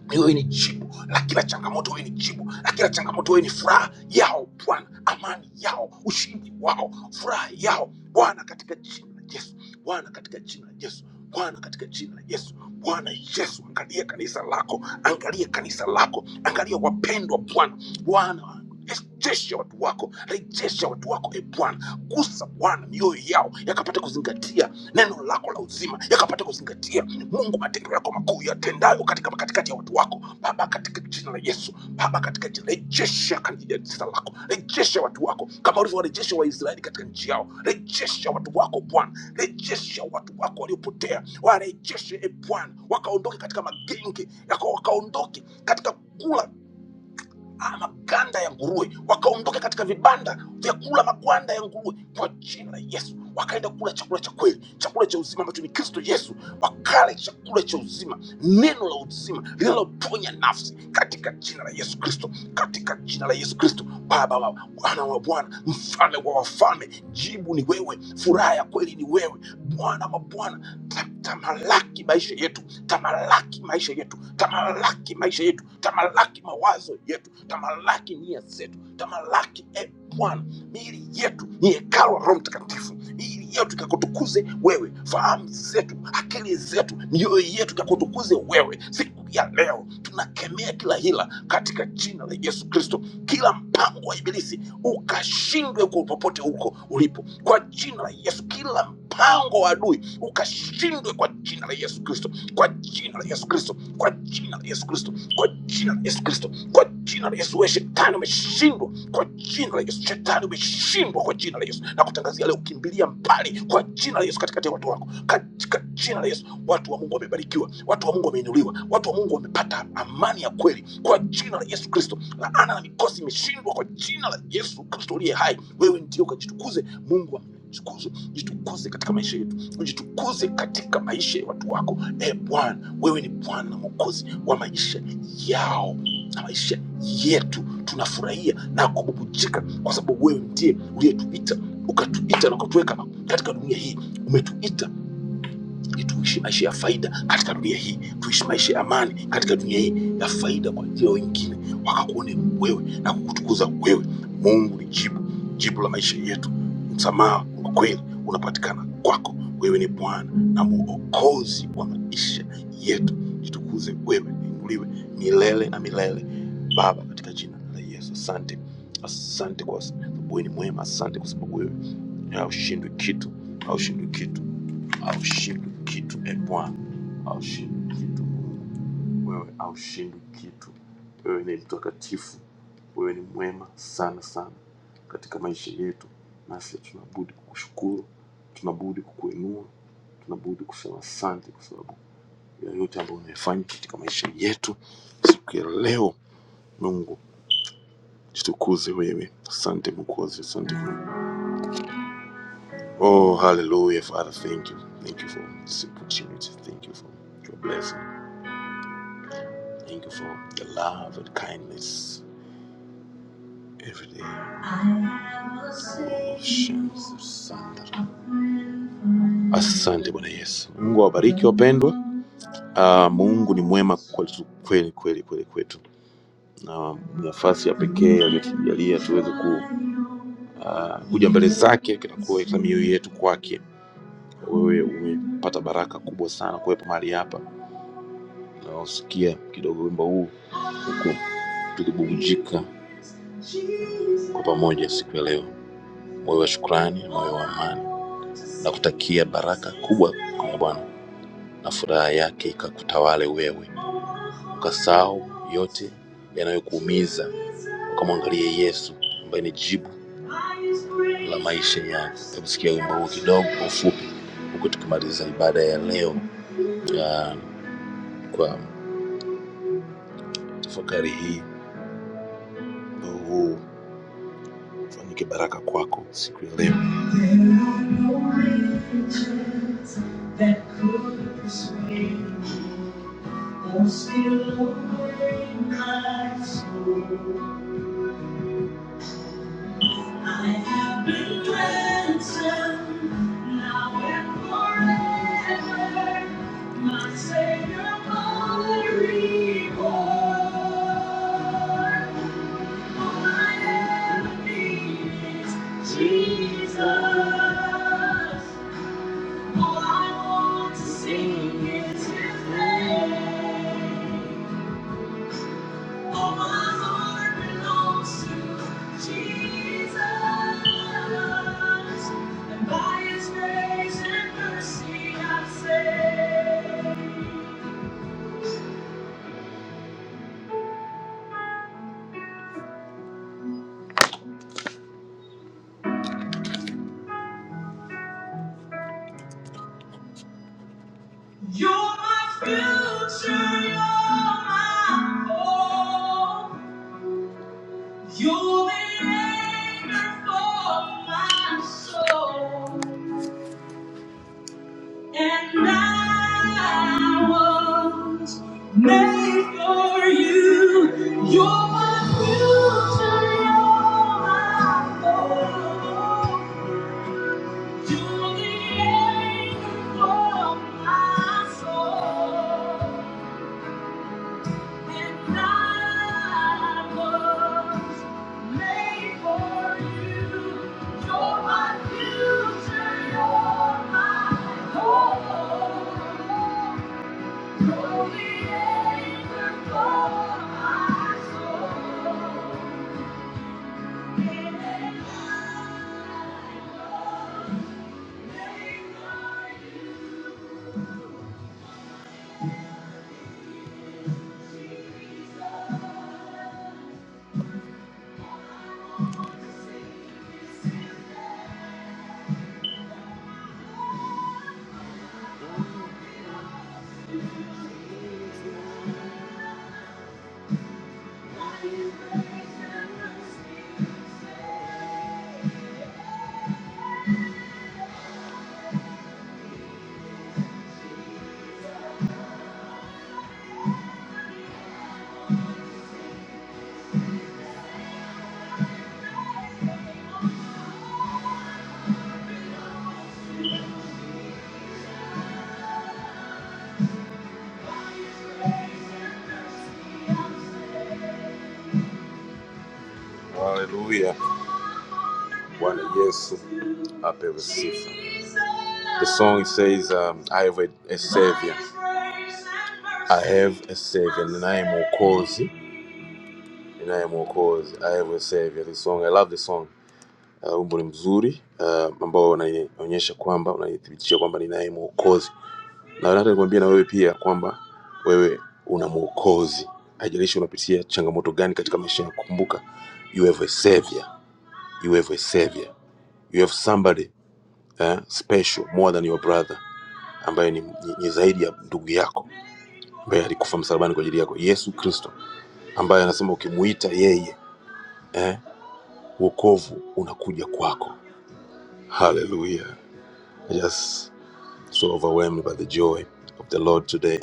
wewe ni jibu la kila changamoto, wewe ni jibu la kila changamoto, wewe ni furaha yao Bwana, amani yao, ushindi wao, furaha yao Bwana, katika jina la Yesu. Bwana, katika jina la Yesu. Bwana, katika jina la Yesu. Bwana Yesu, angalia kanisa lako, angalia kanisa lako, angalia wapendwa Bwana, Bwana rejesha watu wako rejesha watu wako e bwana gusa bwana mioyo yao yakapata kuzingatia neno lako la uzima yakapata kuzingatia mungu matendo yako makuu yatendayo katika katikati ya watu wako baba katika jina la yesu baba katika jina rejesha kandidatisa lako rejesha watu wako kama ulivyowarejesha waisraeli katika nchi yao rejesha watu wako bwana rejesha watu wako waliopotea warejeshe e bwana wakaondoke katika magenge yako wakaondoke katika kula ah, maganda ya nguruwe, wakaondoka katika vibanda vya kula magwanda ya nguruwe kwa jina la Yesu, wakaenda kula chakula cha kweli, chakula cha uzima ambacho ni Kristo Yesu. Wakala chakula cha uzima, neno la uzima linaloponya nafsi, katika jina la Yesu Kristo, katika jina la Yesu Kristo. Baba wa Bwana wa Bwana, mfalme wa wafalme, jibu ni wewe, furaha ya kweli ni wewe, Bwana wa Bwana, ta- tamalaki maisha yetu, tamalaki maisha yetu, tamalaki tamalaki maisha yetu, tamalaki mawazo yetu, tamalaki nia zetu, tamalaki e Bwana, miili yetu ni hekalu la Roho Mtakatifu, miili yetu ikakutukuze wewe, fahamu zetu, akili zetu, mioyo yetu ikakutukuze wewe. Siku ya leo tunakemea kila hila katika jina la Yesu Kristo, kila mpango wa Ibilisi ukashindwe kwa popote huko ulipo, kwa jina la Yesu. Kila mpango wa adui ukashindwe kwa jina la Yesu Kristo Kristo, kwa jina la Yesu Kristo, kwa jina la Yesu Kristo, kwa jina la Yesu Kristo, kwa jina la Yesu. Wewe shetani umeshindwa kwa jina la Yesu, shetani umeshindwa kwa jina la Yesu. Na kutangazia leo, kimbilia mbali kwa jina la Yesu katikati ya watu wako, katika jina la Yesu. Watu wa Mungu wamebarikiwa, watu wa Mungu wameinuliwa, watu wa Mungu wamepata amani ya kweli kwa jina la Yesu Kristo. Laana na mikosi imeshindwa kwa jina la Yesu Kristo uliye hai. Wewe ndio ukajitukuze, Mungu amtukuzwe, jitukuze katika maisha yetu ujitukuze katika maisha ya watu wako. E Bwana, wewe ni Bwana na Mwokozi wa maisha yao na maisha yetu. Tunafurahia na kububujika kwa sababu wewe ndiye uliyetuita ukatuita na ukatuweka katika dunia hii, umetuita tuishi maisha ya faida katika dunia hii, tuishi maisha ya amani katika dunia hii ya faida kwa ajili ya wengine, wakakuone wewe na kukutukuza wewe. Mungu ni jibu, jibu la maisha yetu. Msamaha wa kweli unapatikana kwako. Wewe ni Bwana na Mwokozi wa maisha yetu. Jitukuze wewe, inuliwe milele na milele, Baba, katika jina la Yesu. Asante, asante kwa sababu wewe ni mwema. Asante kwa sababu wewe haushindwi kitu, haushindwi kitu haushindwi kitu e Bwana, haushindwi kitu Mungu, wewe haushindwi kitu. Wewe ni mtakatifu, wewe ni mwema sana sana katika maisha yetu, nasi tunabudi kukushukuru, tunabudi kukuinua, tunabudi kusema asante kwa sababu ya yote ambayo unayofanya katika maisha yetu siku ya leo. Mungu jitukuze wewe, asante Mwokozi, asante Mungu. Oh, hallelujah, Father, thank you, thank you for this opportunity, thank you for your blessings. Thank you for the love and kindness every day. Shansi Sandra. Asante Bwana Yesu. Mungu awabariki wapendwa. Ah, Mungu ni mwema kwetu kweli kweli kweli kwetu, na nafasi ya pekee aliyotujalia tuweze ku, ah, kuja mbele zake kinakuwa katika mioyo yetu kwake. Wewe umepata baraka kubwa sana kuwepo mahali hapa, naosikia kidogo wimbo huu huku tukibubujika kwa pamoja siku ya leo, moyo wa shukrani, moyo wa amani Nakutakia baraka kubwa ya Bwana na furaha yake ikakutawale wewe, ukasahau yote yanayokuumiza, ukamwangalie Yesu ambaye ni jibu la maisha yako. Hebu sikia wimbo huu kidogo kwa ufupi, huku tukimaliza ibada ya leo ya, kwa tafakari hii. Wimbo huu ufanyike baraka kwako siku ya leo. There are no words that could explain I'm still in Christ. I have been ransomed, now and forever. My Savior, my reward. All I ever need is Jesus. All I want to sing is His name. All my heart belongs to Jesus, and by His grace and mercy I'm You're my future, you're my hope. You're the anchor for my soul. And I was made for you. You're my future, you're my hope. You're the anchor of my soul. When I was made for you, you're my future, you're my hope. You're the anchor for my soul. And I lay my Jesus. This is the life that Haleluya, Bwana Yesu apewe sifa. The song says um, I have a, a savior. I have a savior, ninaye mwokozi, ninaye mwokozi. I have a savior. This song, I love this song. Uh, wimbo ni mzuri uh, ambao unaonyesha kwamba unanithibitisha kwamba ninaye mwokozi na nataka nikwambie na wewe pia kwamba wewe una mwokozi haijalishi unapitia changamoto gani katika maisha yako kumbuka you have a savior you have a savior you have somebody eh, special more than your brother ambaye ni, ni, ni zaidi ya ndugu yako ambaye alikufa msalabani kwa ajili yako yesu kristo ambaye anasema ukimuita yeye eh, uokovu unakuja kwako haleluya just so overwhelmed by the joy of the lord today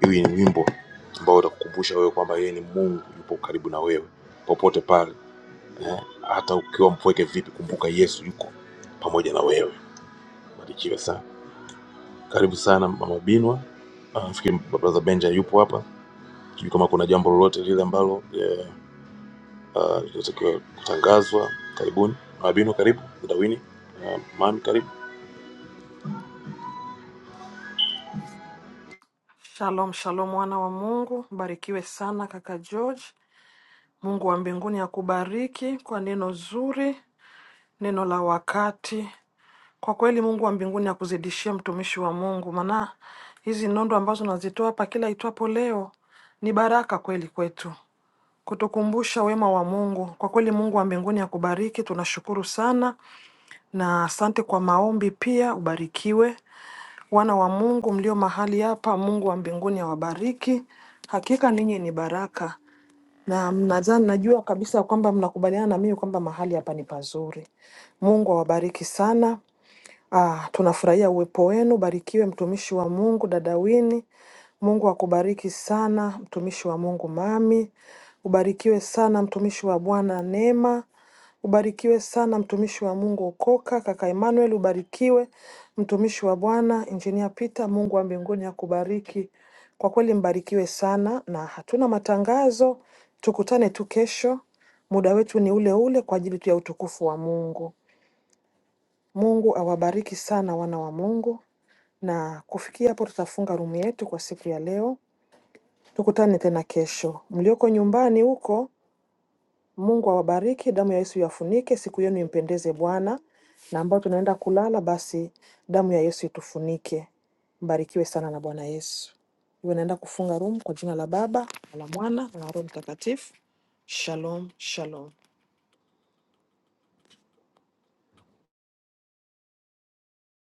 hii ni wimbo ambao utakukumbusha wewe kwamba yeye ni mungu yupo karibu na wewe popote pale hata ukiwa mpweke vipi kumbuka yesu yuko pamoja na wewe barikiwe sana karibu sana mama binwa Ah, nafikiri brother benja yupo hapa sijui kama kuna jambo lolote lile ambalo eh, ah, linatakiwa kutangazwa karibuni mama binwa karibu dawini uh, mami karibu
Shalom, shalom wana wa Mungu, mbarikiwe sana kaka George. Mungu wa mbinguni akubariki kwa neno zuri, neno la wakati. Kwa kweli Mungu wa mbinguni akuzidishie mtumishi wa Mungu, maana hizi nondo ambazo nazitoa hapa kila itwapo leo ni baraka kweli kwetu, kutukumbusha wema wa Mungu. Kwa kweli Mungu wa mbinguni akubariki, tunashukuru sana na asante kwa maombi pia. Ubarikiwe wana wa Mungu mlio mahali hapa, Mungu wa mbinguni awabariki. Hakika ninyi ni baraka na mnadhani, najua kabisa kwamba mnakubaliana na mimi kwamba mahali hapa ni pazuri. Mungu awabariki sana. Ah, tunafurahia uwepo wenu. Barikiwe mtumishi wa Mungu dada Wini. Mungu akubariki sana mtumishi wa Mungu Mami. Ubarikiwe sana mtumishi wa Bwana Neema. Ubarikiwe sana mtumishi wa Mungu Okoka, kaka Emmanuel. Ubarikiwe mtumishi wa Bwana Injinia Peter. Mungu wa mbinguni akubariki kwa kweli, mbarikiwe sana. Na hatuna matangazo, tukutane tu kesho, muda wetu ni ule ule kwa ajili tu ya utukufu wa Mungu. Mungu awabariki sana wana wa Mungu, na kufikia hapo tutafunga rumu yetu kwa siku ya leo. Tukutane tena kesho. Mlioko nyumbani huko, Mungu awabariki, damu ya Yesu iwafunike, siku yenu impendeze Bwana, na ambao tunaenda kulala, basi damu ya Yesu itufunike. Mbarikiwe sana na Bwana Yesu. Hivyo naenda kufunga rumu kwa jina la Baba na la Mwana na la Roho Mtakatifu. Shalom, shalom.